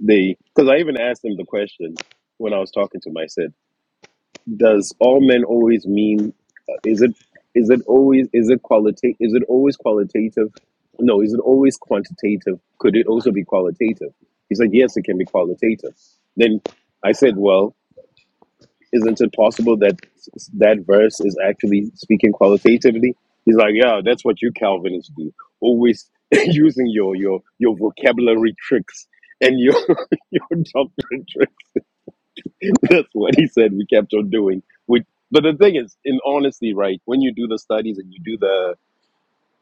[SPEAKER 7] they because I even asked them the question when I was talking to him. I said, "Does all men always mean? Uh, is it is it always is it qualitative? Is it always qualitative? No, is it always quantitative? Could it also be qualitative?" He said, "Yes, it can be qualitative." Then I said, "Well." Isn't it possible that that verse is actually speaking qualitatively? He's like, yeah, that's what you Calvinists do. Always using your your your vocabulary tricks and your your doctrine tricks. That's what he said. We kept on doing. We, but the thing is, in honesty, right? When you do the studies and you do the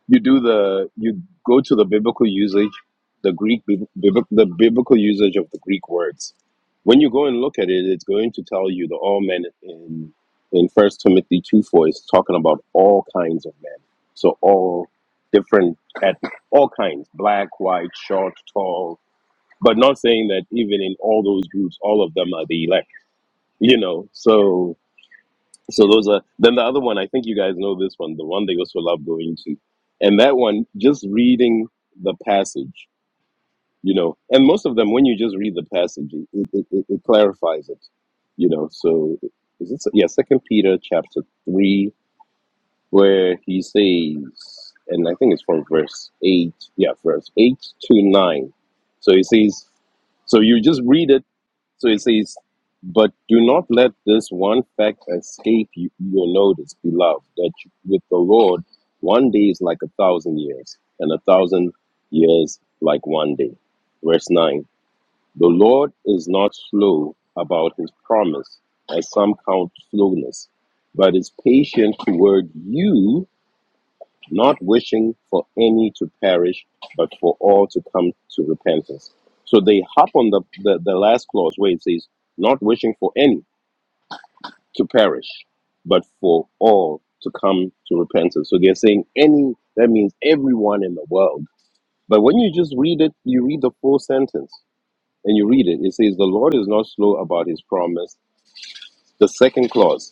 [SPEAKER 7] you do the you go to the biblical usage the greek bib- bib- the biblical usage of the greek words when you go and look at it it's going to tell you the all men in in first timothy 2 4 is talking about all kinds of men so all different at all kinds black white short tall but not saying that even in all those groups all of them are the elect you know so so those are then the other one. I think you guys know this one, the one they also love going to, and that one just reading the passage, you know. And most of them, when you just read the passage, it it, it, it clarifies it, you know. So is it yeah, Second Peter chapter three, where he says, and I think it's from verse eight, yeah, verse eight to nine. So he says, so you just read it so it says, But do not let this one fact escape you, your notice, beloved, that you- with the Lord, one day is like a thousand years, and a thousand years like one day. Verse 9 The Lord is not slow about his promise, as some count slowness, but is patient toward you not wishing for any to perish, but for all to come to repentance. So they hop on the, the, the last clause where it says, not wishing for any to perish, but for all to come to repentance. So they're saying any, that means everyone in the world. But when you just read it, you read the full sentence and you read it, it says, the Lord is not slow about his promise. The second clause,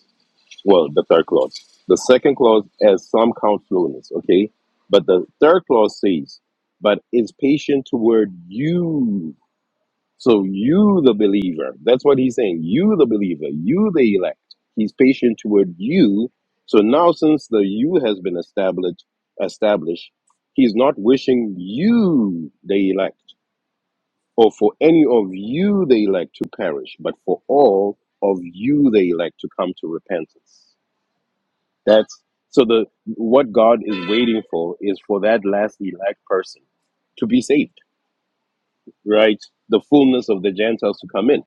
[SPEAKER 7] well, the third clause. The second clause has some counselfulness, okay? But the third clause says, but is patient toward you. So you, the believer, that's what he's saying. You, the believer, you, the elect. He's patient toward you. So now, since the you has been established, established, he's not wishing you, the elect, or for any of you, the elect, to perish, but for all of you, the elect, to come to repentance. That's so the what God is waiting for is for that last elect person to be saved, right? The fullness of the Gentiles to come in,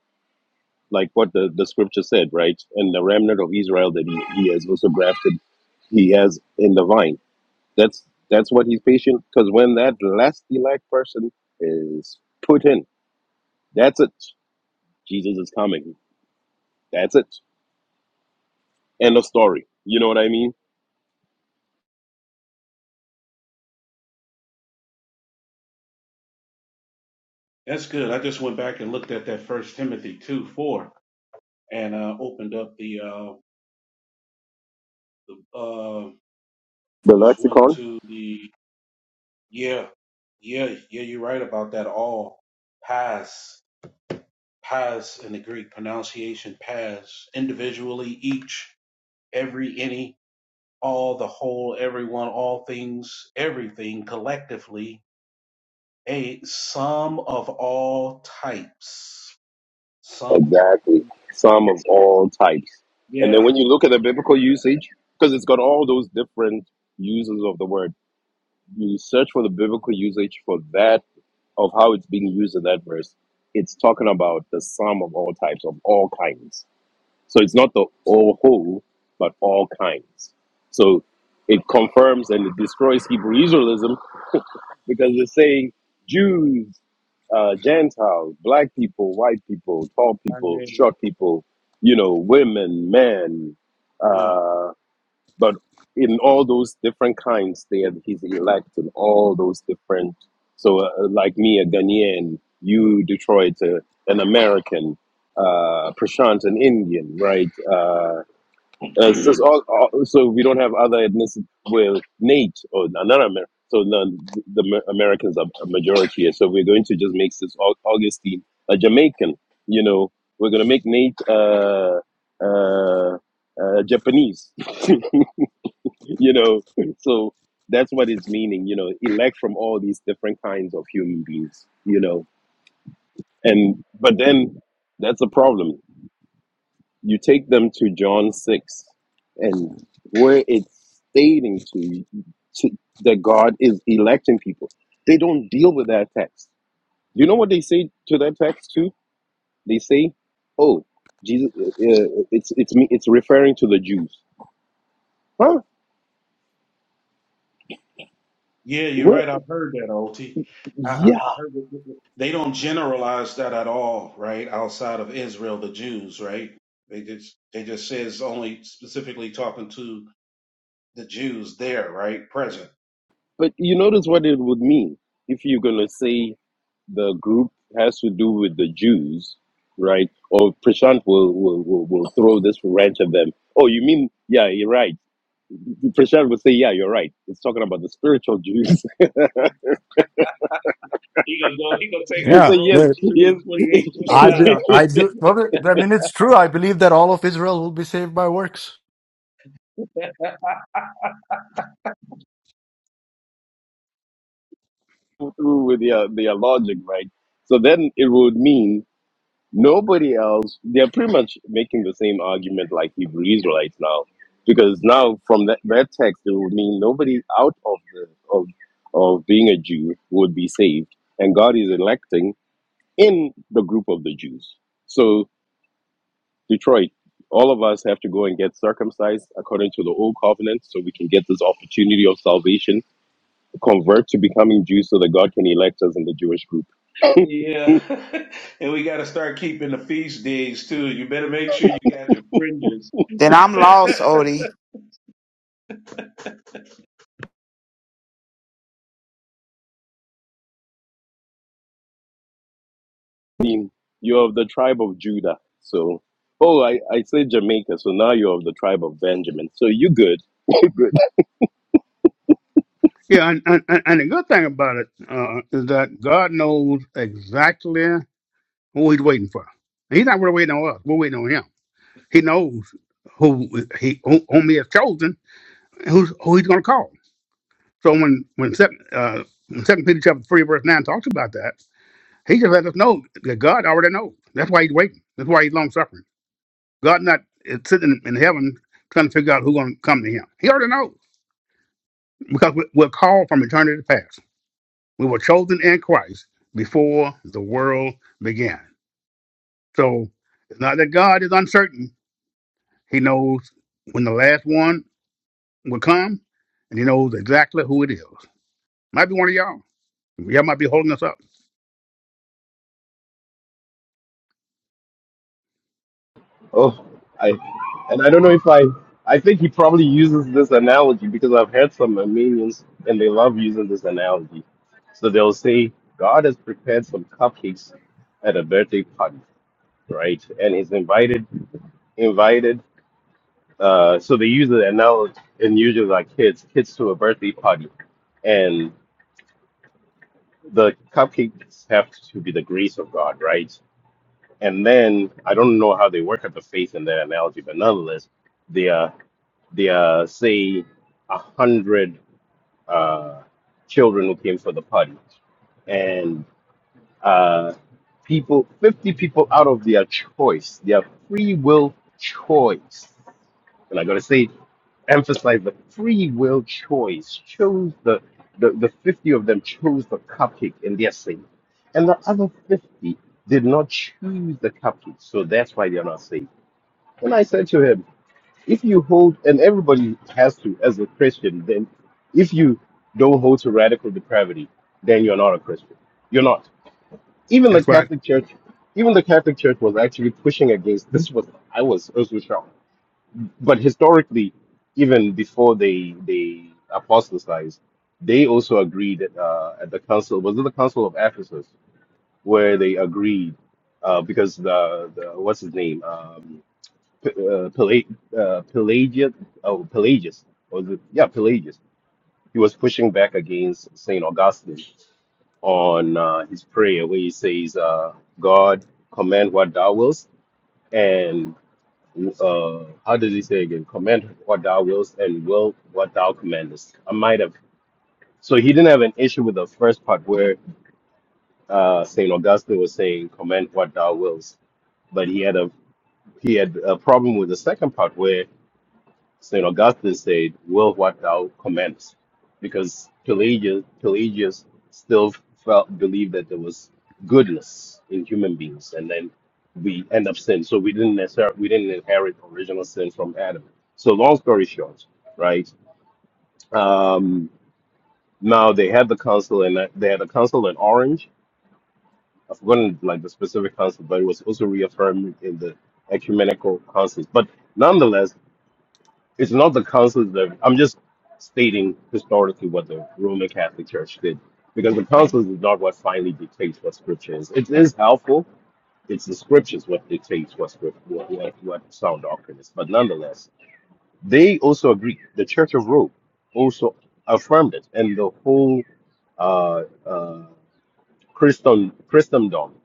[SPEAKER 7] like what the, the scripture said, right? And the remnant of Israel that he, he has also grafted, he has in the vine. That's that's what he's patient because when that last elect person is put in, that's it. Jesus is coming. That's it. End of story. You know what I mean?
[SPEAKER 2] That's good. I just went back and looked at that First Timothy two four and uh, opened up the uh, uh,
[SPEAKER 7] The
[SPEAKER 2] just went
[SPEAKER 7] lexicon
[SPEAKER 2] to the yeah, yeah, yeah. You're right about that. All pass, pass in the Greek pronunciation, pass individually, each, every, any, all, the whole, everyone, all things, everything, collectively, a sum of all types. Sum,
[SPEAKER 7] Exactly. Some of all types. And then
[SPEAKER 2] yeah,
[SPEAKER 7] when you look at the biblical usage, because it's got all those different uses of the word, you search for the biblical usage for that of how it's being used in that verse. It's talking about the sum of all types, of all kinds. So it's not the all whole, but all kinds. So it confirms and it destroys Hebrew Israelism because it's saying Jews, uh, Gentiles, black people, white people, tall
[SPEAKER 2] I
[SPEAKER 7] people,
[SPEAKER 2] mean,
[SPEAKER 7] short people, you know, women, men,
[SPEAKER 2] yeah,
[SPEAKER 7] uh, but in all those different kinds, they are his elect in all those different. So, uh, like me, a Ghanaian, you, Detroit, uh, an American, uh, Prashant, an Indian, right? Uh, uh, so, all, all- so we don't have other ethnicity with Nate or another Amer- so the, the Amer- Americans are a majority here. So we're going to just make this Au- Augustine a Jamaican. You know, we're going to make Nate uh, uh, uh, Japanese. you know, so that's what it's meaning. You know, elect from all these different kinds of human beings. You know, and but then that's a problem you take them to John 6 and where it's stating to, to that God is electing people. They don't deal with that text. You know what they say to that text too? They say, "Oh, Jesus uh, uh, it's it's me it's referring to the Jews." Huh?
[SPEAKER 2] yeah. You're
[SPEAKER 7] Where
[SPEAKER 2] right. I've heard that, Ot.
[SPEAKER 7] yeah,
[SPEAKER 2] I heard. they don't generalize that at all, right? Outside of Israel, the Jews, right? They just they just says only specifically talking to the Jews there, right? Present.
[SPEAKER 7] but you notice what it would mean if you're going to say the group has to do with the Jews, right? Or Prashant will will will, will throw this wrench at them. Oh, you mean yeah, you're right Prashad would say, "Yeah, you're right. It's talking about the spiritual Jews."
[SPEAKER 2] He gonna go. He gonna take up
[SPEAKER 7] He's
[SPEAKER 2] to
[SPEAKER 3] Yeah.
[SPEAKER 7] like, "Yes,
[SPEAKER 3] there-
[SPEAKER 2] Romans
[SPEAKER 7] yes."
[SPEAKER 2] 2 28 twenty
[SPEAKER 3] I be,
[SPEAKER 2] nine.
[SPEAKER 3] I do. Well, I mean, it's true. I believe that all of Israel will be saved by works.
[SPEAKER 7] Through with their their logic, right? So then it would mean nobody else. They're pretty much making the same argument like Hebrew Israelites now, because now from that, that text it would mean nobody out of the of of being a Jew would be saved, and God is electing in the group of the Jews. So. Detroit, all of us have to go and get circumcised according to the old covenant so we can get this opportunity of salvation, convert to becoming Jews so that God can elect us in the Jewish group.
[SPEAKER 2] Yeah, and we got to start keeping the feast days too. You better make sure you got your fringes.
[SPEAKER 8] Then I'm lost, Odie.
[SPEAKER 7] Dean, You're of the tribe of Judah. So, oh, I, I said Jamaica. So now you're of the tribe of Benjamin. So you good. you good.
[SPEAKER 5] Yeah, and, and, and and the good thing about it uh, is that God knows exactly who He's waiting for. He's not really waiting on us; we're waiting on Him. He knows who He who- whom He has chosen, who's who He's going to call. So when when Second uh, when Second Peter chapter three verse nine talks about that. He just let us know that God already knows. That's why he's waiting. That's why he's long suffering. God not is sitting in heaven trying to figure out who's going to come to him. He already knows because we- we're called from eternity past. We were chosen in Christ before the world began. So it's not that God is uncertain. He knows when the last one will come, and He knows exactly who it is. Might be one of y'all. Y'all might be holding us up.
[SPEAKER 7] Oh, I and I don't know if I I think he probably uses this analogy because I've heard some Armenians and they love using this analogy. So they'll say God has prepared some cupcakes at a birthday party, right? And he's invited invited. Uh, so they use the analogy and usually like kids kids to a birthday party, and the cupcakes have to be the grace of God, right? And then I don't know how they work at the faith in that analogy, but nonetheless. the uh, say a hundred uh, children who came for the party, and uh, people, fifty people out of their choice, their free will choice, and I gotta say, emphasize the free will choice chose the the, the fifty of them chose the cupcake and they're saved, and the other fifty did not choose the cupcake, so that's why they're not saved. And I said to him. if you hold and everybody has to as a christian then if you don't hold to radical depravity then you're not a christian you're not even the
[SPEAKER 5] That's right.
[SPEAKER 7] catholic church even the catholic church was actually pushing against this was i was also shocked but historically even before they they apostatized they also agreed uh, at the council was it the council of ephesus where they agreed uh, because the, the what's his name um, uh, Pelag uh, Pelagius, oh, Pelagius, or was it? Yeah, Pelagius. He was pushing back against Saint Augustine on uh, his prayer, where he says, uh, "God, command what Thou wilt," and uh, how does he say again? Command what Thou wilt, and will what Thou commandest. I might have. So he didn't have an issue with the first part where uh, Saint Augustine was saying, "Command what Thou wilt," but he had a he had a problem with the second part where St. Augustine said, Will what thou commandest? Because Pelagius, Pelagius still felt believed that there was goodness in human beings, and then we end up sin. So we didn't necessarily we didn't inherit original sin from Adam. So long story short, right? Um, now they had the council, and they had a council in Orange. I've forgotten like the specific council, but it was also reaffirmed in the ecumenical councils. But nonetheless It's not the council that I'm just stating historically what the Roman Catholic Church did, because the councils is not what finally dictates what scripture is. It is helpful. It's the scriptures what dictates what script, what, what, what sound doctrine is. But nonetheless, they also agree. The Church of Rome also affirmed it, and the whole uh, uh, Christendom, Christendom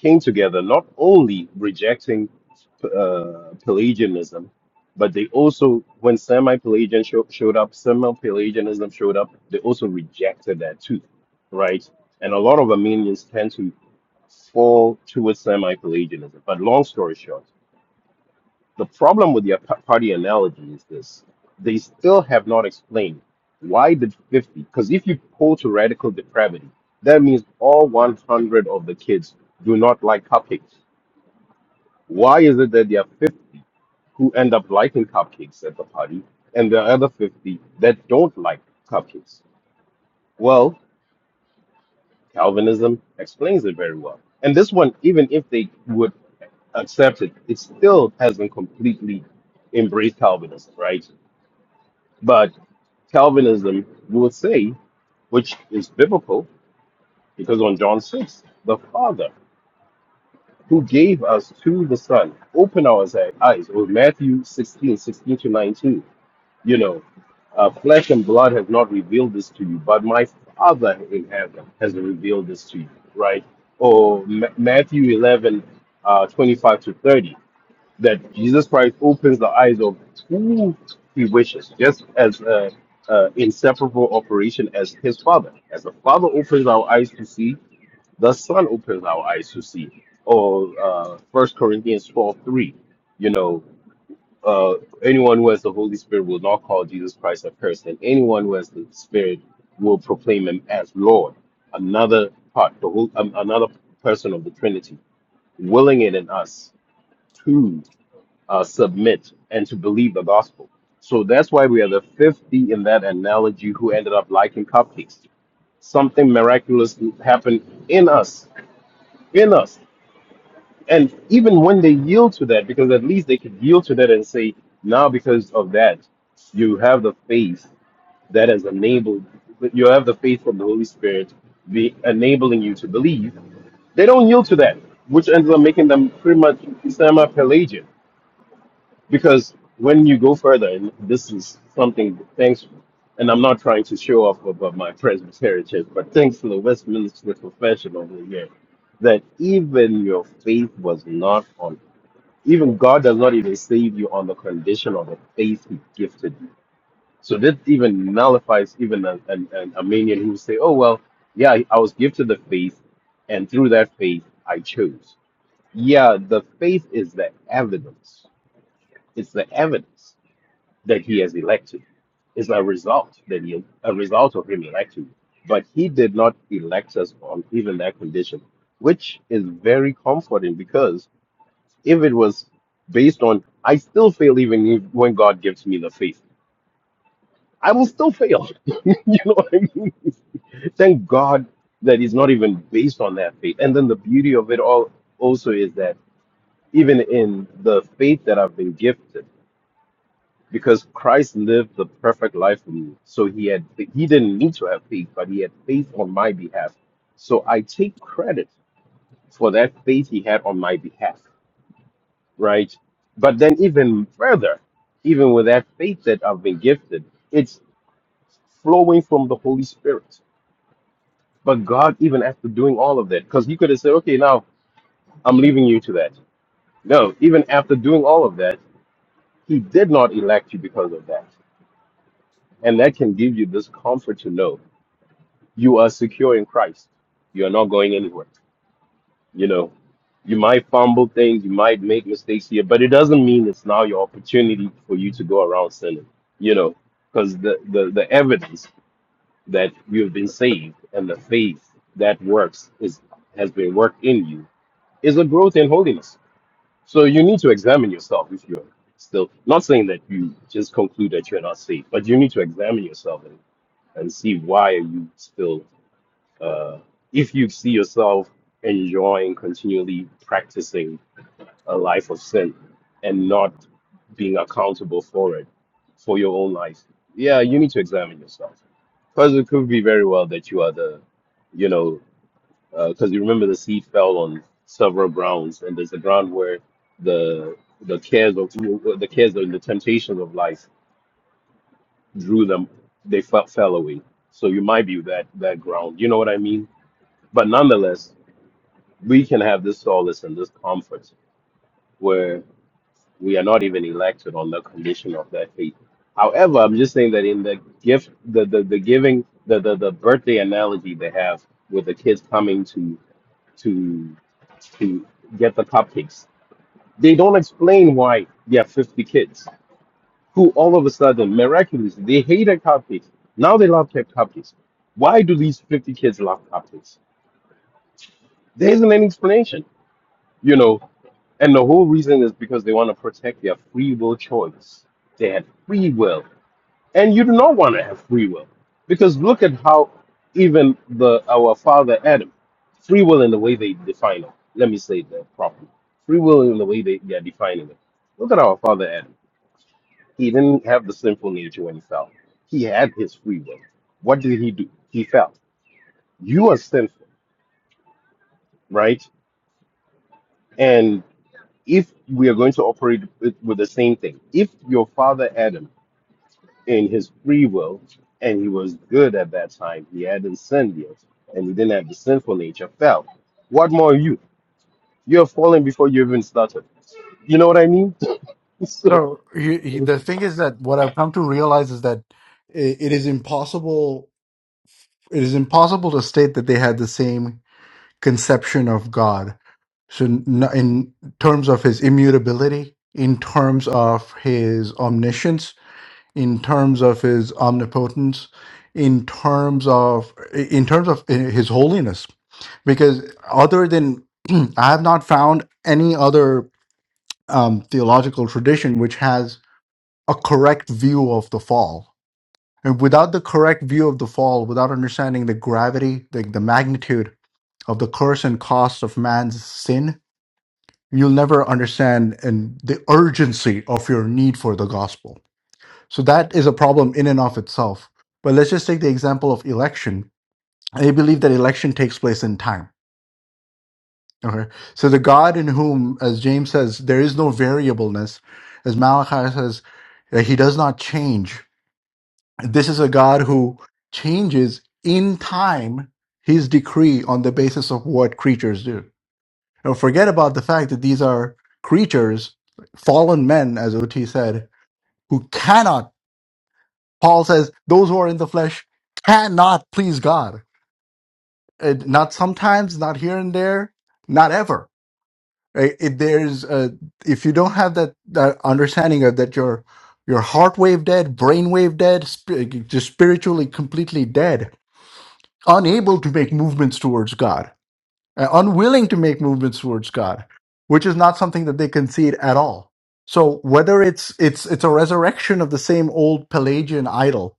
[SPEAKER 7] came together, not only rejecting uh, Pelagianism, but they also, when semi-Pelagian show, showed up, semi-Pelagianism showed up, they also rejected that too, right? And a lot of Armenians tend to fall towards semi-Pelagianism. But long story short, the problem with the ap- party analogy is this: they still have not explained why the 50. Because if you pull to radical depravity, that means all 100 of the kids do not like cupcakes. Why is it that there are who end up liking cupcakes at the party, and the other 50 that don't like cupcakes. Well, Calvinism explains it very well. And this one, even if they would accept it, it still hasn't completely embraced Calvinism, right? But Calvinism will say, which is biblical, because on John 6, the Father who gave us to the Son, open our eyes, Or Matthew 16, 16 to 19. You know, uh, flesh and blood has not revealed this to you, but my Father in heaven has revealed this to you, right? Or Ma- Matthew 11, uh, 25 to 30, that Jesus Christ opens the eyes of who he wishes, just as a, a inseparable operation as his Father. As the Father opens our eyes to see, the Son opens our eyes to see. Or uh, 1 Corinthians 12 3, you know, uh, anyone who has the Holy Spirit will not call Jesus Christ a person. anyone who has the Spirit will proclaim him as Lord. Another part, the whole, um, another person of the Trinity, willing it in us to uh, submit and to believe the gospel. So that's why we are the 50 in that analogy who ended up liking cupcakes. Something miraculous happened in us, in us. And even when they yield to that, because at least they could yield to that and say, now because of that, you have the faith that has enabled, you have the faith from the Holy Spirit be enabling you to believe. They don't yield to that, which ends up making them pretty much semi-Pelagian. Because when you go further, and this is something, thanks, and I'm not trying to show off about my Presbyterian church, but thanks to the Westminster Confession over here, that even your faith was not on. Even God does not even save you on the condition of the faith He gifted you. So that even nullifies even an, an, an Armenian who say, "Oh well, yeah, I was gifted the faith, and through that faith I chose." Yeah, the faith is the evidence. It's the evidence that He has elected. It's a result that He a result of Him electing. you. But He did not elect us on even that condition, which is very comforting because if it was based on I still fail even if, when God gives me the faith. I will still fail. you know what I mean? Thank God that it's not even based on that faith. And then the beauty of it all also is that even in the faith that I've been gifted, because Christ lived the perfect life for me. So he had he didn't need to have faith, but he had faith on my behalf. So I take credit for that faith he had on my behalf. right? But then even further, even with that faith that I've been gifted, it's flowing from the Holy Spirit. But God, even after doing all of that, because He could have said, okay, now I'm leaving you to that. No, even after doing all of that, He did not elect you because of that. And that can give you this comfort to know you are secure in Christ. You are not going anywhere. You know, You might fumble things, you might make mistakes here, but it doesn't mean it's now your opportunity for you to go around sinning, you know, because the, the, the evidence that you have been saved and the faith that works is has been worked in you is a growth in holiness. So you need to examine yourself if you're still not saying that you just conclude that you're not saved, but you need to examine yourself and, and see why are you still uh, if you see yourself enjoying continually practicing a life of sin and not being accountable for it for your own life yeah you need to examine yourself because it could be very well that you are the you know because you remember the seed fell on several grounds and there's a ground where the the cares of the cares and the temptations of life drew them they fell, fell away so you might be that that ground you know what i mean but nonetheless we can have this solace and this comfort where. we are not even elected on the condition of their faith. However, I'm just saying that in the gift, the the, the giving, the, the the birthday analogy they have with the kids coming to to to get the cupcakes, they don't explain why there are 50 kids who all of a sudden miraculously they hated cupcakes. Now they love cup- cupcakes. Why do these 50 kids love cupcakes? There isn't any explanation you know, and the whole reason is because they want to protect their free will choice. They had free will, and you do not want to have free will because look at how even the our father Adam, free will in the way they define it. Let me say that properly. Free will in the way they, they are defining it. Look at our father Adam. He didn't have the sinful nature when he fell. He had his free will. What did he do? He fell. You are sinful, right? if we are going to operate with, with the same thing, if your father Adam, in his free will, and he was good at that time, he hadn't sinned yet, and he didn't have the sinful nature, fell. What more you? You're falling before you even started. You know what I mean? so,
[SPEAKER 3] So he, he, the thing is that what I've come to realize is that it, it is impossible. It is impossible to state that they had the same conception of God So, n- no, in terms of his immutability, in terms of his omniscience, in terms of his omnipotence, in terms of in terms of his holiness, because other than I have not found any other um, theological tradition which has a correct view of the fall. And without the correct view of the fall, without understanding the gravity, the, the magnitude of the curse and cost of man's sin, you'll never understand and the urgency of your need for the gospel. So that is a problem in and of itself. But let's just take the example of election. They believe that election takes place in time. Okay. So the God in whom, as James says, there is no variableness, as Malachi says, that he does not change. This is a God who changes in time his decree on the basis of what creatures do. And forget about the fact that these are creatures, fallen men, as OT said, who cannot, Paul says, those who are in the flesh cannot please God. It- not sometimes, not here and there, not ever. Right? It, there's uh, if you don't have that, that understanding of that your your heart wave dead, brain wave dead, sp- just spiritually completely dead, unable to make movements towards God uh, unwilling to make movements towards God, which is not something that they concede at all. So whether it's it's it's a resurrection of the same old Pelagian idol,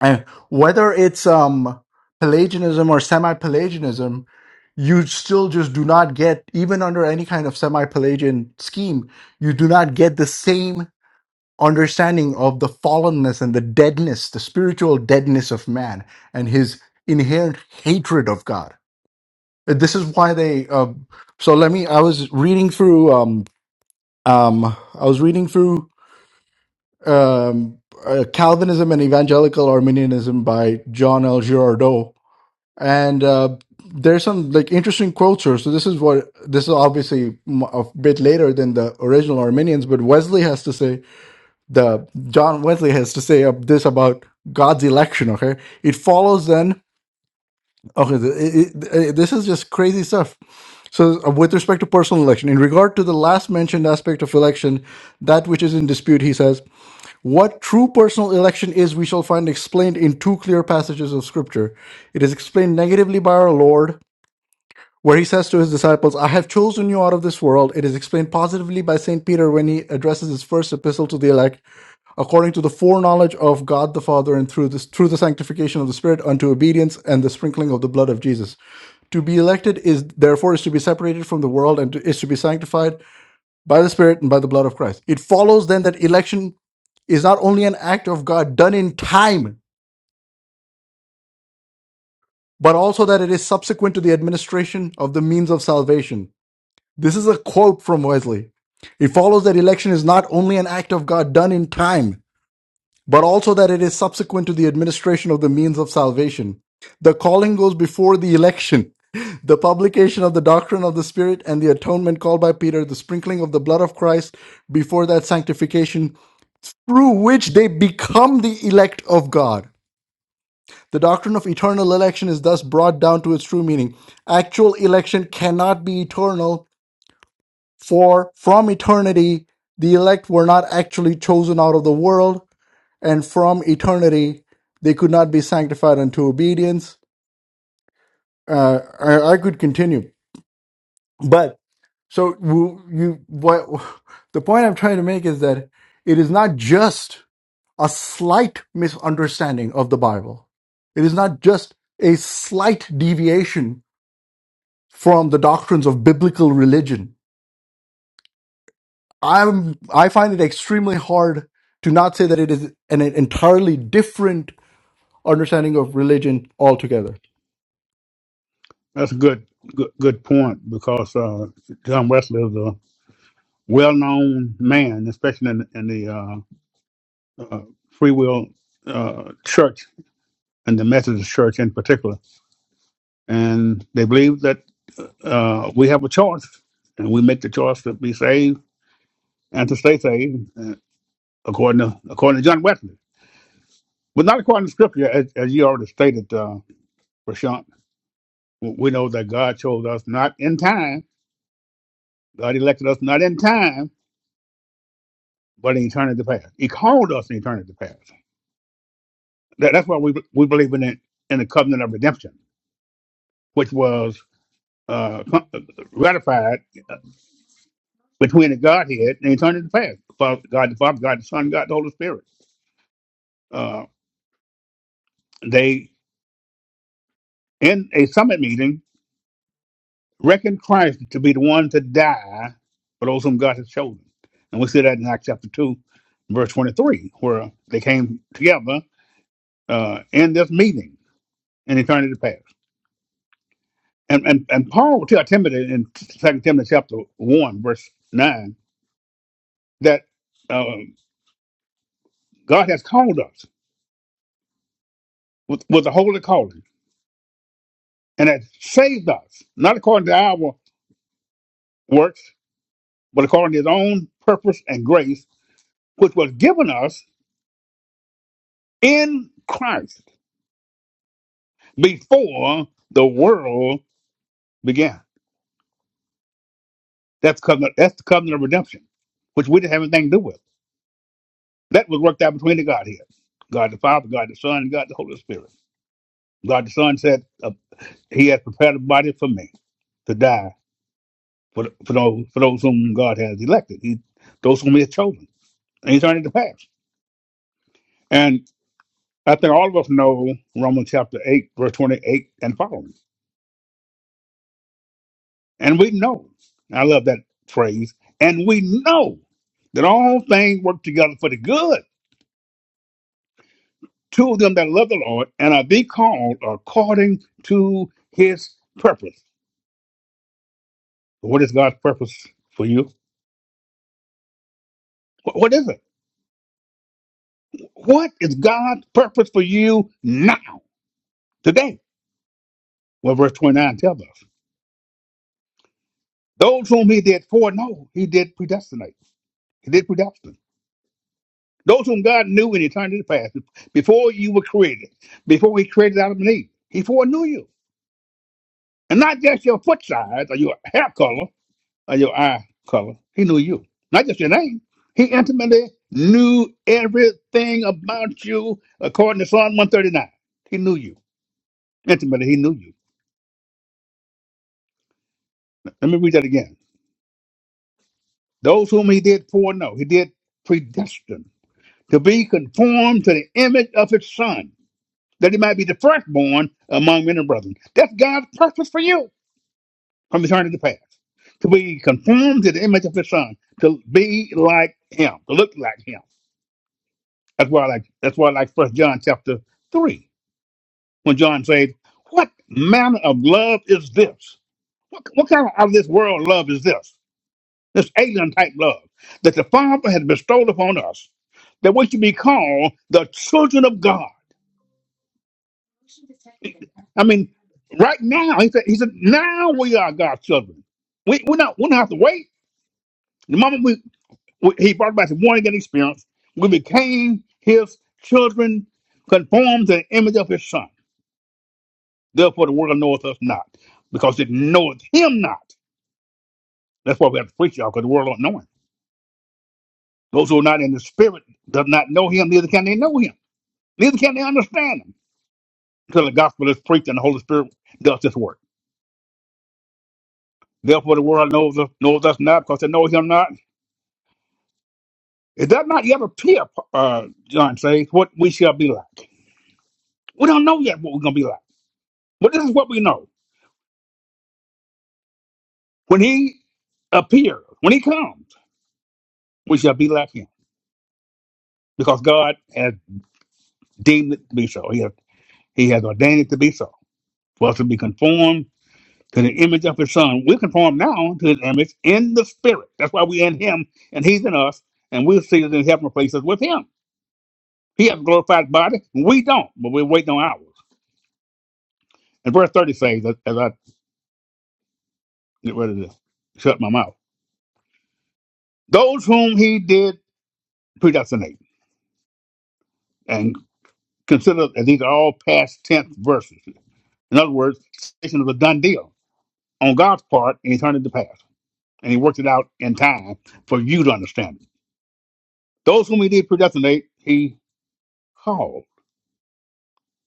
[SPEAKER 3] and whether it's um Pelagianism or semi-Pelagianism, you still just do not get even under any kind of semi-Pelagian scheme, you do not get the same understanding of the fallenness and the deadness, the spiritual deadness of man and his inherent hatred of God this is why they um so let me i was reading through um um i was reading through um uh, calvinism and evangelical arminianism by john l girardot and uh there's some like interesting quotes here so this is what this is obviously m- a bit later than the original arminians but wesley has to say the john wesley has to say uh, this about god's election okay it follows then Okay, th- it- it- this is just crazy stuff. So, uh, with respect to personal election, in regard to the last mentioned aspect of election, that which is in dispute, he says, what true personal election is, we shall find explained in two clear passages of Scripture. It is explained negatively by our Lord, where he says to his disciples, I have chosen you out of this world. It is explained positively by St. Peter when he addresses his first epistle to the elect, according to the foreknowledge of God the Father and through this through the sanctification of the Spirit unto obedience and the sprinkling of the blood of Jesus. To be elected is therefore is to be separated from the world and to, is to be sanctified by the Spirit and by the blood of Christ. It follows then that election is not only an act of God done in time, but also that it is subsequent to the administration of the means of salvation. This is a quote from Wesley. It follows that election is not only an act of God done in time, but also that it is subsequent to the administration of the means of salvation. The calling goes before the election. The publication of the doctrine of the Spirit and the atonement called by Peter, the sprinkling of the blood of Christ before that sanctification, through which they become the elect of God. The doctrine of eternal election is thus brought down to its true meaning. Actual election cannot be eternal, for from eternity the elect were not actually chosen out of the world, and from eternity they could not be sanctified unto obedience. Uh, I, I could continue. But so you, you what the point I'm trying to make is that it is not just a slight misunderstanding of the Bible. It is not just a slight deviation from the doctrines of biblical religion. I'm I find it extremely hard to not say that it is an entirely different understanding of religion altogether.
[SPEAKER 5] That's a good good good point because uh, John Wesley is a well-known man, especially in, in the uh, uh, free will uh, church and the Methodist church in particular. And they believe that uh, we have a choice, and we make the choice to be saved and to stay saved, uh, according to according to John Wesley, but not according to Scripture, as, as you already stated, uh, Prashant. W- We know that God chose us not in time. God elected us not in time, but in eternity past. He called us in eternity past. That, that's why we we believe in it in the covenant of redemption which was uh, ratified between the Godhead and eternity past. God the Father, God the Son, God the Holy Spirit. Uh, they, in a summit meeting, reckoned Christ to be the one to die for those whom God has chosen. And we see that in Acts chapter 2, verse 23, where they came together uh, in this meeting in eternity past. And, and, and Paul will tell Timothy in Second Timothy chapter 1, verse 9, that uh, God has called us with, with the holy calling and has saved us, not according to our works, but according to his own purpose and grace, which was given us in Christ before the world began. That's, covenant, that's the covenant of redemption, which we didn't have anything to do with. That was worked out between the Godhead God the Father, God the Son, and God the Holy Spirit. God the Son said, uh, He has prepared a body for me to die for, for, those, for those whom God has elected, he, those whom He has chosen. And He's turned it to pass. And I think all of us know Romans chapter 8, verse 28 and following. And we know, I love that phrase, and we know that all things work together for the good to them that love the Lord and are be called according to his purpose. What is God's purpose for you? Wh- What is it? What is God's purpose for you now, today? Well, verse 29 tells us those whom he did foreknow, he did predestinate. He did predestinate. Those whom God knew in eternity past, before you were created, before He created Adam and Eve, He foreknew you. And not just your foot size or your hair color or your eye color. He knew you. Not just your name. He intimately knew everything about you according to Psalm 139. He knew you. Intimately, He knew you. Let me read that again. Those whom He did foreknow, He did predestine to be conformed to the image of His Son that he might be the firstborn among many brethren. That's God's purpose for you from eternity past. To be conformed to the image of his son, to be like him, to look like him. That's why I like that's why I like first John chapter three, when John says, What manner of love is this? What, what kind of, of this world love is this? This alien type love that the Father has bestowed upon us, that we should be called the children of God. I mean, right now, he said, he said, now we are God's children. We we not we don't have to wait. The moment we, we he brought about the born again experience, we became his children, conformed to the image of his son. Therefore, the world knoweth us not, because it knoweth him not. That's why we have to preach y'all, because the world don't know him. Those who are not in the spirit does not know him, neither can they know him, neither can they understand him. Until the gospel is preached and the Holy Spirit does this work. Therefore, the world knows us, knows us not, because they know him not It does not yet appear, uh, John says, what we shall be like. We don't know yet what we're going to be like. But this is what we know. When he appears, when he comes, we shall be like him because God has deemed it to be so. He has, he has ordained it to be so. For us to be conformed to the image of his son. We're conformed now to his image in the spirit. That's why we're in him and he's in us, and we're seated in heavenly places with him. He has a glorified body. We don't, but we're waiting on ours. And verse 30 says, as as I get ready to shut my mouth Those whom he did predestinate. And consider that these are all past tense verses. In other words, salvation was a done deal on God's part, and he turned it to pass. And he worked it out in time for you to understand it. Those whom he did predestinate, he called.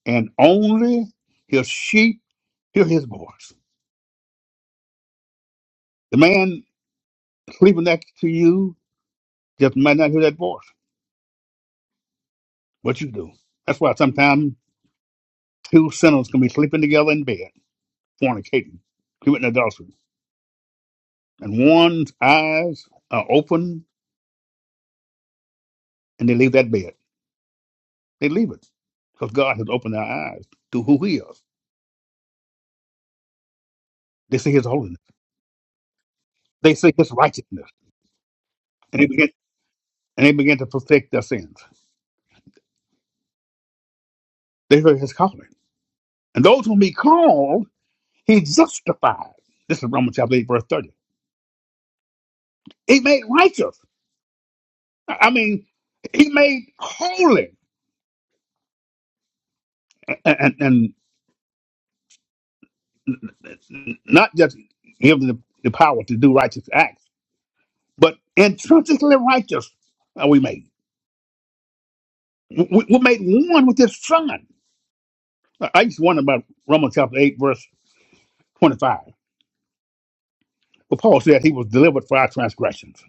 [SPEAKER 5] And only his sheep hear his voice. The man sleeping next to you just might not hear that voice. What you do. That's why sometimes two sinners can be sleeping together in bed, fornicating, committing adultery and one's eyes are open and they leave that bed. They leave it because God has opened their eyes to who He is. They see His holiness. They see His righteousness, and they begin and they begin to perfect their sins. They hear His calling, and those whom He called, He justified. This is Romans chapter eight, verse thirty. He made righteous. I I mean, He made holy, and and, and not just give them the, the power to do righteous acts, but intrinsically righteous are we made. We, we made one with his son. I I used to wonder about Romans chapter 8, verse 25. But Paul said he was delivered for our transgressions.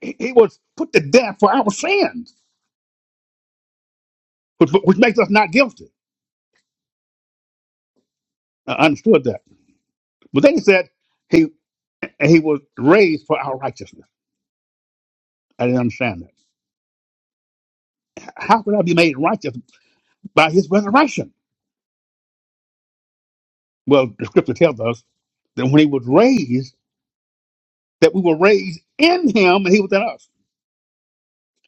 [SPEAKER 5] He, he was put to death for our sins, which, which makes us not guilty. I understood that. But then he said he he was raised for our righteousness. I didn't understand that. How could I be made righteous by his resurrection? Well, the scripture tells us that when he was raised, that we were raised in him and he was in us.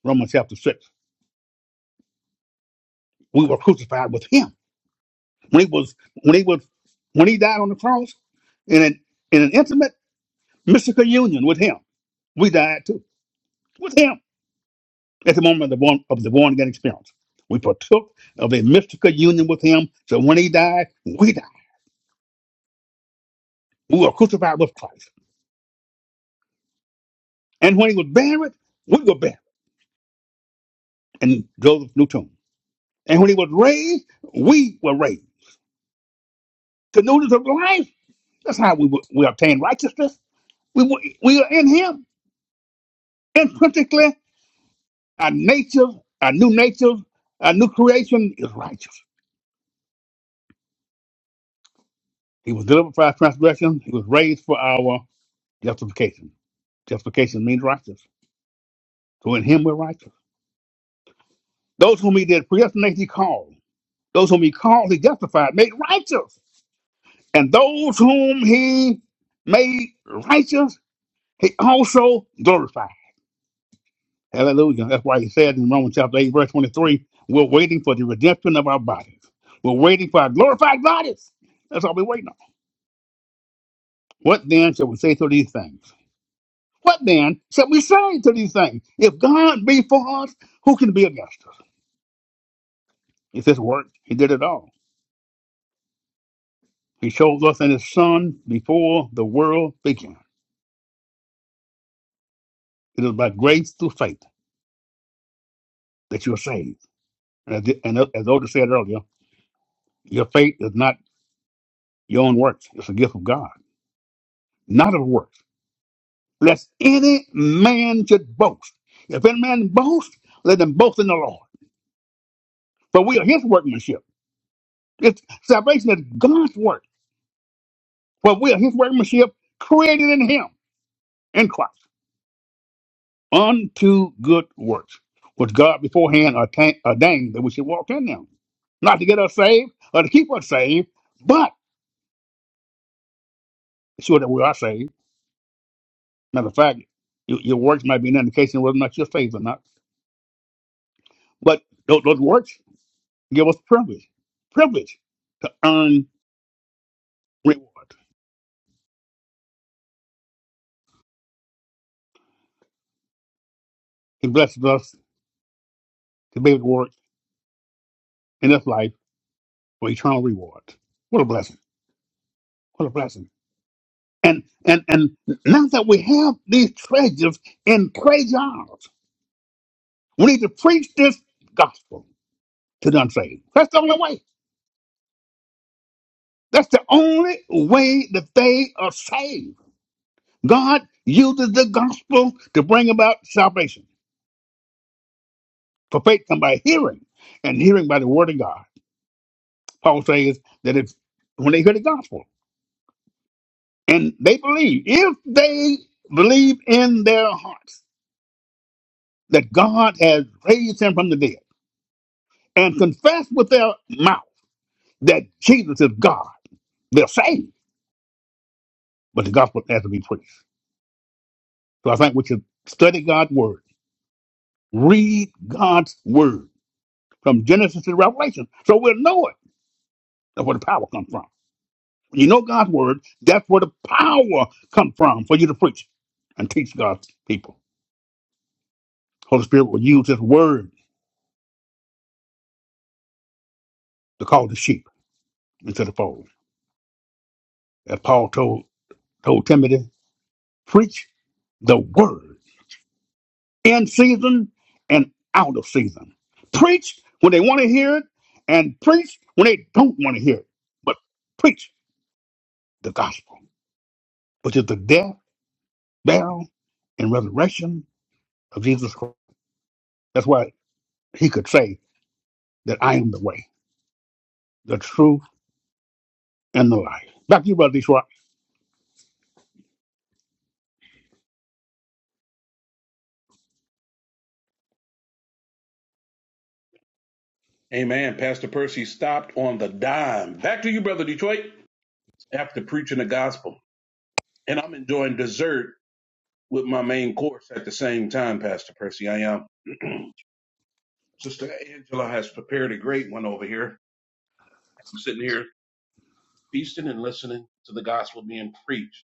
[SPEAKER 5] Romans chapter 6. We were crucified with him When he was when he was when he died on the cross in an in an intimate mystical union with him, we died too. With him at the moment of the born of the born again experience. We partook of a mystical union with him. So when he died, we died. We were crucified with Christ. And when he was buried, we were buried in Joseph's new tomb. And when he was raised, we were raised. The newness of life, that's how we, were. we obtained righteousness. We, were- we are in him intrinsically Our nature, our new nature, our new creation is righteous. He was delivered for our transgression. He was raised for our justification. Justification means righteous. So in him we're righteous. Those whom he did predestinate, he called. Those whom he called, he justified, made righteous. And those whom he made righteous, he also glorified. Hallelujah. That's why he said in Romans chapter 8, verse 23, we're waiting for the redemption of our bodies. We're waiting for our glorified bodies. That's all we're waiting on. What then shall we say to these things? What then shall we say to these things? If God be for us, who can be against us? It's His work. He did it all. He shows us in His Son before the world began. It is by grace through faith that you are saved. And as, and as Oda said earlier, your faith is not your own works. It's a gift of God, not of works. Lest any man should boast. If any man boast, let him boast in the Lord. For we are His workmanship. It's, salvation is God's work But we are his workmanship created in him, in Christ, unto good works, which God beforehand ordain- ordained that we should walk in them. Not to get us saved or to keep us saved, but sure that we are saved. Matter of fact, your, your works might be an indication of whether or not you're saved or not. But those, those works give us privilege, privilege to earn reward. He blesses us to be able to work in this life for eternal reward. What a blessing. What a blessing. And and and now that we have these treasures in clay jars, we need to preach this gospel to the unsaved. That's the only way. That's the only way that they are saved. God uses the gospel to bring about salvation. For faith comes by hearing, and hearing by the word of God. Paul says that if when they hear the gospel and they believe, if they believe in their hearts that God has raised him from the dead and confess with their mouth that Jesus is God, they're saved. But the gospel has to be preached. So I think we should study God's word, read God's word from Genesis to Revelation, so we'll know it. That's where the power comes from. When you know God's word, that's where the power comes from for you to preach and teach God's people. Holy Spirit will use His word to call the sheep into the fold. As Paul told told Timothy, preach the word. in season and out of season. Preach when they want to hear it and preach when they don't want to hear it. But preach the gospel, which is the death, burial, and resurrection of Jesus Christ. That's why he could say that I am the way, the truth, and the life. Back to you, Brother Detroit.
[SPEAKER 2] Amen. Pastor Percy stopped on the dime. Back to you, brother Detroit. After preaching the gospel, and I'm enjoying dessert with my main course at the same time, Pastor Percy. I am. Sister Angela has prepared a great one over here. I'm sitting here feasting and listening to the gospel being preached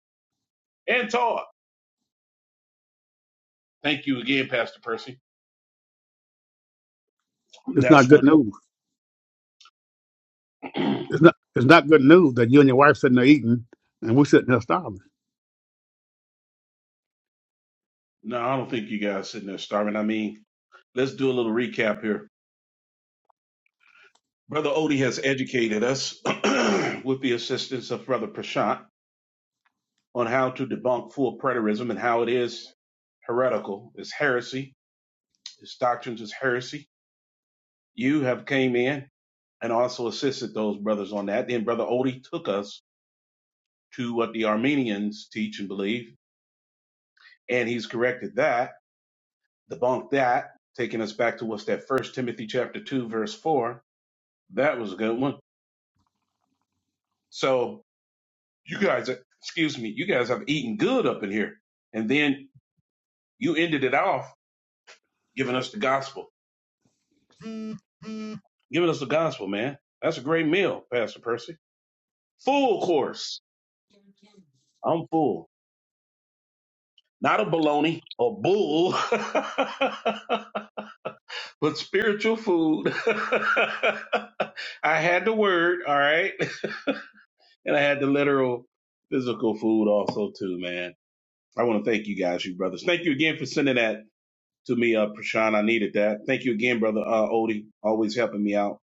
[SPEAKER 2] and taught. Thank you again, Pastor Percy.
[SPEAKER 5] It's not
[SPEAKER 2] That's
[SPEAKER 5] good
[SPEAKER 2] what.
[SPEAKER 5] news.
[SPEAKER 2] no,
[SPEAKER 5] It's not it's not good news that you and your wife sitting there eating and we're sitting there starving.
[SPEAKER 2] I don't think you guys are sitting there starving. I mean, let's do a little recap here. Brother Odie has educated us with the assistance of Brother Prashant on how to debunk full preterism and how it is heretical. It's heresy. His doctrines is heresy you have came in and also assisted those brothers on that. Then Brother Odie took us to what the Armenians teach and believe, and he's corrected that, debunked that, taking us back to what's that First Timothy chapter two verse four. That was a good one. So you guys, excuse me, you guys have eaten good up in here, and then you ended it off giving us the gospel, giving us the gospel, man. That's a great meal, Pastor Percy. Full course. I'm full. Not a baloney or bull, but spiritual food. I had the word, all right, and I had the literal physical food also too, man. I want to thank you guys, you brothers. Thank you again for sending that to me, uh, Prashan. I needed that. Thank you again, brother uh, Odie, always helping me out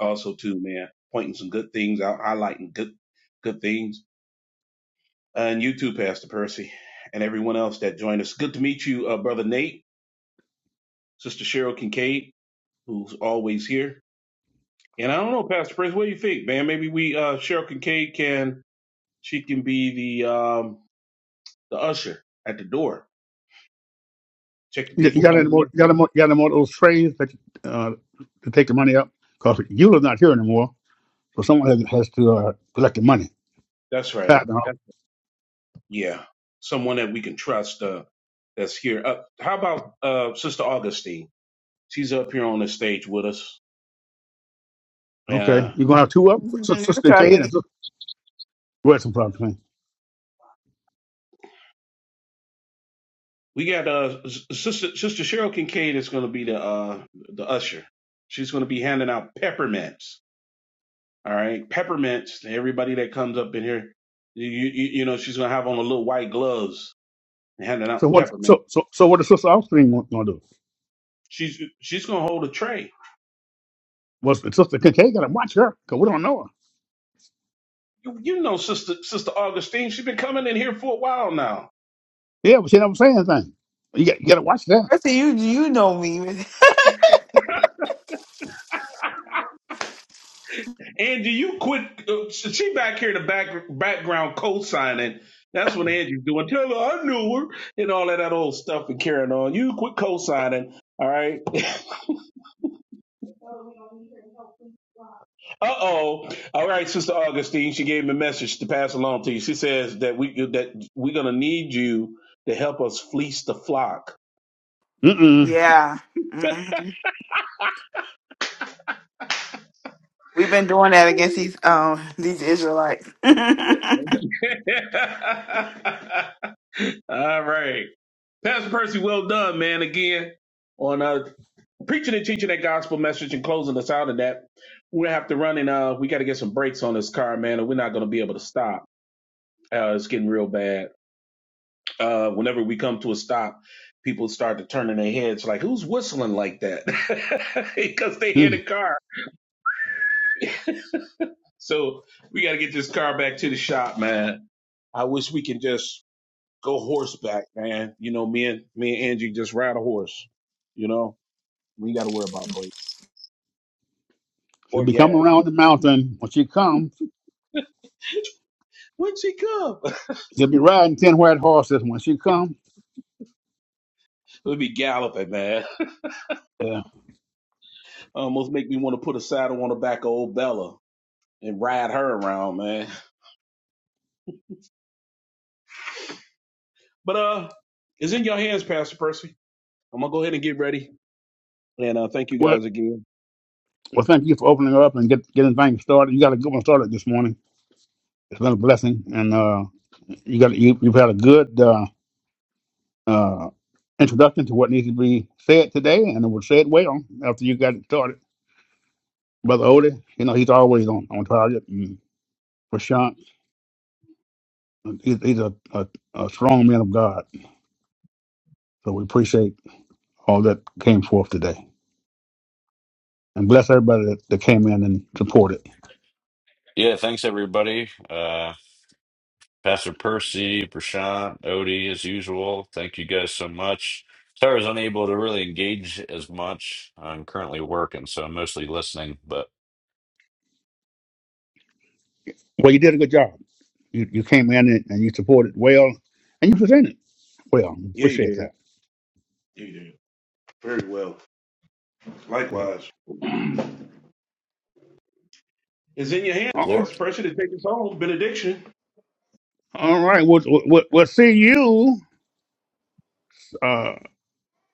[SPEAKER 2] also too, man. Pointing some good things out, highlighting good good things. and you too, Pastor Percy, and everyone else that joined us. Good to meet you, uh, brother Nate, sister Cheryl Kincaid. who's always here. And I don't know, Pastor Prince, what do you think, man? Maybe we uh Cheryl Kincaid can she can be the um the usher at the door. Check the
[SPEAKER 5] You, you
[SPEAKER 2] people
[SPEAKER 5] got any
[SPEAKER 2] coming
[SPEAKER 5] more
[SPEAKER 2] in.
[SPEAKER 5] you got any more you got any more of those trays that uh, to take the money up? Because Eula's not here anymore So someone has, has to uh, collect the money.
[SPEAKER 2] That's right.
[SPEAKER 5] Tap now.
[SPEAKER 2] That's- yeah. Someone that we can trust uh that's here. Uh, how about uh Sister Augustine? She's up here on the stage with us.
[SPEAKER 5] Okay,
[SPEAKER 2] Uh
[SPEAKER 5] you're gonna have two of them, S-
[SPEAKER 8] Mhm, you
[SPEAKER 5] Sister
[SPEAKER 8] Trust
[SPEAKER 5] Kincaid and
[SPEAKER 8] me.
[SPEAKER 5] Sister Wilson Plum Twin.
[SPEAKER 2] we got uh S- Sister Sister Cheryl Kincaid is gonna be the uh the usher. She's gonna be handing out peppermints All right. Peppermints to everybody that comes up in here. You, you, you know, she's going to have on a little white gloves and handing out
[SPEAKER 5] So what?
[SPEAKER 2] peppermint.
[SPEAKER 5] So so so what is Sister Austin gonna gonna do?
[SPEAKER 2] She's, she's going to hold a tray.
[SPEAKER 5] Well, Sister Kincaid gotta watch her because we don't know her.
[SPEAKER 2] You, you know, sister, sister Augustine, she's been coming in here for a while now.
[SPEAKER 5] Yeah, but she never say anything. You got you gotta watch that.
[SPEAKER 8] Trust me, you you know me.
[SPEAKER 2] Angie, you quit. Uh, she back here in the back, background co-signing. That's what Angie's doing. Tell her I knew her and all of that old stuff and carrying on. You quit co-signing. All right. Uh oh. All right, Sister Augustine. She gave me a message to pass along to you. She says that we that we're gonna need you to help us fleece the flock.
[SPEAKER 5] Mm-mm.
[SPEAKER 8] Yeah. hmm We've been doing that against these um these Israelites.
[SPEAKER 2] All right, Pastor Percy. Well done, man. Again on uh preaching and teaching that gospel message and closing us out of that. We have to run and uh we got to get some brakes on this car, man, or we're not gonna be able to stop. Uh, it's getting real bad. uh, whenever we come to a stop, people start to turn in their heads like, who's whistling like that? Because they hit
[SPEAKER 5] Mm.
[SPEAKER 2] a car. So we got to get this car back to the shop, man. I wish we can just go horseback, man. You know, me and me and Angie just ride a horse. You know, we ain't got to worry about brakes
[SPEAKER 5] She'll
[SPEAKER 2] or
[SPEAKER 5] be coming
[SPEAKER 2] gas.
[SPEAKER 5] around the mountain. When she comes,
[SPEAKER 2] When she come,
[SPEAKER 5] she'll be riding ten white horses. When she comes,
[SPEAKER 2] we'll be galloping, man.
[SPEAKER 5] yeah.
[SPEAKER 2] Almost make me want to put a saddle on the back of old Bella and ride her around, man. But uh, it's in your hands, Pastor Percy. I'm gonna go ahead and get ready. And uh, thank you
[SPEAKER 5] Well,
[SPEAKER 2] guys again.
[SPEAKER 5] well, thank you for opening her up and get getting things started. You got a good one started this morning. It's been a blessing, and uh, you got you, you've had a good. Uh, uh, introduction to what needs to be said today, and it was said well after you got it started. Brother Odie, you know, he's always on, on target. And Prashant, he's, he's a, a, a strong man of God. So we appreciate all that came forth today. And bless everybody that, that came in and supported.
[SPEAKER 4] Yeah, thanks everybody. Uh, Pastor Percy, Prashant, Odie, as usual. Thank you guys so much. Sorry I was unable to really engage as much. I'm currently working, so I'm mostly listening, but.
[SPEAKER 5] Well, you did a good job. You, you came in and, and you supported well, and you presented well.
[SPEAKER 2] Yeah, you
[SPEAKER 5] Appreciate
[SPEAKER 2] did.
[SPEAKER 5] that.
[SPEAKER 2] Yeah, you did. Very well.
[SPEAKER 5] Yeah.
[SPEAKER 2] Likewise. it's in your hands,
[SPEAKER 4] Lord.
[SPEAKER 5] All,
[SPEAKER 2] Pastor Pressure, to take us home. Benediction.
[SPEAKER 5] all right. We'll, we'll, we'll see you. uh,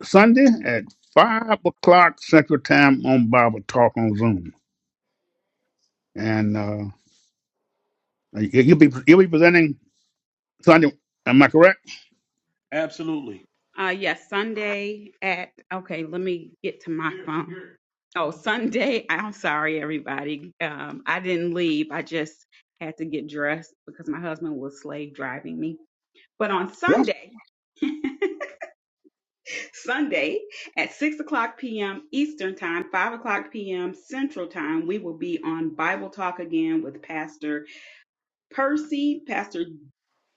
[SPEAKER 5] Sunday at five o'clock Central Time on Bible Talk on Zoom, and uh, you- you'll be you'll be presenting Sunday. Am I correct?
[SPEAKER 2] Absolutely. Uh, yes, Sunday at, okay, let me get to my phone. Oh, Sunday. I'm sorry, everybody. Um, I didn't leave. I just had to get dressed because my husband was slave driving me. But on
[SPEAKER 5] What?
[SPEAKER 2] Sunday, Sunday at 6 o'clock p.m. Eastern Time, 5 o'clock p.m. Central Time. We will be on Bible Talk again with Pastor Percy, Pastor,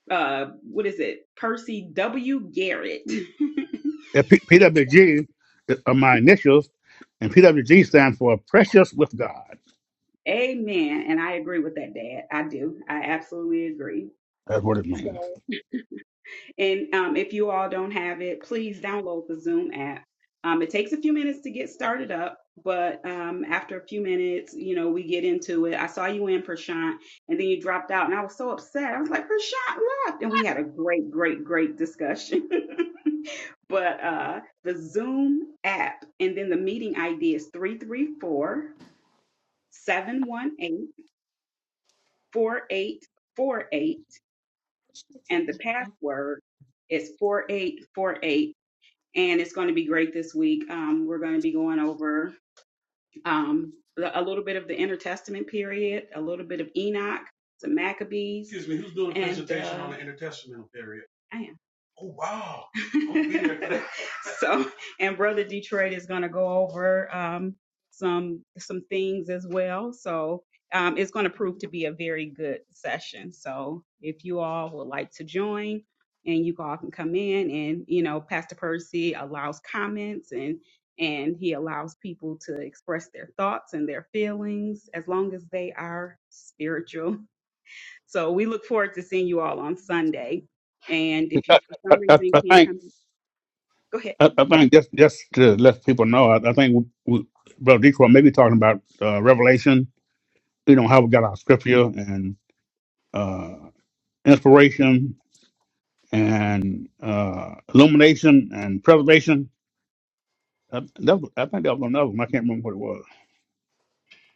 [SPEAKER 2] uh, what is it? Percy W. Garrett.
[SPEAKER 5] P- PWG are my initials, and PWG stands for Precious with God.
[SPEAKER 2] Amen. And I agree with that, Dad. I do. I absolutely agree.
[SPEAKER 5] That's what it means.
[SPEAKER 2] So. And um, if you all don't have it, please download the Zoom app. Um, it takes a few minutes to get started up, but um, after a few minutes, you know, we get into it. I saw you in Prashant, and then you dropped out, and I was so upset. I was like, Prashant left, and we had a great, great, great discussion. but uh, the Zoom app, and then the meeting ID is three three four seven one eight four eight four eight, and the password is 4848 and it's going to be great this week. Um, we're going to be going over um, the- a little bit of the intertestament period, a little bit of Enoch, some Maccabees. Excuse me, who's doing a and, presentation uh, on uh, the intertestamental period? I am. Oh wow! so, and Brother Detroit is going to go over um, some some things as well. So. Um, it's going to prove to be a very good session. So if you all would like to join, and you all can come in, and you know, Pastor Percy allows comments, and and he allows people to express their thoughts and their feelings as long as they are spiritual. So we look forward to seeing you all on Sunday. And if you for
[SPEAKER 5] I,
[SPEAKER 2] some
[SPEAKER 5] I,
[SPEAKER 2] reason
[SPEAKER 5] I
[SPEAKER 2] can't
[SPEAKER 5] think
[SPEAKER 2] come, go ahead.
[SPEAKER 5] I, I think just just to let people know, I, I think we, we, Brother Detroit may be talking about uh, Revelation. You know how we got our scripture and uh, inspiration and uh, illumination and preservation. I, that was, I think that was another one. I can't remember what it was.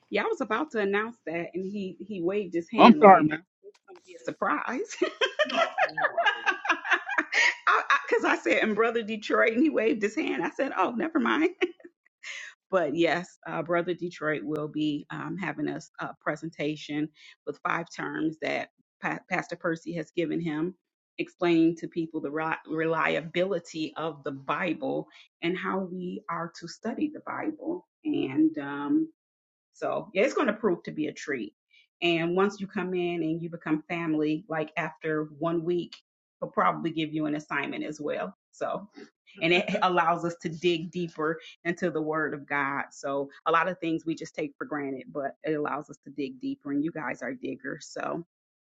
[SPEAKER 2] Yeah, I was about to announce that, and he he waved his
[SPEAKER 5] Oh, I'm
[SPEAKER 2] hand like
[SPEAKER 5] sorry, man.
[SPEAKER 2] it's going to be a surprise. Because I, I, 'cause I said, and brother Detroit, and he waved his hand. I said, oh, never mind. But yes, uh, Brother Detroit will be um, having us a presentation with five terms that pa- Pastor Percy has given him, explaining to people the ri- reliability of the Bible and how we are to study the Bible. And um, so, yeah, it's going to prove to be a treat. And once you come in and you become family, like after one week, he'll probably give you an assignment as well. So and it allows us to dig deeper into the word of God. So a lot of things we just take for granted, but it allows us to dig deeper and you guys are diggers. So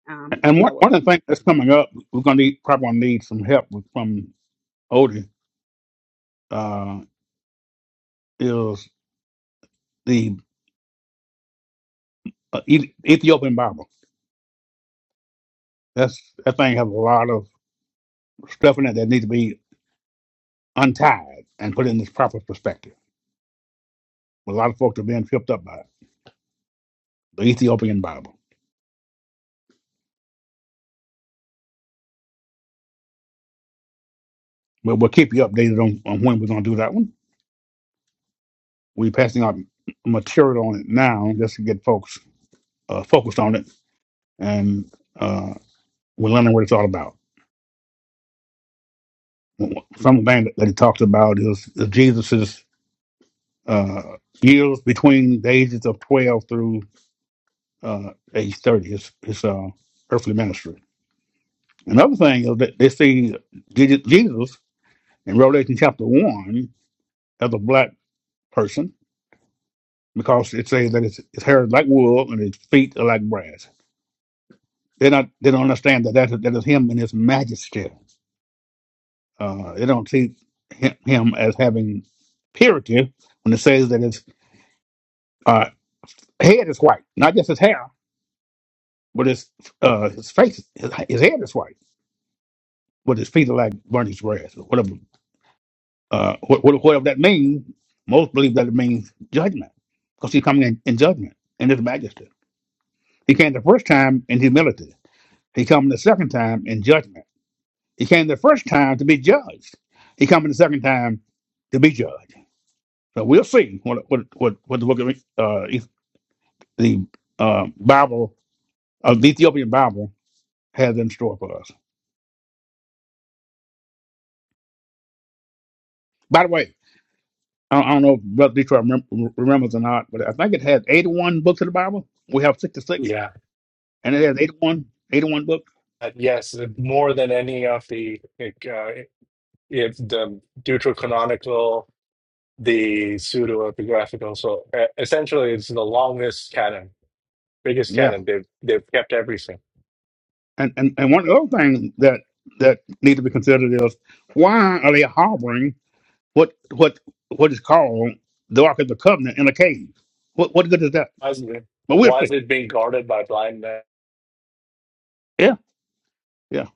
[SPEAKER 2] um
[SPEAKER 5] And
[SPEAKER 2] I
[SPEAKER 5] one,
[SPEAKER 2] will
[SPEAKER 5] one of the things that's coming up, we're gonna need probably gonna need some help with, from Odie. Uh, is the uh, Eth- Ethiopian Bible? That's that thing has a lot of stuff in it that needs to be untied and put in this proper perspective. A lot of folks are being tripped up by it, the Ethiopian Bible. But we'll keep you updated on, on when we're gonna do that one. We're passing out material on it now just to get folks uh, focused on it, and uh, we're learning what it's all about. Some of the things that he talks about is Jesus's uh, years between the ages of twelve through uh, age thirty, his his uh, earthly ministry. Another thing is that they see Je- Jesus in Revelation chapter one as a black person because it says that his his hair is like wool and his feet are like brass. They not they don't understand that that, that is him in his majesty. Uh, they don't see him, him as having purity when it says that his uh, head is white, not just his hair, but his uh, his face, his, his head is white, but his feet are like burnished brass, or whatever. Uh, what, what, whatever that means, most believe that it means judgment, because he's coming in, in judgment in his majesty. He came the first time in humility. He come the second time in judgment. He came the first time to be judged. He coming the second time to be judged. So we'll see what what what, what the book of uh, Eth- the uh, Bible of the Ethiopian Bible has in store for us. By the way, I I don't know if Brother Detroit remem- remembers or not, but I think it has 81 books in the Bible. We have 66, and it has eighty-one, eighty-one books. Yeah, and and and one other thing that that needs to be considered is why are they harboring? what what what is called the Ark of the Covenant in a cave. What what good is that? But we'll see. Yeah, yeah.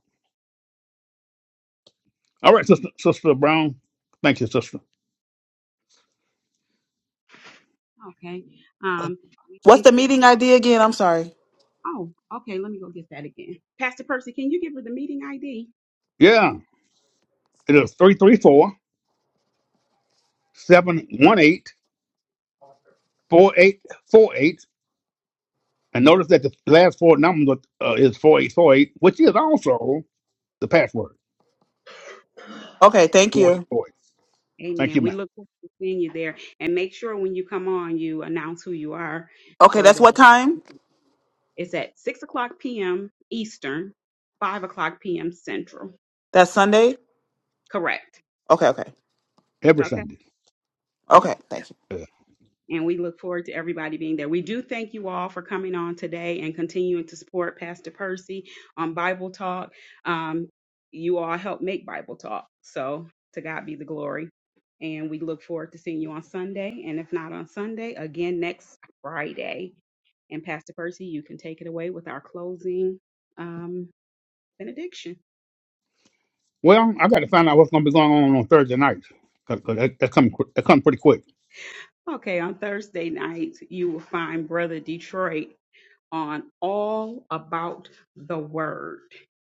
[SPEAKER 5] All right, sister, sister Brown. Thank you, sister.
[SPEAKER 2] okay. Um we
[SPEAKER 8] What's
[SPEAKER 2] thank
[SPEAKER 8] the
[SPEAKER 2] you all.
[SPEAKER 8] meeting idea again? I'm sorry.
[SPEAKER 2] Oh, okay, let me go get that again. Pastor Percy, can you give her the meeting ID?
[SPEAKER 5] Yeah, its one eight four eight four eight. And notice that the last four numbers uh, is 4848, which is also the password,
[SPEAKER 8] Okay, thank you.
[SPEAKER 5] 4848. Thank
[SPEAKER 2] Amen.
[SPEAKER 5] you,
[SPEAKER 2] We
[SPEAKER 5] ma'am.
[SPEAKER 2] look forward to seeing you there. And make sure when you come on you announce who you are
[SPEAKER 8] Okay,
[SPEAKER 2] so
[SPEAKER 8] that's what
[SPEAKER 2] that
[SPEAKER 8] time?
[SPEAKER 2] it's at six o'clock PM Eastern, five o'clock PM Central.
[SPEAKER 8] That's Sunday?
[SPEAKER 2] Correct.
[SPEAKER 8] Okay, okay.
[SPEAKER 5] Every
[SPEAKER 2] Okay.
[SPEAKER 5] Sunday.
[SPEAKER 2] Yep.
[SPEAKER 8] Okay, thank you.
[SPEAKER 5] Yeah.
[SPEAKER 2] and we look forward to everybody being there. We do thank you all for coming on today and continuing to support Pastor Percy on Bible Talk. Um, you all help make Bible Talk. So to God be the glory. And we look forward to seeing you on Sunday. And if not on Sunday, again next Friday. And Pastor Percy, you can take it away with our closing um, benediction.
[SPEAKER 5] Well, I got to find out what's going to be going on on Thursday night. because that, that, come, that come pretty quick.
[SPEAKER 2] Okay, on Thursday night, you will find Brother Detroit on all about the word,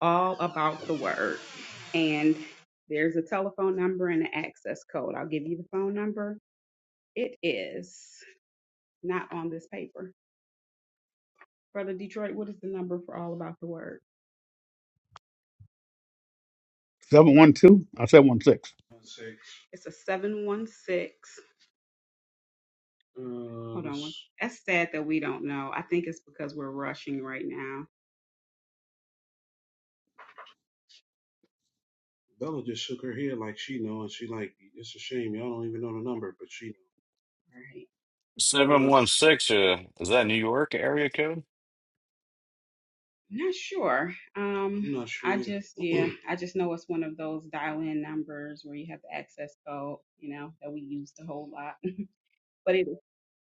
[SPEAKER 2] all about the word. And there's a telephone number and an access code. I'll give you the phone number. It is not on this paper. Brother Detroit, what is the number for all about the word?
[SPEAKER 5] 712 or 716.
[SPEAKER 2] Six. It's a 716. Hold on. one- That's sad that we don't know. I think it's because we're rushing right now. Bella just shook her head like she know, and she like, it's a shame y'all don't even know the number, but she. know. right.
[SPEAKER 4] 716, uh, is that New York area code?
[SPEAKER 2] Not sure. I'm Um, I'm not sure I sure either. just, yeah, I just know it's one of those dial in numbers where you have the access code, you know, that we used a whole lot. But it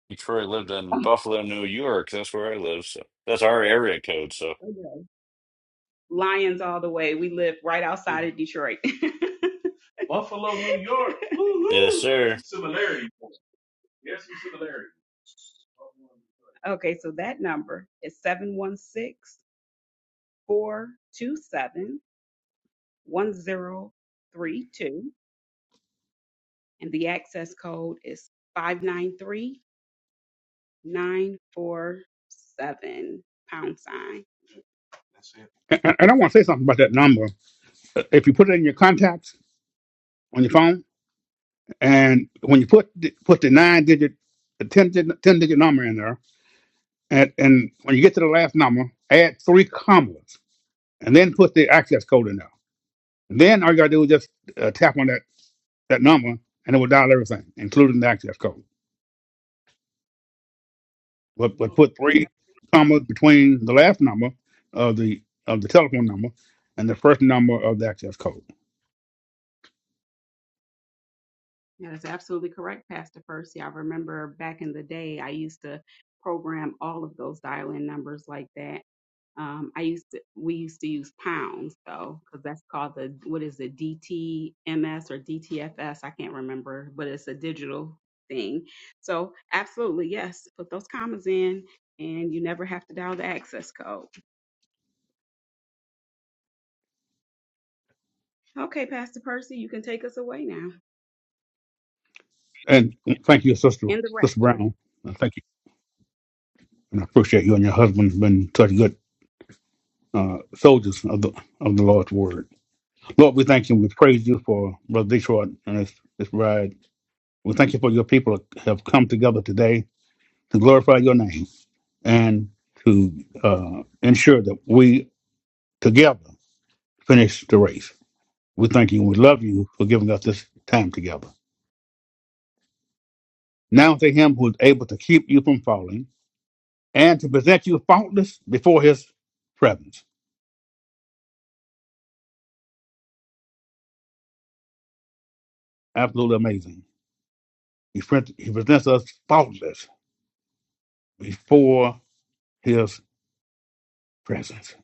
[SPEAKER 4] Detroit lived in
[SPEAKER 2] is
[SPEAKER 4] Buffalo, New York. That's where I live. So that's our area code. So,
[SPEAKER 2] Lions all the way. We live right outside of Detroit. Buffalo, New York.
[SPEAKER 4] yes,
[SPEAKER 2] Woo-hoo!
[SPEAKER 4] sir.
[SPEAKER 2] Some similarities. Yes, some similarities. okay, so that number is seven one six four two seven one zero three two, and the access code is 593 nine four seven pound sign. That's it.
[SPEAKER 5] And and I want to say something about that number. If you put it in your contacts on your phone, and when you put the, put the nine digit, the 10, digit- 10 digit number in there, and, and when you get to the last number, add three commas, and then put the access code in there. And then all you gotta do is just uh, tap on that that number, and it will dial everything, including the access code. But
[SPEAKER 2] I
[SPEAKER 5] but
[SPEAKER 2] know that.
[SPEAKER 5] put three commas between the last number of the of the telephone number and the first number of the access code.
[SPEAKER 2] That is absolutely correct, Pastor Percy. I remember back in the day, I used to program all of those dial-in numbers like that. Um, I used to, we used to use pounds though, because that's called the, what is it, DTMS or DTFS? I can't remember, but it's a digital thing. So absolutely, yes, put those commas in and you never have to dial the access code. Okay, Pastor Percy, you can take us away now.
[SPEAKER 5] And thank you, Sister
[SPEAKER 2] in the
[SPEAKER 5] Sister
[SPEAKER 2] rapture.
[SPEAKER 5] Brown. And Thank you. and I appreciate you and your husband have been such good uh, soldiers of the of the Lord's word. Lord, we thank you. and We praise you for Brother Detroit and his, his bride. We thank you for your people have come together today to glorify your name and to uh, ensure that we together finish the race. We thank you. and We love you for giving us this time together. Now to him who is able to keep you from falling and to present you faultless before his presence. Absolutely amazing. He, presents us faultless before his presence.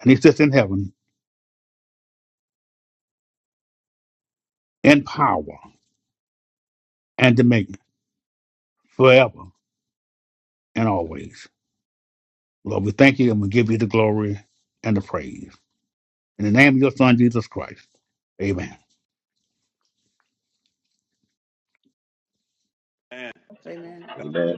[SPEAKER 5] And he sits in heaven in power and dominion forever and always. Lord, we thank you and we give you the glory and the praise. In the name of your son, Jesus Christ. Amen.
[SPEAKER 2] And
[SPEAKER 8] Amen.
[SPEAKER 2] God bless.